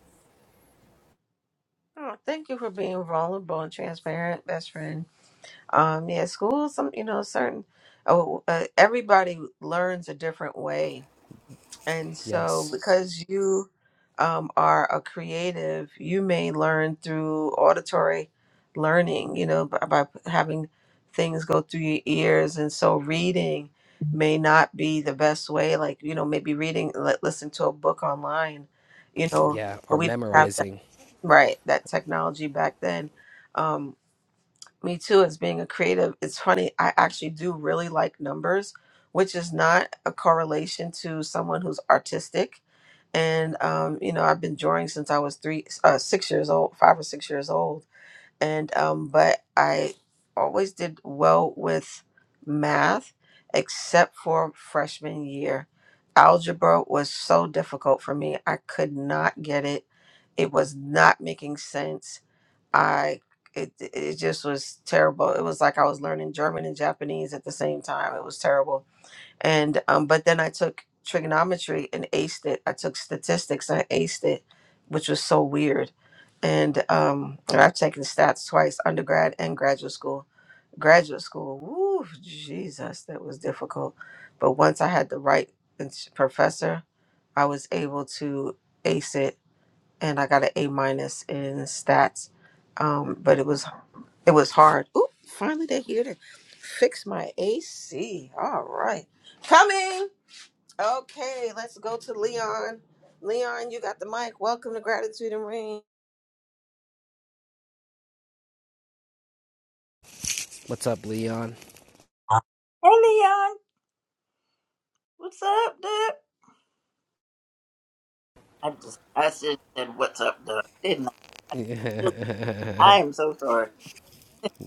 S1: Oh, thank you for being vulnerable and transparent, best friend. Um, yeah, school, some you know, certain. Oh, uh, everybody learns a different way, and so
S7: Yes.
S1: because you um, are a creative, you may learn through auditory learning. You know, by, by having things go through your ears, and so reading may not be the best way. Like you know, maybe reading, li- listen to a book online. You know,
S7: Yeah.
S1: but
S7: Or
S1: we didn't have
S7: memorizing.
S1: Right, that technology back then. Um, me too, as being a creative, it's funny, I actually do really like numbers, which is not a correlation to someone who's artistic. And um, you know, I've been drawing since I was three, uh, six years old, five or six years old and um, but I always did well with math, except for freshman year. Algebra was so difficult for me. I could not get it. It was not making sense. I it it just was terrible. It was like I was learning German and Japanese at the same time. It was terrible and um, but then I took trigonometry and aced it. I took statistics and I aced it, which was so weird. And um, and I've taken stats twice, undergrad and graduate school. Graduate school, woo, Jesus, that was difficult. But once I had the right ins- professor, I was able to ace it, and I got an A minus in stats. Um, but it was it was hard. Oop, finally they're here to fix my AC. All right. Coming. Okay, let's go to Leon. Leon, you got the mic. Welcome to Gratitude and Rain.
S7: What's up, Leon?
S3: Hey Leon, what's up, dude? I just I just said what's up, dude, didn't I? I am so sorry.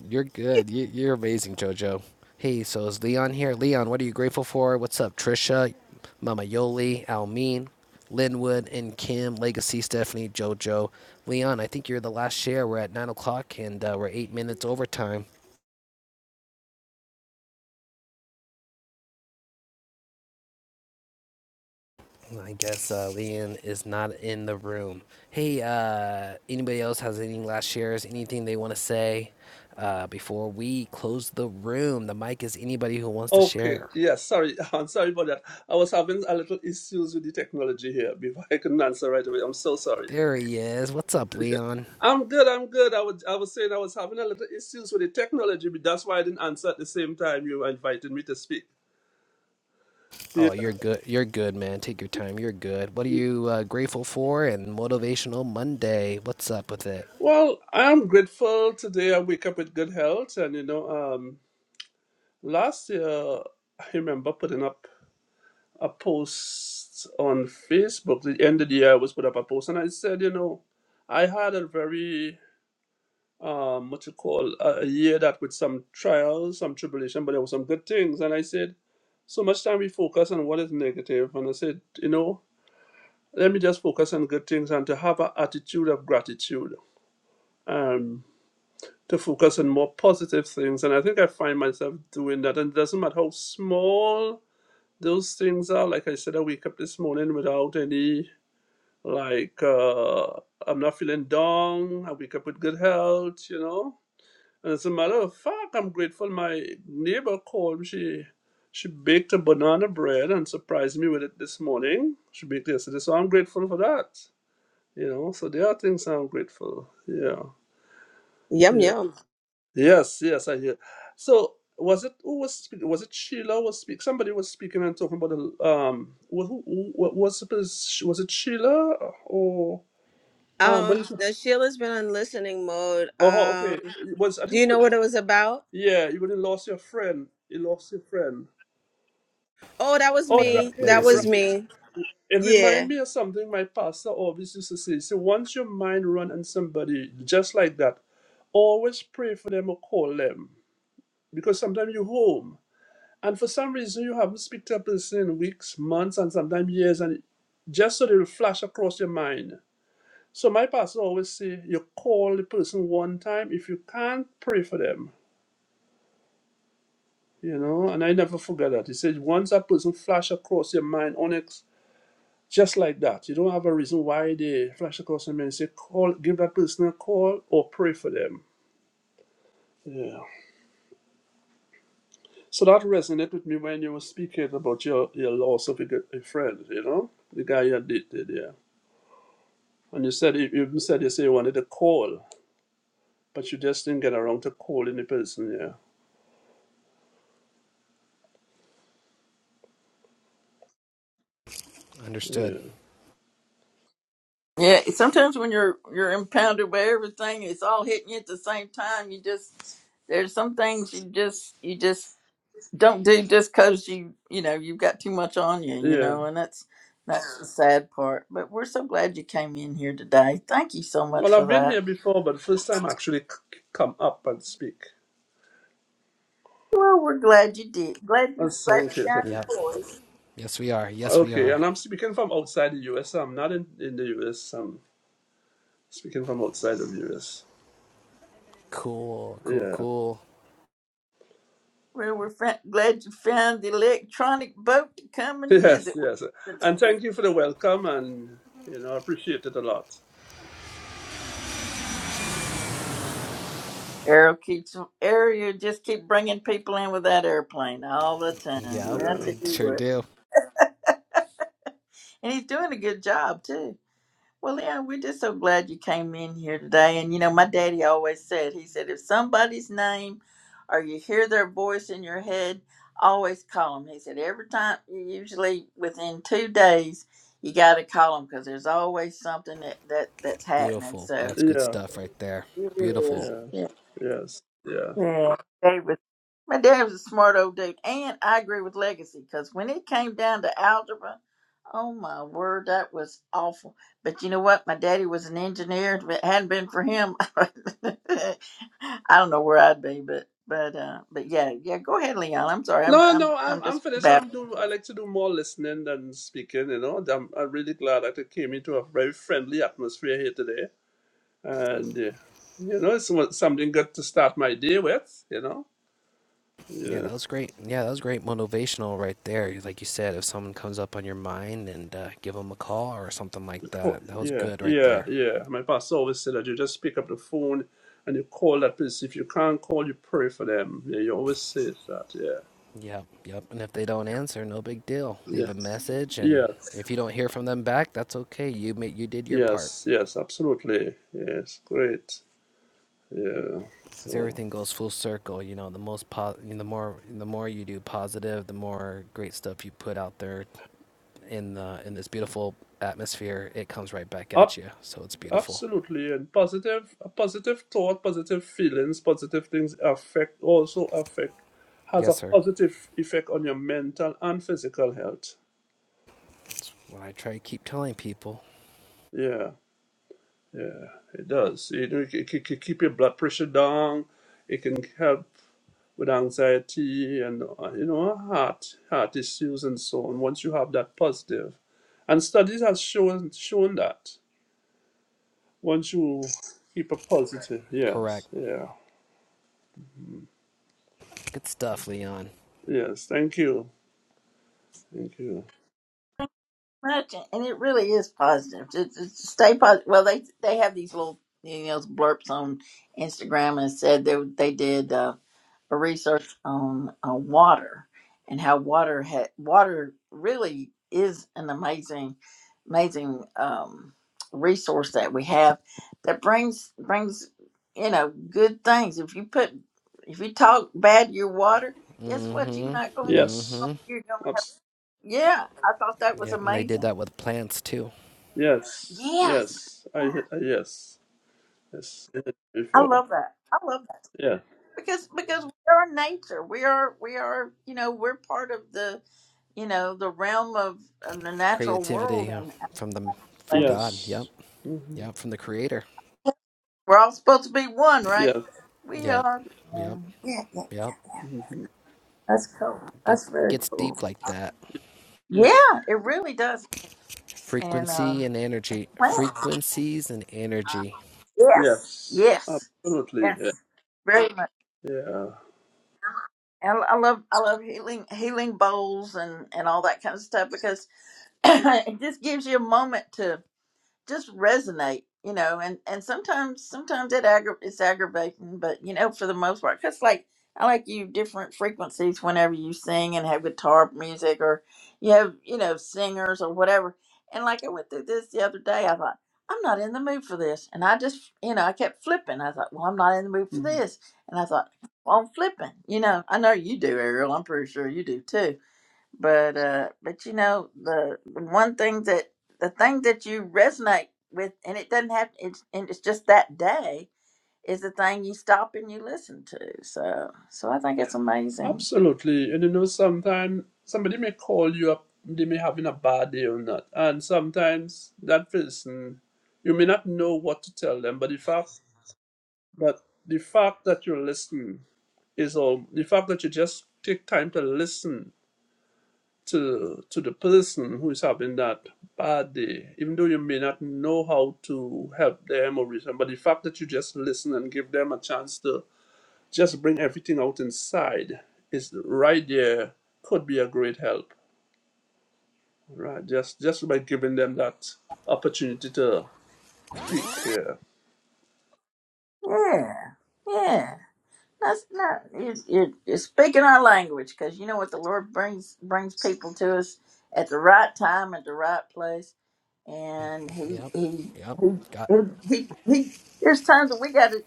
S7: You're good. You, you're amazing, JoJo. Hey, so is Leon here? Leon, what are you grateful for? What's up, Trisha, Mama Yoli, Almeen, Linwood, and Kim, Legacy, Stephanie, JoJo. Leon, I think you're the last share. We're at 9 o'clock and uh, we're eight minutes overtime. I guess uh, Leon is not in the room. Hey, uh, anybody else has any last shares? Anything they want to say uh, before we close the room? The mic is anybody who wants to
S13: Okay,
S7: share.
S13: yes, sorry. [LAUGHS] I'm sorry about that. I was having a little issues with the technology here before I couldn't answer right away. I'm so sorry.
S7: There he is. What's up, Leon?
S13: I'm good, I'm good. I was I was saying I was having a little issues with the technology, but that's why I didn't answer at the same time you invited me to speak. Yeah.
S7: Oh, you're good. You're good, man. Take your time. You're good. What are you uh, grateful for? And motivational Monday. What's up with it?
S13: Well, I am grateful today I wake up with good health and you know, um last year I remember putting up a post on Facebook. The end of the year I was put up a post and I said, you know, I had a very um, what you call a, a year that with some trials, some tribulation, but there were some good things. And I said, so much time we focus on what is negative, negative. and I said, you know, let me just focus on good things and to have an attitude of gratitude, um, to focus on more positive things. And I think I find myself doing that, and it doesn't matter how small those things are. Like I said, I wake up this morning without any like uh, I'm not feeling down. I wake up with good health, you know And As a matter of fact, I'm grateful my neighbor called. She she baked a banana bread and surprised me with it this morning. She baked it yesterday, so I'm grateful for that. You know, so there are things I'm grateful. Yeah,
S1: Yum
S13: yeah,
S1: yum.
S13: yes, yes, I hear. So was it who was speaking? was it Sheila was speak somebody was speaking and talking about the um who, who, who what was it was it Sheila or um but
S1: Um,
S13: it,
S1: the Sheila's been in listening mode.
S13: oh okay
S1: Um,
S13: it was I
S1: do
S13: think it
S1: you know
S13: was-
S1: what it was about?
S13: yeah you really lost your friend you lost your friend
S1: Oh, that was
S13: Oh,
S7: Yeah,
S13: right,
S1: me. That
S13: here,
S1: was
S7: legacy.
S13: right.
S1: me.
S13: It reminds
S1: Yeah.
S13: me of something my pastor always used to say. So once your mind run on somebody just like that, always pray for them or call them because sometimes you're home and for some reason you haven't speak to a person in weeks, months, and sometimes years, and just so they'll flash across your mind. So my pastor always say, you call the person one time. If you can't, pray for them. You know, and I never forget that. He said, once that person flash across your mind, Just like that. You don't have a reason why they flash across them and say, call, give that person a call or pray for them. Yeah. So that resonated with me when you were speaking about your, your loss of a, good- a friend, you know, the guy you had dated, yeah. And you said, you even said you say you wanted a call, but you just didn't get around to calling the person, yeah. Yeah.
S7: Understood.
S3: Yeah, sometimes when you're you're impounded by everything, it's all hitting you at the same time. You just there's some things you just you just don't do just cause you you know you've got too much on you, you
S13: Yeah.
S3: know, and that's that's the sad part. But we're so glad you came in here today. Thank you so much
S13: Well,
S3: for
S13: I've been
S3: that.
S13: here before, but first time I actually c- come up and speak.
S3: Well, we're glad you did. Glad you
S13: That's
S3: glad
S13: thank
S3: you
S13: you. Thank
S3: got
S13: you.
S7: Yep.
S3: your voice.
S7: Yes, we are. Yes, we
S13: Okay,
S7: are.
S13: and I'm speaking from outside the US. I'm not in, in the US. Speaking from outside of US.
S7: Cool. Cool.
S13: Yeah. [LAUGHS]
S7: Cool.
S3: Well, we're fa- glad you found the electronic boat to come and
S13: Yes,
S3: visit with
S13: yes.
S3: us today.
S13: And thank you for the welcome and you know, I appreciate it a lot.
S3: Arrow keeps Ariel just keep bringing people in with that airplane all the time.
S7: Yep.
S3: I
S13: Yeah.
S3: tell
S7: I
S3: you
S7: sure
S3: what,
S7: do.
S3: and he's doing a good job too. Well, yeah, we're just so glad you came in here today. And you know, my daddy always said, he said, if somebody's name or you hear their voice in your head, always call them. He said, every time, usually within two days, you got to call them because there's always something that, that that's happening.
S7: Beautiful.
S3: So.
S7: That's good
S13: Yeah.
S7: stuff right there.
S3: Yeah,
S7: Beautiful.
S13: Yes.
S3: yeah,
S13: Yes. Yeah.
S3: yeah. David. My dad was a smart old dude, and I agree with Legacy because when it came down to algebra, oh my word, that was awful. But you know what? My daddy was an engineer. If it hadn't been for him, [LAUGHS] I don't know where I'd be. But but uh, but yeah, yeah. Go ahead, Leon. I'm sorry. I'm
S13: No,
S3: I'm
S13: no, I'm
S3: I'm
S13: I'm
S3: just
S13: finished. I'm
S3: babbling
S13: do I like to do more listening than speaking, you know. I'm I'm really glad that I came into a very friendly atmosphere here today. And uh, you know, it's some- something good to start my day with, you know.
S7: Yeah,
S13: Yeah.
S7: that was great. Yeah, that was great motivational right there. Like you said, if someone comes up on your mind and uh, give them a call or something like
S13: Call-
S7: that, that was
S13: Yeah,
S7: good right there.
S13: yeah, yeah. My pastor always said that you just pick up the phone and you call that person. If you can't call, you pray for them. Yeah, you always say that. Yeah,
S7: Yep, yep. And if they don't answer, no big deal. Leave
S13: yeah,
S7: a message,
S13: yeah,
S7: and if you don't hear from them back, that's okay. You ma- you did your part.
S13: yes, yes, absolutely. Yes, great. Yeah.
S7: Because
S13: So,
S7: everything goes full circle. You know, the most po- you know, the more the more you do positive, the more great stuff you put out there in the in this beautiful atmosphere. It comes right back at
S13: up,
S7: you. So it's beautiful.
S13: absolutely, and positive, a positive thought, positive feelings, positive things affect also affect has a
S7: Yes, sir.
S13: positive effect on your mental and physical health.
S7: What I try to keep telling people.
S13: Yeah. Yeah, it does. You know, it can keep your blood pressure down. It can help with anxiety and uh, you know heart heart issues and so on. Once you have that positive, and studies have shown shown that once you keep a positive,
S7: Correct.
S13: yes, yeah,
S7: Good stuff, Leon.
S13: yes. Thank you, thank you.
S3: much, and it really is positive. Just, just stay positive. Well, they they have these little you know blurps on Instagram, and it said they they did. Uh, for research on uh, water and how water ha- water really is an amazing amazing um, resource that we have that brings brings you know good things if you put if you talk bad to your water guess what you're not
S7: Mm-hmm.
S3: going
S13: Yes,
S7: Mm-hmm.
S3: you're going to have
S13: Abs-
S3: yeah i thought that was
S7: Yep, and they did
S3: amazing
S7: that with plants too.
S13: yes,
S3: yes
S13: yes. I I- yes, yes. I did it
S3: i
S13: Before,
S3: love that i love that
S13: yeah,
S3: because because we are nature we are we are you know we're part of the you know, the realm of, of the natural world
S7: Creativity uh,
S3: and our
S7: from the from
S3: place.
S7: God. Yep.
S13: yes, hmm
S7: Yep. From the Creator.
S3: We're all supposed to be one,
S13: yes.
S3: right? We
S7: Yep.
S3: are.
S7: Yep.
S3: Yeah, yeah.
S7: Yep.
S13: hmm
S3: That's cool. That's
S7: Get
S3: very
S7: gets
S3: cool.
S7: deep like that.
S3: Yeah, it really does. And uh
S7: Frequency and energy.
S3: plants.
S7: Frequencies and energy.
S3: Yes.
S13: Yes,
S3: Yes.
S13: absolutely. Yeah.
S3: Yes. Very much.
S13: Yeah.
S3: And I love I love healing healing bowls and and all that kind of stuff because [CLEARS THROAT] it just gives you a moment to. just resonate you know and and sometimes sometimes it aggra- it's aggravating but you know for the most part because like i like you different frequencies whenever you sing and have guitar music or you have you know singers or whatever and like i went through this the other day i thought i'm not in the mood for this and i just you know i kept flipping i thought well i'm not in the mood for
S13: Mhm.
S3: this and i thought well i'm flipping you know i know you do ariel i'm pretty sure you do too but uh but you know the one thing that the thing that you resonate with and it doesn't have it's and it's just that day is the thing you stop and you listen to so so i think it's amazing
S13: Absolutely. And you know, sometimes somebody may call you up, they may having a bad day or not. And sometimes that person, you may not know what to tell them, but the fact but the fact that you listen is all the fact that you just take time to listen to to the person who is having that bad day, even though you may not know how to help them or reason, but the fact that you just listen and give them a chance to just bring everything out inside is right there could be a great help right just just by giving them that opportunity to speak here
S3: yeah yeah that's not you you're, you're speaking our language because you know what the lord brings brings people to us at the right time at the right place and he
S7: Yep.
S3: he
S7: Yep.
S3: he
S7: God.
S3: he, he, he there's times that we gotta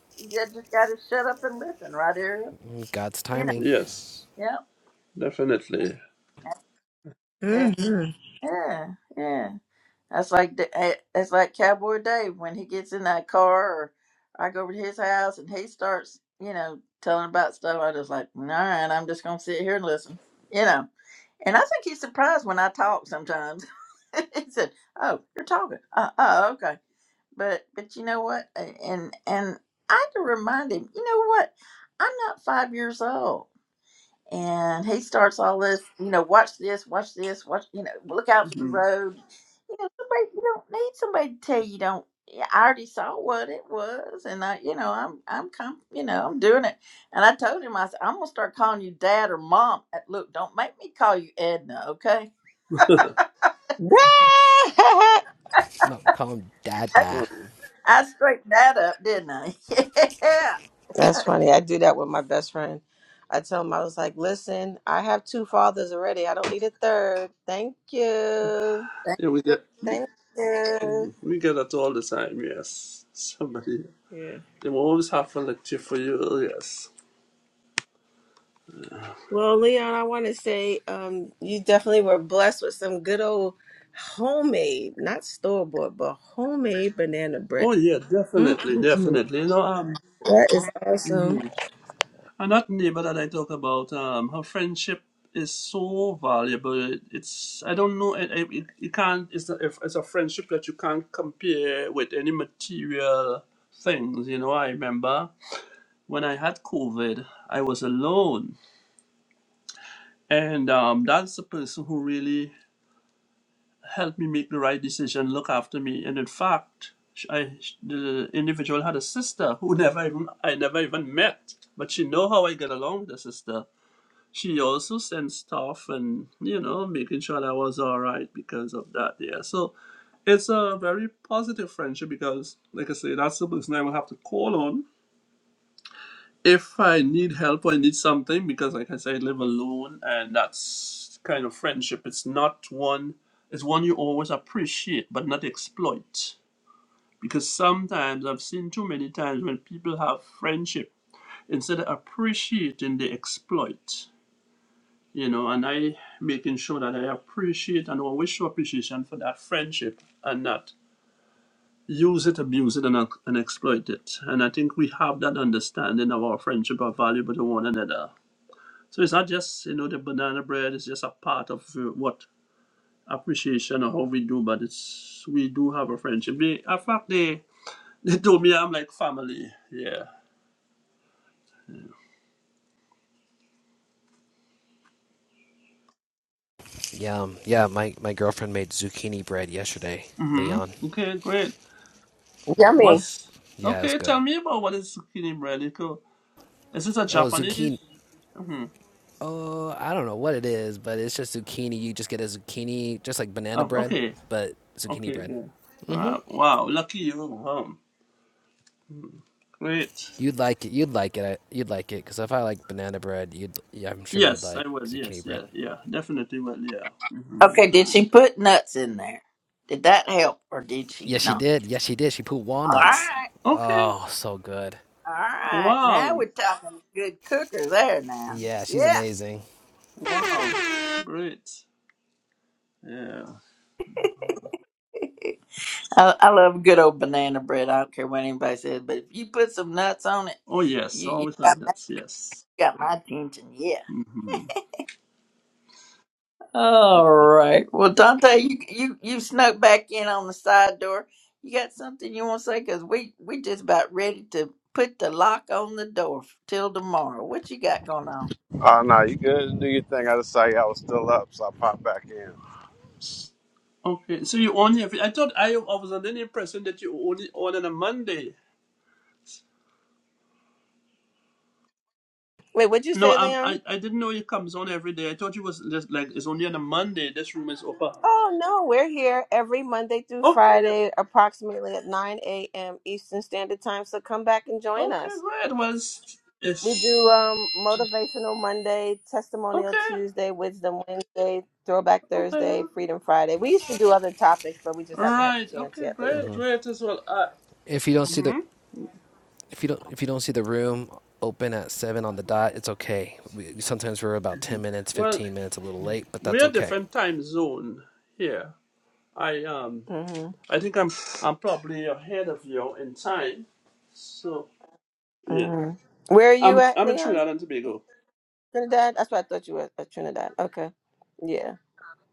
S3: just gotta shut up and listen right Ariel?
S7: God's
S3: Yeah,
S7: timing.
S13: yes
S3: yep,
S13: definitely
S3: yeah,
S1: hmm
S3: yeah. yeah. That's like the- eh, that's like Cowboy Dave when he gets in that car, or I go over to his house and he starts, you know, telling about stuff. I just like, all right, I'm just gonna sit here and listen, you know. And I think he's surprised when I talk sometimes. [LAUGHS] he said, "Oh, you're talking? Uh, oh, okay." But but you know what? And and I had to remind him, you know what? I'm not five years old and he starts all this, you know, watch this, watch this, watch, you know, look out for the
S13: hmm
S3: road. You know, somebody you don't need somebody to tell you don't. Yeah, I already saw what it was, and I, you know, I'm, I'm, com- you know, I'm doing it. And I told him, I said, I'm gonna start calling you dad or mom. Uh, Look, don't make me call you Edna, okay?
S1: [LAUGHS]
S7: No, call him Dada.
S13: so,
S3: I straightened that up, didn't I? [LAUGHS] yeah.
S1: That's funny. I do that with my best friend. I tell him, I was like, listen, I have two fathers already. I don't need a third. Thank you.
S3: Thank
S13: yeah we
S3: you.
S13: get we,
S1: Thank you.
S13: mm, we get that all the time yes somebody
S1: Yeah.
S13: they will always have a lecture for you yes
S1: Well, Leon, I want to say um, you definitely were blessed with some good old homemade, not store bought, but homemade banana bread.
S13: oh yeah
S1: Mm,
S13: definitely definitely you know um,
S1: that is awesome.
S13: And Another neighbor that I talk about, um, her friendship is so valuable. It- It's I don't know. It, it, it it can't. It's a, it's a friendship that you can't compare with any material things. You know, I remember when I had COVID, I was alone, and um, that's the person who really helped me make the right decision, look after me, and in fact. sh- I, sh- the individual had a sister who [LAUGHS] never even I never even met, but she know how I get along with the sister she also sent stuff and you know making sure that I was all right because of that yeah so it's a very positive friendship because like i say that's the person i will have to call on if i need help or i need something because like i say i live alone and that's kind of friendship it's not one it's one you always appreciate but not exploit because sometimes i've seen too many times when people have friendship instead of appreciating they exploit you know, and I making sure that I appreciate and always show appreciation for that friendship and not use it, abuse it, and, uh, and exploit it. And I think we have that understanding of our friendship, our valuable to one another. So it's not just, you know, the banana bread, it's just a part of uh, what appreciation or how we do, but it's we do have a friendship. They, in fact, they, they told me I'm like family. Yeah.
S7: Yeah, um, yeah. My my girlfriend made zucchini bread yesterday, Leon.
S13: Mm-hmm. Okay, great.
S1: Yummy.
S13: What's
S7: Yeah, it was
S13: okay?
S7: good.
S13: Tell me about what is zucchini bread. It co- Is this a
S7: Oh, zucchini
S13: Japanese? hmm
S7: Oh, I don't know what it is, but it's just zucchini. You just get a zucchini, just like banana
S13: Oh,
S7: bread,
S13: okay.
S7: but zucchini
S13: Okay,
S7: bread.
S13: Yeah.
S7: Mm-hmm.
S13: Right. Wow, lucky you. Wow. Great.
S7: You'd like it. You'd like it. I, you'd like it because if I like banana bread, you'd. Yeah, I'm sure you'd
S13: Yes,
S7: like
S13: I will.
S7: zucchini
S13: Yes,
S7: bread.
S13: yeah, yeah. Definitely will, yeah. hmm
S3: Okay. Did she put nuts in there? Did that help, or did she
S7: Yes, she
S3: not?
S7: did. Yes, she did. She put
S3: All
S7: walnuts.
S3: right.
S13: Okay.
S7: Oh, so good.
S3: All right, now
S13: Wow.
S3: we're talking good cooker there now.
S7: Yeah, she's
S3: Yeah.
S7: amazing.
S13: Wow. Great. Yeah.
S3: I, I love good old banana bread. I don't care what anybody says, but if you put some nuts on it,
S13: Oh, yes.
S3: you, you
S13: Always
S3: got,
S13: like that. Yes.
S3: got my attention. Yeah.
S13: hmm
S3: All right. Well, Dante, you you you snuck back in on the side door. You got something you want to say? Cause we we just about ready to put the lock on the door till tomorrow. What you got going on?
S10: Oh no, you good? Do your thing. I just saw y'all was still up, so I popped back in.
S13: Okay, so you only have. I thought I, I was under the impression that you only on on a Monday.
S1: Wait, what'd you
S13: No,
S1: say,
S13: Um.
S1: Leon?
S13: I I didn't know it comes on every day. I thought it was just like it's only on a Monday. This room is open.
S1: Oh no, we're here every Monday through
S13: Okay,
S1: Friday, approximately at 9 a.m. Eastern Standard Time. So come back and join
S13: Okay,
S1: us.
S13: great. Well, it's,
S1: We do
S13: it's
S1: um, motivational Monday, testimonial
S13: okay.
S1: Tuesday, wisdom Wednesday, throwback
S13: Okay. right.
S1: Thursday, freedom Friday. We used to do other topics, but we just haven't had the chance
S13: Okay,
S1: yet lately.
S13: great, great as well. Uh,
S7: If you don't see the,
S13: hmm
S7: if you don't, if you don't see the room open at seven on the dot, it's okay. We, sometimes we're about ten minutes,
S13: Well,
S7: fifteen minutes, a little late, but that's
S13: we're
S7: okay.
S13: different time zone here. I um,
S1: hmm
S13: I think I'm I'm probably ahead of you in time. So yeah,
S1: hmm Where are you
S13: I'm
S1: at,
S13: I'm in
S1: Leon?
S13: Trinidad and Tobago.
S1: Trinidad. That's what I thought you were at Trinidad. Okay. Yeah.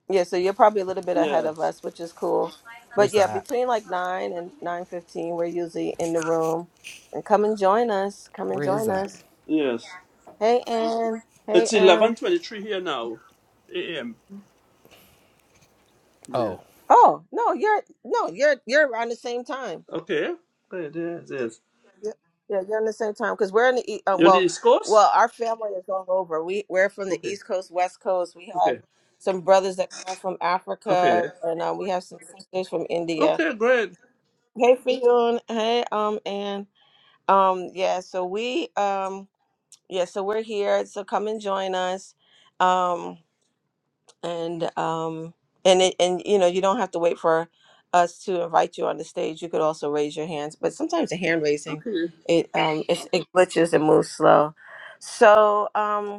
S1: Yeah, so you're probably a little bit ahead of
S13: Yes,
S1: us, which is cool.
S7: Where's
S1: But yeah,
S7: that?
S1: between like nine and nine fifteen, we're usually in the room. And come and join us. Come and
S7: Where is
S1: join
S7: that?
S1: us.
S13: yes.
S1: Hey Ann. Hey
S13: It's eleven
S1: Em.
S13: twenty three here now, a.m. Yeah.
S7: Oh,
S1: Oh no, you're no, you're you're around the same time.
S13: Okay. Great. Yes. Yes.
S1: Yeah, yeah, you're on the same time because we're in the E- um,
S13: You're on the
S1: well,
S13: East Coast.
S1: well, our family is all over. We we're from the
S13: Okay.
S1: East Coast, West Coast. We have
S13: Okay.
S1: some brothers that come in from
S13: Okay.
S1: Africa, and um, we have some sisters from India.
S13: Okay, great.
S1: Hey Fionn. Hey um Ann. Um, yeah, so we um yeah, so we're here. So come and join us. Um and um and it and you know, you don't have to wait for us to invite you on the stage. You could also raise your hands, but sometimes the hand raising
S13: Okay.
S1: it um it, it glitches and moves slow. So um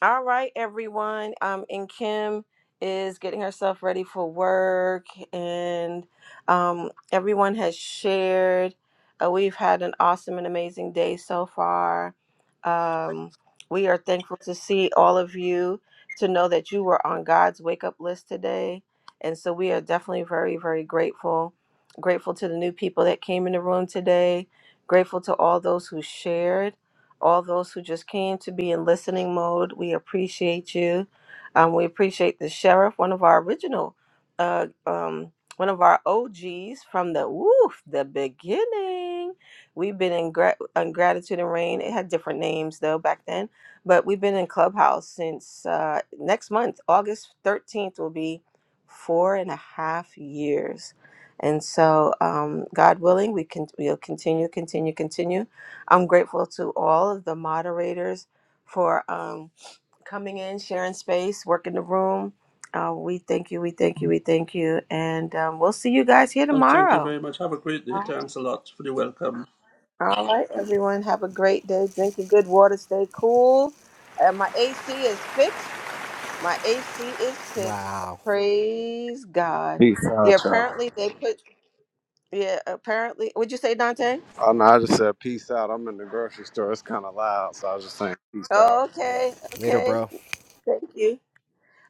S1: all right, everyone. Um, and Kim is getting herself ready for work, and um, everyone has shared. Uh, we've had an awesome and amazing day so far. Um, we are thankful to see all of you, to know that you were on God's wake up list today. And so we are definitely very, very grateful. Grateful to the new people that came in the room today, grateful to all those who shared all those who just came to be in listening mode. We appreciate you. Um, we appreciate the sheriff, one of our original, uh, um, one of our OGs from the woof the beginning. We've been in, gra- in gratitude and rain. It had different names though back then, but we've been in Clubhouse since uh, next month, August thirteenth will be four and a half years. And so, um, God willing, we can we'll continue, continue, continue I'm grateful to all of the moderators for um, coming in, sharing space, working the room. Uh, we thank you, we thank you, we thank you. And um, we'll see you guys here
S13: Oh, thank you
S1: tomorrow.
S13: very much. Have a great day.
S1: All
S13: Thanks a lot for the welcome.
S1: right, All right, everyone, have a great day. Drink your good water, stay cool. Uh, my AC is fixed. My AC is fixed.
S7: wow.
S1: Praise God.
S10: Peace out,
S1: Yeah,
S10: y'all.
S1: apparently they put, yeah, apparently, would you say, Dante?
S10: Oh no, I just said peace out. I'm in the grocery store. It's kind of loud, so I was just saying peace out.
S1: Okay,
S7: Later,
S1: okay.
S7: bro.
S1: Thank you.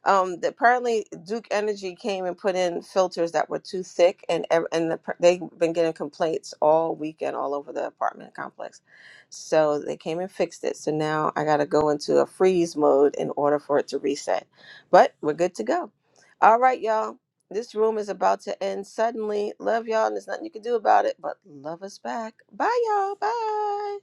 S1: Um, the, apparently, Duke Energy came and put in filters that were too thick, and ev- and the, they've been getting complaints all weekend all over the apartment complex. So they came and fixed it. So now I got to go into a freeze mode in order for it to reset. But we're good to go. All right, y'all. This room is about to end suddenly. Love y'all, and there's nothing you can do about it. But love us back. Bye, y'all. Bye.